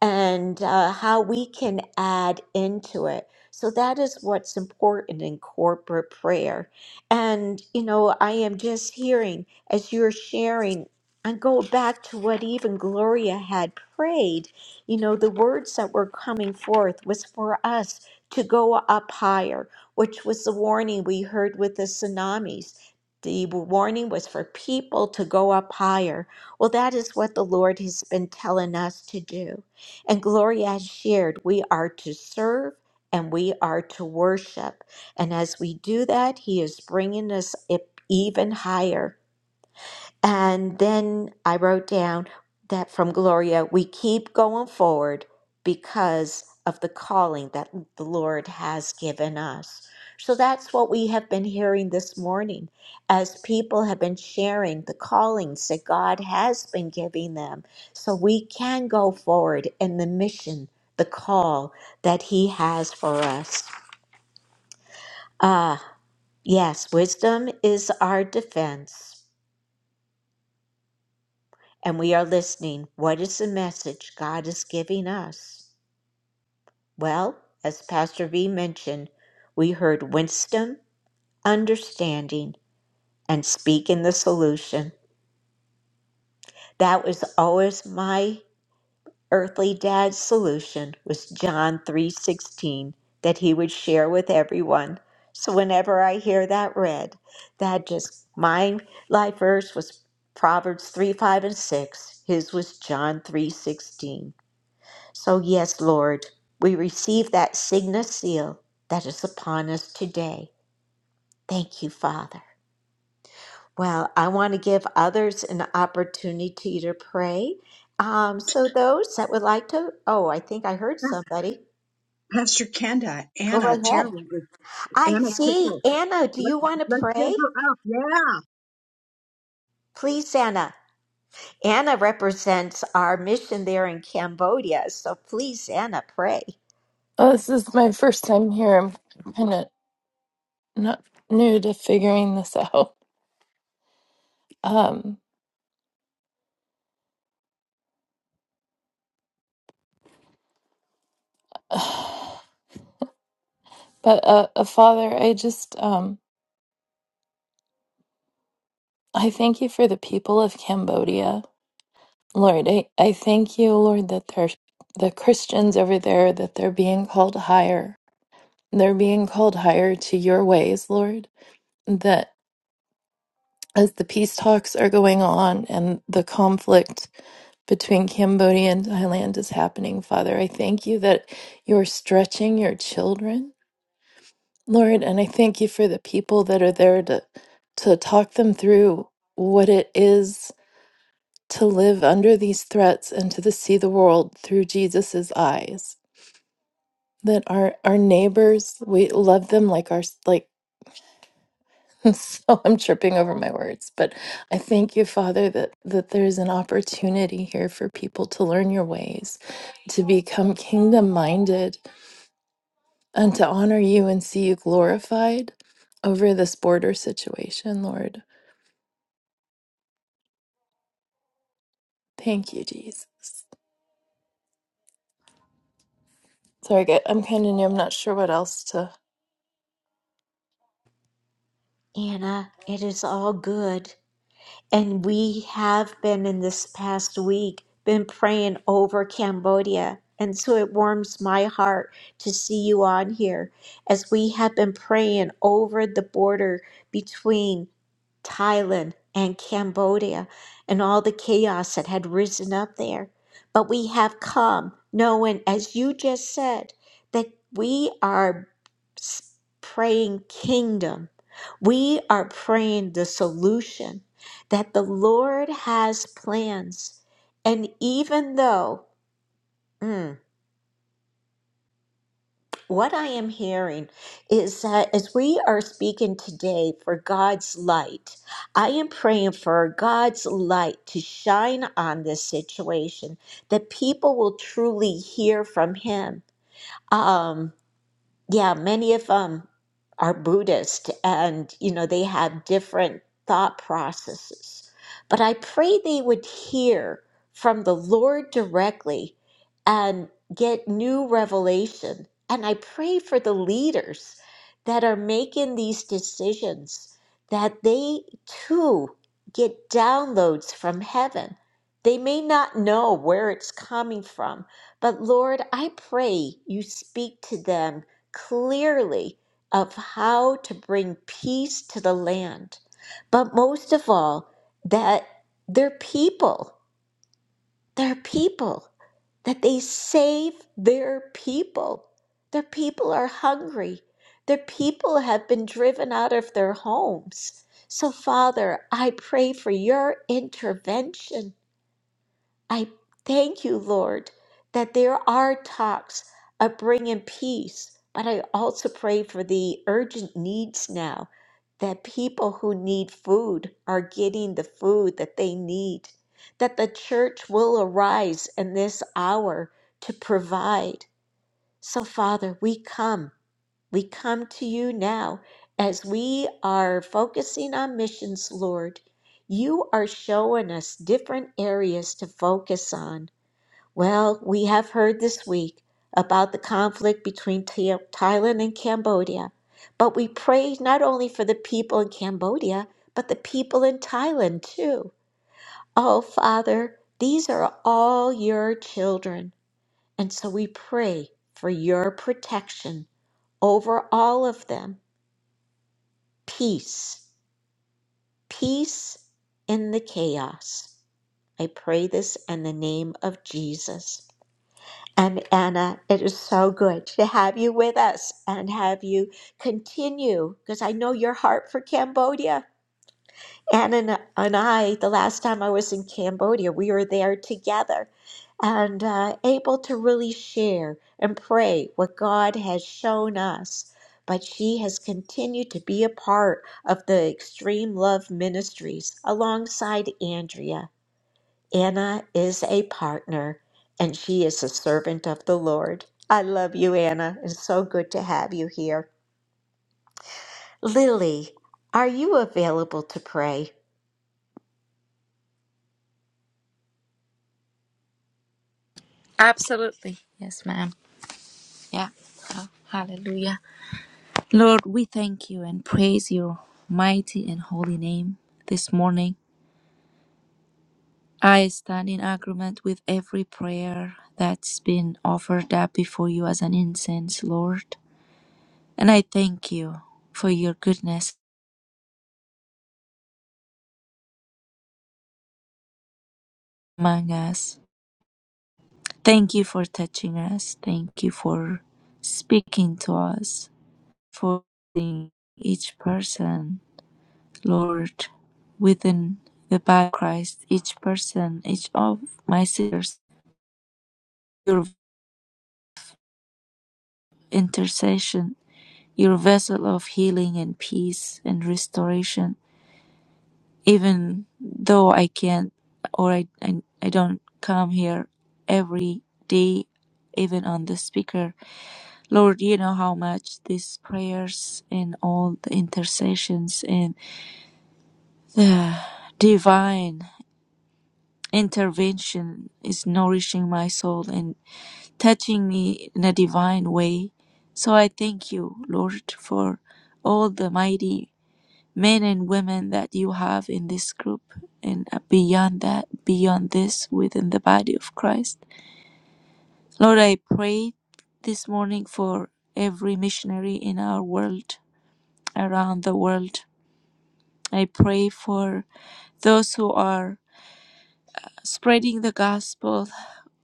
S1: and uh, how we can add into it. So that is what's important in corporate prayer. And, you know, I am just hearing as you're sharing, and go back to what even Gloria had prayed. You know, the words that were coming forth was for us to go up higher, which was the warning we heard with the tsunamis. The warning was for people to go up higher. Well, that is what the Lord has been telling us to do and Gloria has shared, we are to serve and we are to worship. And as we do that, He is bringing us up even higher. And then I wrote down that from Gloria, we keep going forward because of the calling that the Lord has given us. So that's what we have been hearing this morning as people have been sharing the callings that God has been giving them. So we can go forward in the mission, the call that He has for us. Ah, yes, wisdom is our defense. and we are listening, what is the message God is giving us? Well, as Pastor V mentioned, we heard wisdom, understanding, and speaking the solution. That was always my earthly dad's solution was John 3:16 that he would share with everyone. So whenever I hear that read, that just my life verse was Proverbs 3, 5, and 6. His was John 3:16. So, yes, Lord, we receive that signet seal that is upon us today. Thank you, Father. Well, I want to give others an opportunity to pray. Um, so, those that would like to, oh, I think I heard
S4: (laughs)
S1: somebody.
S4: Pastor Kenda,
S1: Go
S4: Anna
S1: right ahead.
S4: Terrell,
S1: I
S4: Anna
S1: see
S4: Terrell.
S1: Anna. Do
S4: Let's
S1: you want to
S4: let's get
S1: pray?
S4: her up. Yeah,
S1: Please, Anna. Anna represents our mission there in Cambodia. So, please, Anna, pray.
S9: Oh, this is my first time here. I'm kind of not new to figuring this (laughs) out. Um, (sighs) but uh, uh, Father, I just um, I thank you for the people of Cambodia, Lord. I, I thank you, Lord, that there's the Christians over there that they're being called higher. They're being called higher to your ways, Lord. as the peace talks are going on and the conflict between Cambodia and Thailand is happening, Father. I thank you that you're stretching your children, Lord, and I thank you for the people that are there to to talk them through what it is to live under these threats and to the, see the world through Jesus's eyes. That our our neighbors, we love them like our like (laughs) so I'm tripping over my words, but I thank you, Father, that, that there's an opportunity here for people to learn your ways, to become kingdom minded, and to honor you and see you glorified over this border situation, Lord. Thank you, Jesus. Sorry, I get- I'm kind of new. I'm not sure what else to
S1: Anna, it is all good. And we have been in this past week been praying over Cambodia. And so it warms my heart to see you on here as we have been praying over the border between Thailand and Cambodia and all the chaos that had risen up there. But we have come knowing, as you just said, that we are s- praying kingdom. We are praying the solution that the Lord has plans. And even though mm, What I am hearing is that as we are speaking today for God's light, I am praying for God's light to shine on this situation, that people will truly hear from Him. Um, yeah, many of them are Buddhist and, you know, they have different thought processes. But I pray they would hear from the Lord directly and get new revelation. And I pray for the leaders that are making these decisions that they too get downloads from heaven. They may not know where it's coming from, but Lord, I pray you speak to them clearly of how to bring peace to the land. But most of all, that their people, their people, that they save their people. Their people are hungry. Their people have been driven out of their homes. So, Father, I pray for your intervention I thank you, Lord, that there are talks of bringing peace, but I also pray for the urgent needs now that people who need food are getting the food that they need, that the church will arise in this hour to provide. So, Father, we come. We come to you now as we are focusing on missions, Lord. You are showing us different areas to focus on. Well, we have heard this week about the conflict between Thi- Thailand and Cambodia, but we pray not only for the people in Cambodia, but the people in Thailand too. Oh, Father, these are all your children, and so we pray for your protection over all of them. Peace, peace in the chaos. I pray this in the name of Jesus. And Anna, it is so good to have you with us and have you continue because I know your heart for Cambodia. Anna and and I, the last time I was in Cambodia, we were there together and uh, able to really share and pray what God has shown us. But she has continued to be a part of the Extreme Love Ministries alongside Andrea. Anna is a partner and she is a servant of the Lord. I love you, Anna. It's so good to have you here. Lily, are you available to pray?
S10: Absolutely. Yes, ma'am. Yeah. Oh, hallelujah. Lord, we thank you and praise your mighty and holy name this morning. I stand in agreement with every prayer that's been offered up before you as an incense, Lord. And I thank you for your goodness among us. Thank you for touching us. Thank you for speaking to us, for seeing each person Lord, within the body of Christ, each person, each of my sisters, your intercession, your vessel of healing and peace and restoration, even though I can't or I, I, I don't come here every day, even on the speaker. Lord, you know how much these prayers and all the intercessions and the divine intervention is nourishing my soul and touching me in a divine way. So I thank you, Lord, for all the mighty men and women that you have in this group and beyond that, beyond this, within the body of Christ. Lord, I pray this morning for every missionary in our world, around the world. I pray for those who are spreading the gospel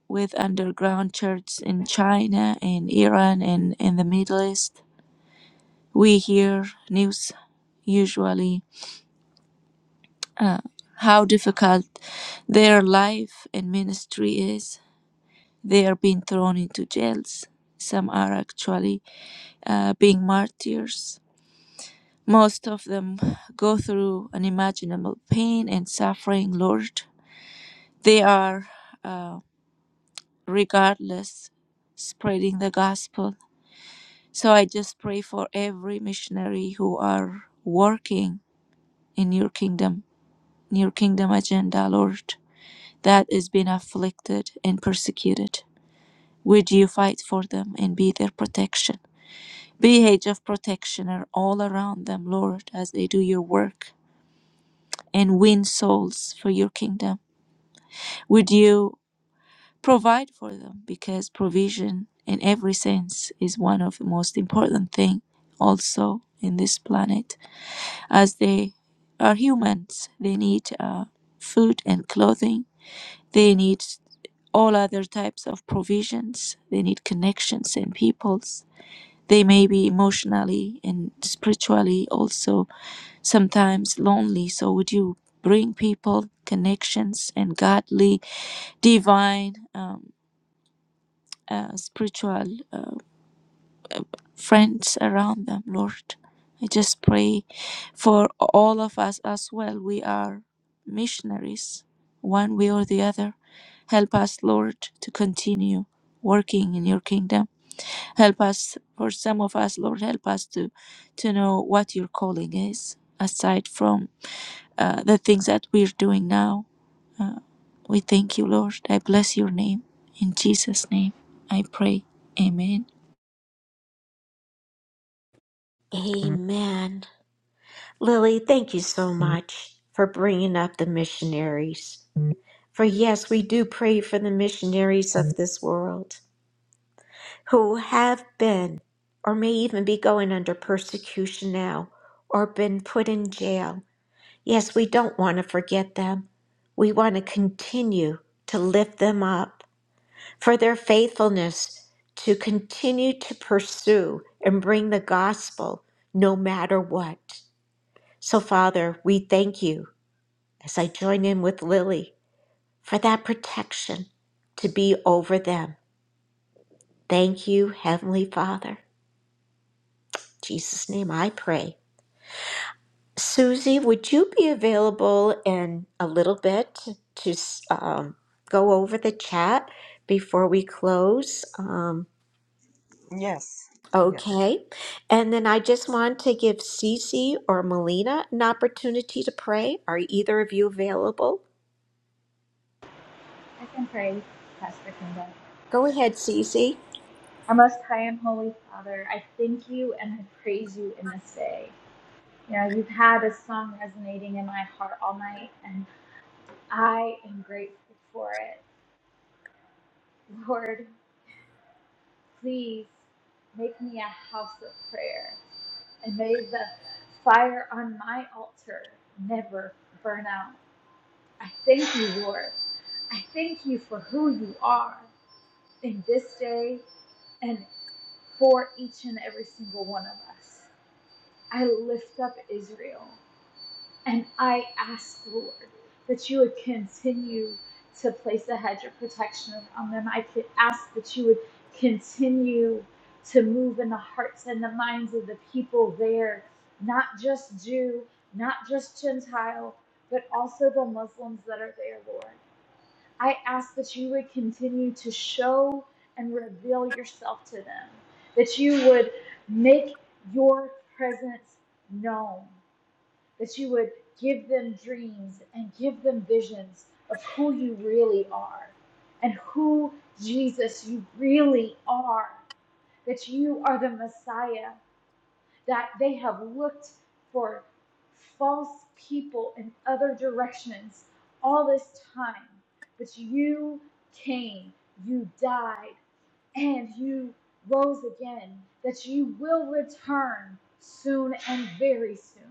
S10: with underground churches in China and Iran and in the Middle East. we hear news usually uh, how difficult their life and ministry is. They are being thrown into jails. Some are actually uh, being martyrs. Most of them go through unimaginable pain and suffering, Lord. They are, uh, regardless, spreading the gospel. So I just pray for every missionary who are working in your kingdom your kingdom agenda, Lord, that is being afflicted and persecuted. Would you fight for them and be their protection? Be a hedge of protection all around them, Lord, as they do your work and win souls for your kingdom. Would you provide for them? Because provision in every sense is one of the most important thing also in this planet. As they are humans, they need uh, food and clothing They need all other types of provisions. They need connections and peoples. They may be emotionally and spiritually also sometimes lonely. So, would you bring people connections and godly, divine, um, uh, spiritual? uh, friends around them, Lord. I just pray for all of us as well. We are missionaries, one way or the other. Help us, Lord, to continue working in your kingdom. Help us, for some of us, Lord, help us to, to know what your calling is aside from uh, the things that we're doing now. Uh, we thank you, Lord. I bless your name. In Jesus' name, I pray. Amen.
S1: Amen. Lily, thank you so much for bringing up the missionaries. For yes, we do pray for the missionaries of this world who have been or may even be going under persecution now or been put in jail Yes, we don't want to forget them. We want to continue to lift them up for their faithfulness to continue to pursue and bring the gospel no matter what. So, Father, we thank you as I join in with Lily for that protection to be over them. Thank you, Heavenly Father. In Jesus' name I pray. Susie, would you be available in a little bit to um, go over the chat before we close? Um,
S7: Yes. Yes.
S1: okay. And then I just want to give Cece or Melina an opportunity to pray. Are either of you available?
S11: I can pray, Pastor Kenda.
S1: Go ahead, Cece.
S11: Our most high and holy Father, I thank you and I praise you in this day. You know, you've had a song resonating in my heart all night, and I am grateful for it. Lord, please make me a house of prayer, and may the fire on my altar never burn out. I thank you, Lord. I thank you for who you are in this day and. for each and every single one of us. I lift up Israel and I ask, Lord, that you would continue to place a hedge of protection on them. I could ask that you would continue to move in the hearts and the minds of the people there, not just Jew, not just Gentile, but also the Muslims that are there, Lord. I ask that you would continue to show and reveal yourself to them, that you would make your presence known, that you would give them dreams and give them visions of who you really are and who Jesus you really are, that you are the Messiah, that they have looked for false people in other directions all this time. But you came, you died, and you rose again, that you will return soon and very soon.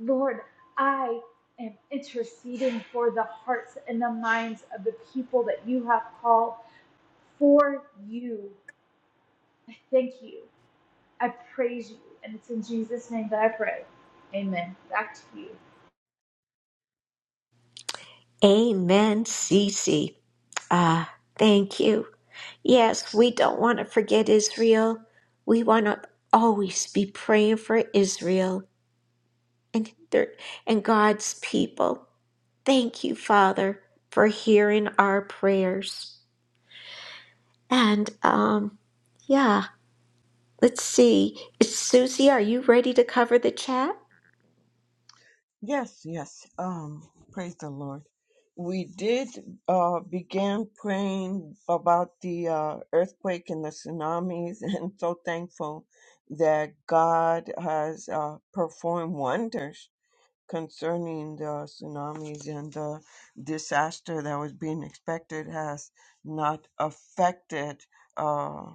S11: Lord, I am interceding for the hearts and the minds of the people that you have called for you. Thank you. I praise you, and it's in Jesus' name that I pray. Amen. Back to you.
S1: Amen, Cece. Ah, thank you. Yes, we don't want to forget Israel. We want to always be praying for Israel and, their, and God's people. Thank you, Father, for hearing our prayers. And um, yeah, let's see. Is Susie, are you ready to cover the chat?
S7: Yes, yes. Um, praise the Lord. We did uh began praying about the uh earthquake and the tsunamis (laughs) and so thankful that God has uh performed wonders concerning the tsunamis and the disaster that was being expected has not affected uh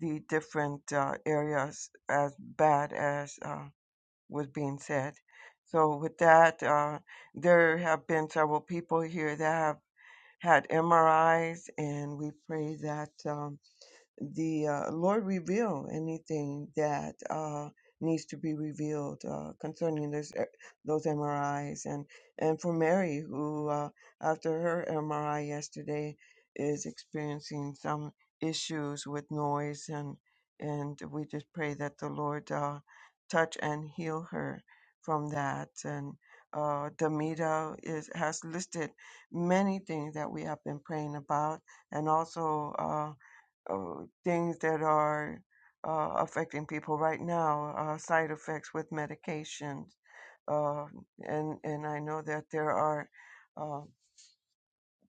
S7: the different uh, areas as bad as uh was being said. So with that, uh, there have been several people here that have had MRIs, and we pray that. um, the uh, Lord reveal anything that uh, needs to be revealed uh, concerning this, eh, those MRIs. And, and for Mary, who uh, after her MRI yesterday is experiencing some issues with noise, and, and we just pray that the Lord uh, touch and heal her from that. And uh, Demita is, has listed many things that we have been praying about, and also. Uh, uh, things that are uh, affecting people right now, uh, side effects with medications. Uh, and, and I know that there are uh,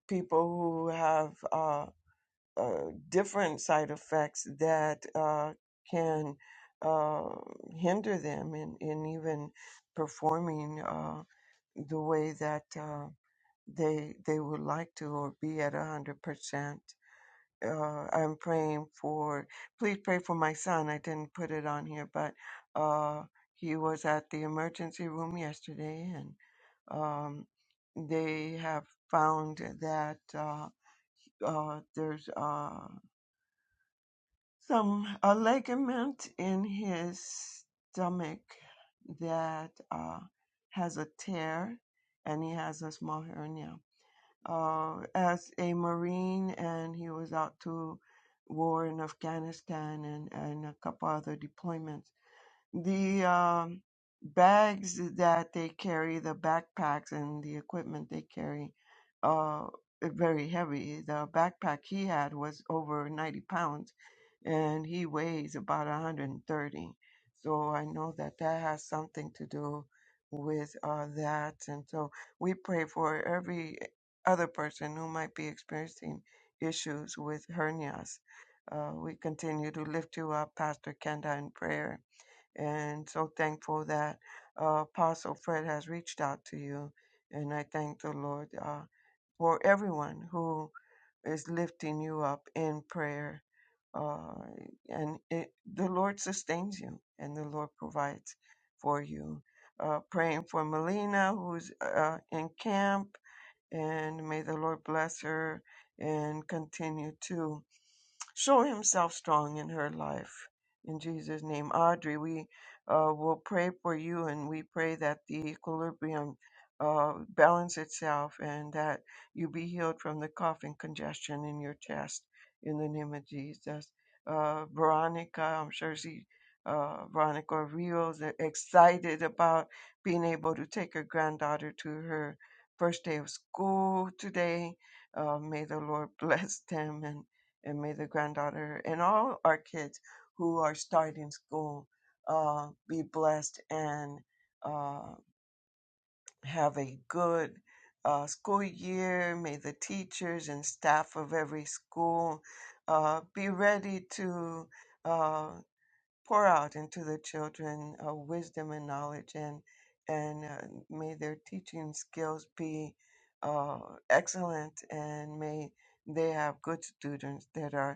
S7: people who have uh, uh, different side effects that uh, can uh, hinder them in, in even performing uh, the way that uh, they, they would like to or be at 100% uh, I'm praying for. Please pray for my son. I didn't put it on here, but uh, he was at the emergency room yesterday, and um, they have found that uh, uh, there's uh, some a ligament in his stomach that uh, has a tear, and he has a small hernia uh, as a Marine, and he was out to war in Afghanistan and, and a couple other deployments the um, bags that they carry, the backpacks and the equipment they carry, uh, are very heavy. The backpack he had was over 90 pounds, and he weighs about 130. So I know that that has something to do with uh, that, and so we pray for every other person who might be experiencing issues with hernias. Uh, we continue to lift you up, Pastor Kenda, in prayer and so thankful that uh, Apostle Fred has reached out to you. And I thank the Lord uh, for everyone who is lifting you up in prayer. Uh, and it, the Lord sustains you, and the Lord provides for you. Uh, praying for Melina, who's uh, in camp, and may the Lord bless her and continue to show himself strong in her life. In Jesus' name, Audrey, we uh, will pray for you and we pray that the equilibrium uh, balance itself and that you be healed from the cough and congestion in your chest in the name of Jesus. Uh, Veronica, I'm sure she, uh, Veronica Rios, is excited about being able to take her granddaughter to her first day of school today. Uh, may the Lord (laughs) bless them and and may the granddaughter and all our kids who are starting school uh, be blessed and uh, have a good uh, school year. May the teachers and staff of every school uh, be ready to uh, pour out into the children uh, wisdom and knowledge, and and uh, may their teaching skills be uh, excellent, and may they have good students that are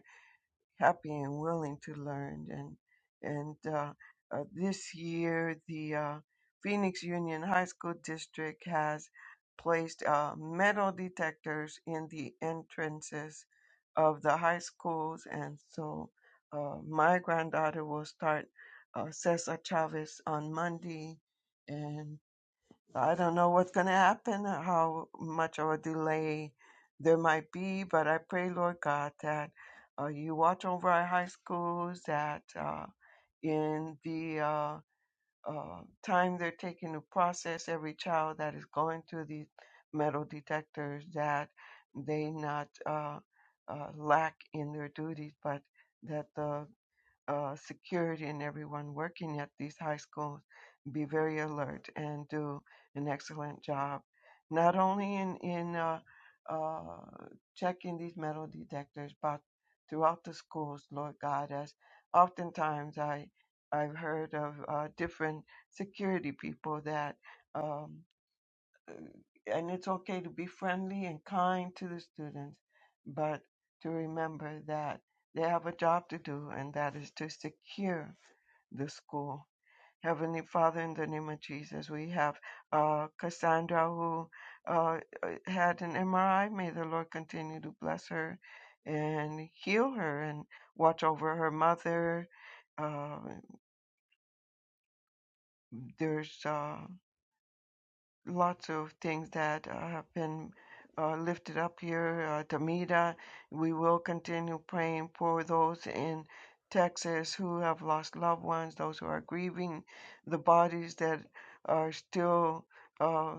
S7: happy and willing to learn. And and uh, uh, this year, the uh, Phoenix Union High School District has placed uh, metal detectors in the entrances of the high schools, and so uh, my granddaughter will start uh, Cesar Chavez on Monday, and. I don't know what's going to happen, how much of a delay there might be, but I pray, Lord God, that uh, you watch over our high schools, that uh, in the uh, uh, time they're taking to process every child that is going through these metal detectors, that they not uh, uh, lack in their duties, but that the uh, security and everyone working at these high schools be very alert and do an excellent job, not only in in uh, uh, checking these metal detectors, but throughout the schools, Lord God, as oftentimes I I've heard of uh, different security people that. Um, uh, and it's okay to be friendly and kind to the students, but to remember that they have a job to do, and that is to secure the school. Heavenly Father, in the name of Jesus, we have uh, Cassandra who uh, uh, had an MRI. May the Lord continue to bless her and heal her and watch over her mother. Uh, there's uh, lots of things that uh, have been uh, lifted up here. Uh, Tamita, we will continue praying for those in Texas who have lost loved ones, those who are grieving, the bodies that are still uh,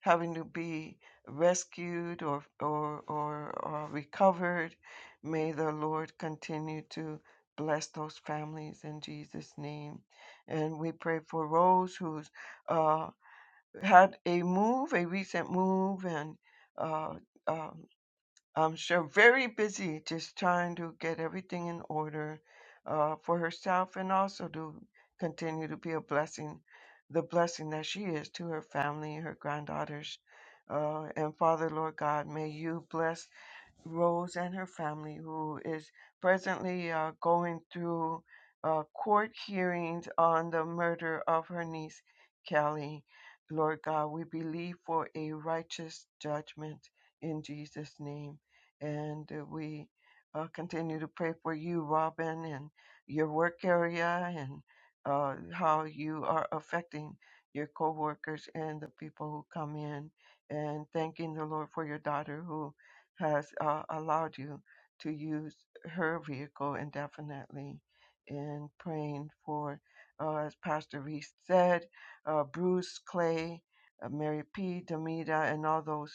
S7: having to be rescued or or or uh, recovered. May the Lord continue to bless those families in Jesus' name. And we pray for Rose, who's. Uh, had a move, a recent move, and uh, um, I'm sure very busy just trying to get everything in order uh, for herself and also to continue to be a blessing, the blessing that she is to her family, her granddaughters. Uh, and Father, Lord God, may you bless. Rose and her family, who is presently uh, going through uh, court hearings on the murder of her niece, Kelly. Lord God, we believe for a righteous judgment in Jesus' name. And uh, we uh, continue to pray for you, Robin, and your work area and uh, how you are affecting your co workers and the people who come in. And thanking the Lord for your daughter who has uh, allowed you to use her vehicle indefinitely in praying for, uh, as Pastor Reese said, uh, Bruce Clay, uh, Mary P. Demita, and all those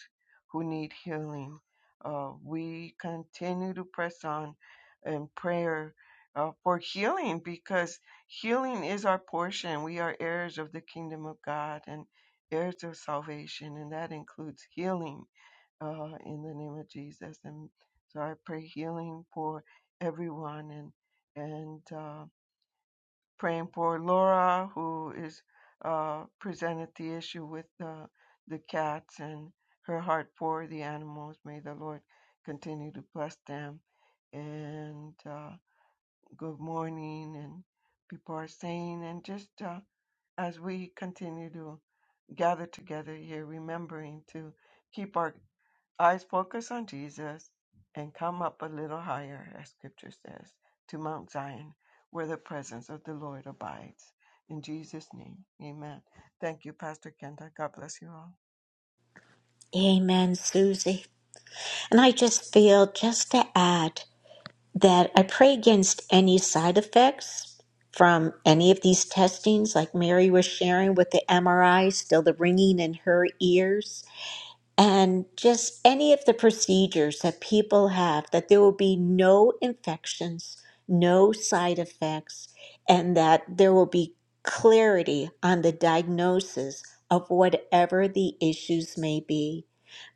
S7: who need healing. Uh, we continue to press on in prayer uh, for healing because healing is our portion. We are heirs of the kingdom of God and heirs of salvation, and that includes healing uh, in the name of Jesus. And so I pray healing for everyone and and uh, praying for Laura who is uh, presented the issue with the the cats and her heart for the animals. May the Lord continue to bless them. And uh, good morning, and people are saying, and just uh, as we continue to gather together here, remembering to keep our Eyes focus on Jesus and come up a little higher, as scripture says, to Mount Zion, where the presence of the Lord abides. In Jesus' name, amen. Thank you, Pastor Kenda. God bless you all.
S1: Amen, Susie. And I just feel just to add that I pray against any side effects from any of these testings, like Mary was sharing with the MRI, still the ringing in her ears and just any of the procedures that people have, that there will be no infections, no side effects, and that there will be clarity on the diagnosis of whatever the issues may be.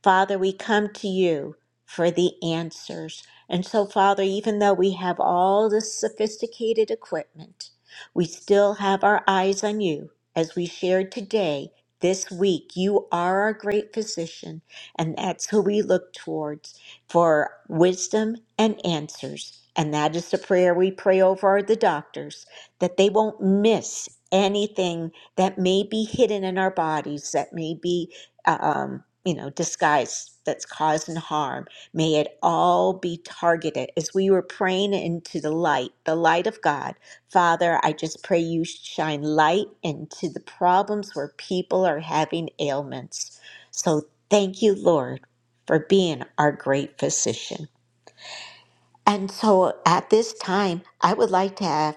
S1: Father, we come to you for the answers. And so, Father, even though we have all this sophisticated equipment, we still have our eyes on you as we shared today this week, you are our great physician, and that's who we look towards for wisdom and answers. And that is the prayer we pray over the doctors that they won't miss anything that may be hidden in our bodies, that may be, um, you know, disguised, that's causing harm. May it all be targeted as we were praying into the light, the light of God Father, I just pray you shine light into the problems where people are having ailments. So thank you, Lord, for being our great physician. And so at this time, I would like to have,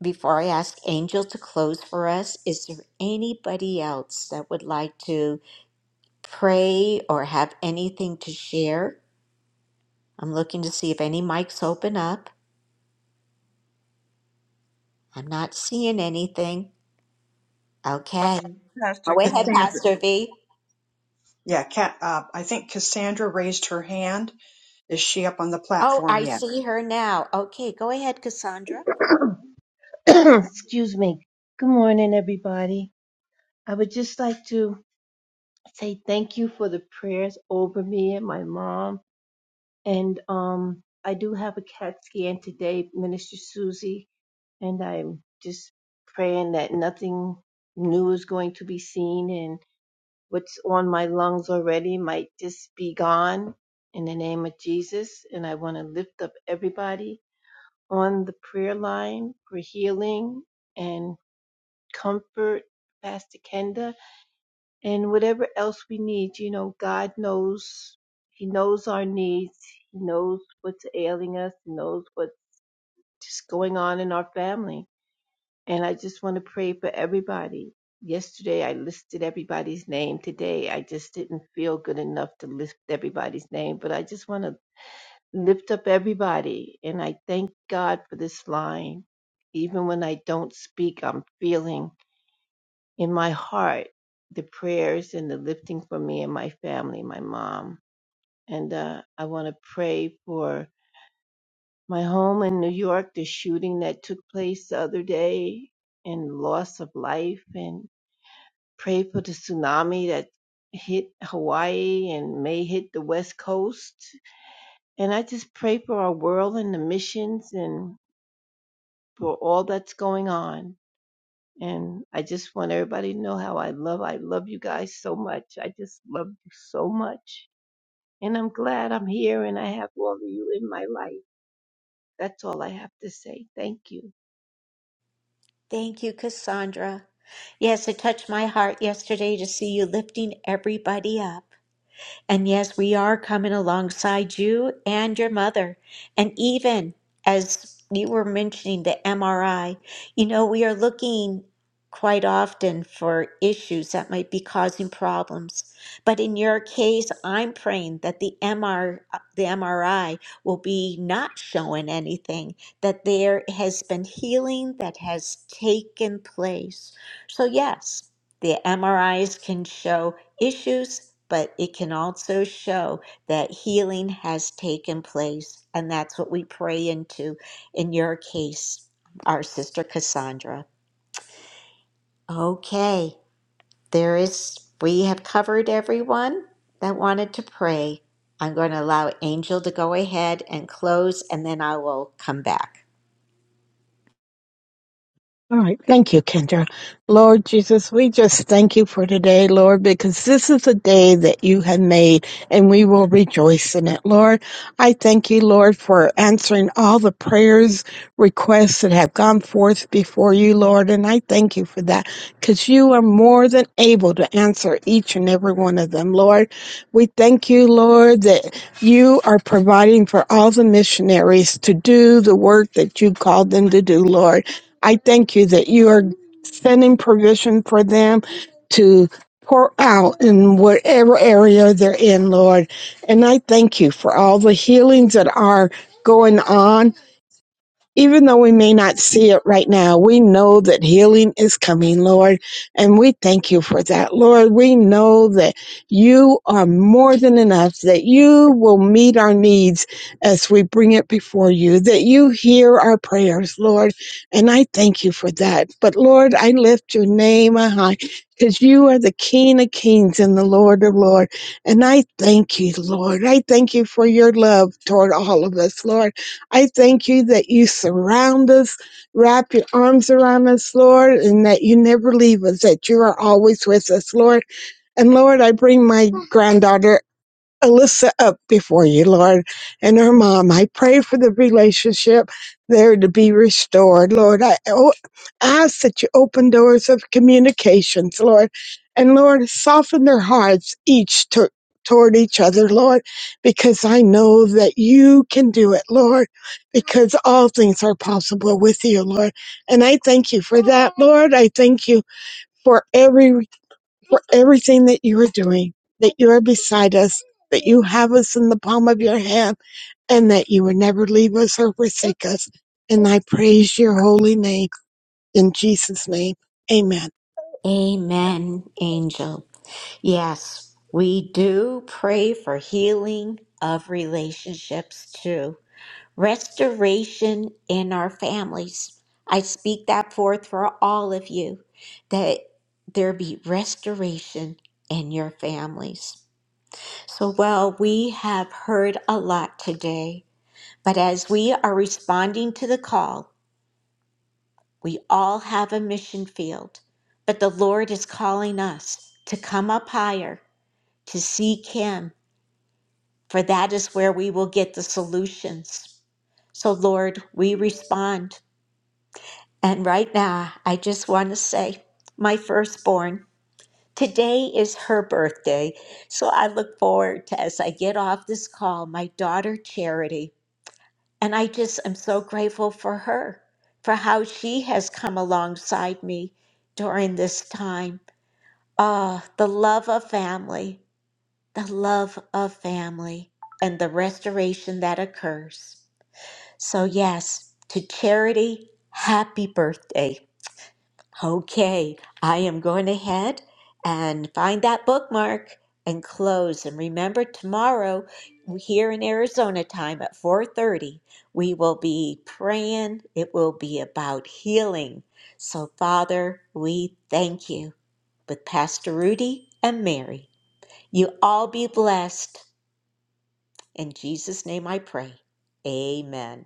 S1: before I ask Angel to close for us, is there anybody else that would like to pray or have anything to share? I'm looking to see if any mics open up. I'm not seeing anything. Okay.
S7: Um, Pastor
S1: Go ahead,
S7: Kenda.
S4: Cassandra.
S1: Pastor V.
S4: Yeah, Cat, uh, I think Cassandra raised her hand. Is she up on the
S1: Oh,
S4: platform
S1: I
S4: yet?
S1: see her now. Okay, go ahead, Cassandra.
S12: (coughs) (clears throat) Excuse me. Good morning, everybody. I would just like to say thank you for the prayers over me and my mom. And um, I do have a CAT scan today, Minister Susie, and I'm just praying that nothing new is going to be seen and what's on my lungs already might just be gone in the name of Jesus. And I want to lift up everybody on the prayer line for healing. And comfort, Pastor Kenda, and whatever else we need. You know, God knows. He knows our needs. He knows what's ailing us. He knows what's just going on in our family. And I just want to pray for everybody. Yesterday, I listed everybody's name. Today, I just didn't feel good enough to list everybody's name, but I just want to lift up everybody. And I thank God for this line. Even when I don't speak, I'm feeling in my heart the prayers and the lifting for me and my family, my mom. And uh, I want to pray for my home in New York, the shooting that took place the other day, and loss of life, and pray for the tsunami that hit Hawaii and may hit the West Coast. And I just pray for our world and the missions and for all that's going on. And I just want everybody to know how I love. I love you guys so much. I just love you so much. And I'm glad I'm here and I have all of you in my life. That's all I have to say. Thank you.
S1: Thank you, Cassandra. Yes, it touched my heart yesterday to see you lifting everybody up. And yes, we are coming alongside you and your mother. And even as you were mentioning the MRI, you know, we are looking quite often for issues that might be causing problems. But in your case, I'm praying that the MR the MRI will be not showing anything, that there has been healing that has taken place. So yes, the MRIs can show issues, but it can also show that healing has taken place. And that's what we pray into in your case, our sister Cassandra. Okay, there is, we have covered everyone that wanted to pray. I'm going to allow Angel to go ahead and close, and then I will come back.
S13: All right. Thank you, Kendra. Lord Jesus, we just thank you for today, Lord, because this is a day that you have made and we will rejoice in it, Lord. I thank you, Lord, for answering all the prayers, requests that have gone forth before you, Lord. And I thank you for that because you are more than able to answer each and every one of them, Lord. We thank you, Lord, that you are providing for all the missionaries to do the work that you called them to do, Lord. I thank you that you are sending provision for them to pour out in whatever area they're in, Lord. And I thank you for all the healings that are going on even though we may not see it right now, we know that healing is coming, Lord, and we thank you for that. Lord, we know that you are more than enough, that you will meet our needs as we bring it before you, that you hear our prayers, Lord, and I thank you for that. But Lord, I lift your name high because you are the King of kings and the Lord of lords, and I thank you, Lord. I thank you for your love toward all of us, Lord. I thank you that you surround us, wrap your arms around us, Lord, and that you never leave us, that you are always with us, Lord. And Lord, I bring my granddaughter Alyssa up before you, Lord, and her mom. I pray for the relationship there to be restored, Lord. I o- ask that you open doors of communications, Lord, and Lord, soften their hearts each to- toward each other, Lord, because I know that you can do it, Lord, because all things are possible with you, Lord. And I thank you for that, Lord. I thank you for every for everything that you are doing, that you are beside us, that you have us in the palm of your hand, and that you will never leave us or forsake us. And I praise your holy name in Jesus' name. Amen.
S1: Amen, Angel. Yes, we do pray for healing of relationships too. restoration in our families. I speak that forth for all of you that there be restoration in your families. So, well, we have heard a lot today, but as we are responding to the call, we all have a mission field. But the Lord is calling us to come up higher, to seek Him, for that is where we will get the solutions. So, Lord, we respond. And right now, I just want to say, my firstborn, today is her birthday. So I look forward to, as I get off this call, my daughter Charity. And I just am so grateful for her, for how she has come alongside me during this time. Ah, the love of family, the love of family, and the restoration that occurs. So, yes, to Charity, happy birthday. Okay, I am going ahead and find that bookmark and close. And remember, tomorrow here in Arizona time at 4:30, we will be praying. It will be about healing. So, Father, we thank you with Pastor Rudy and Mary. You all be blessed. In Jesus' name I pray. Amen.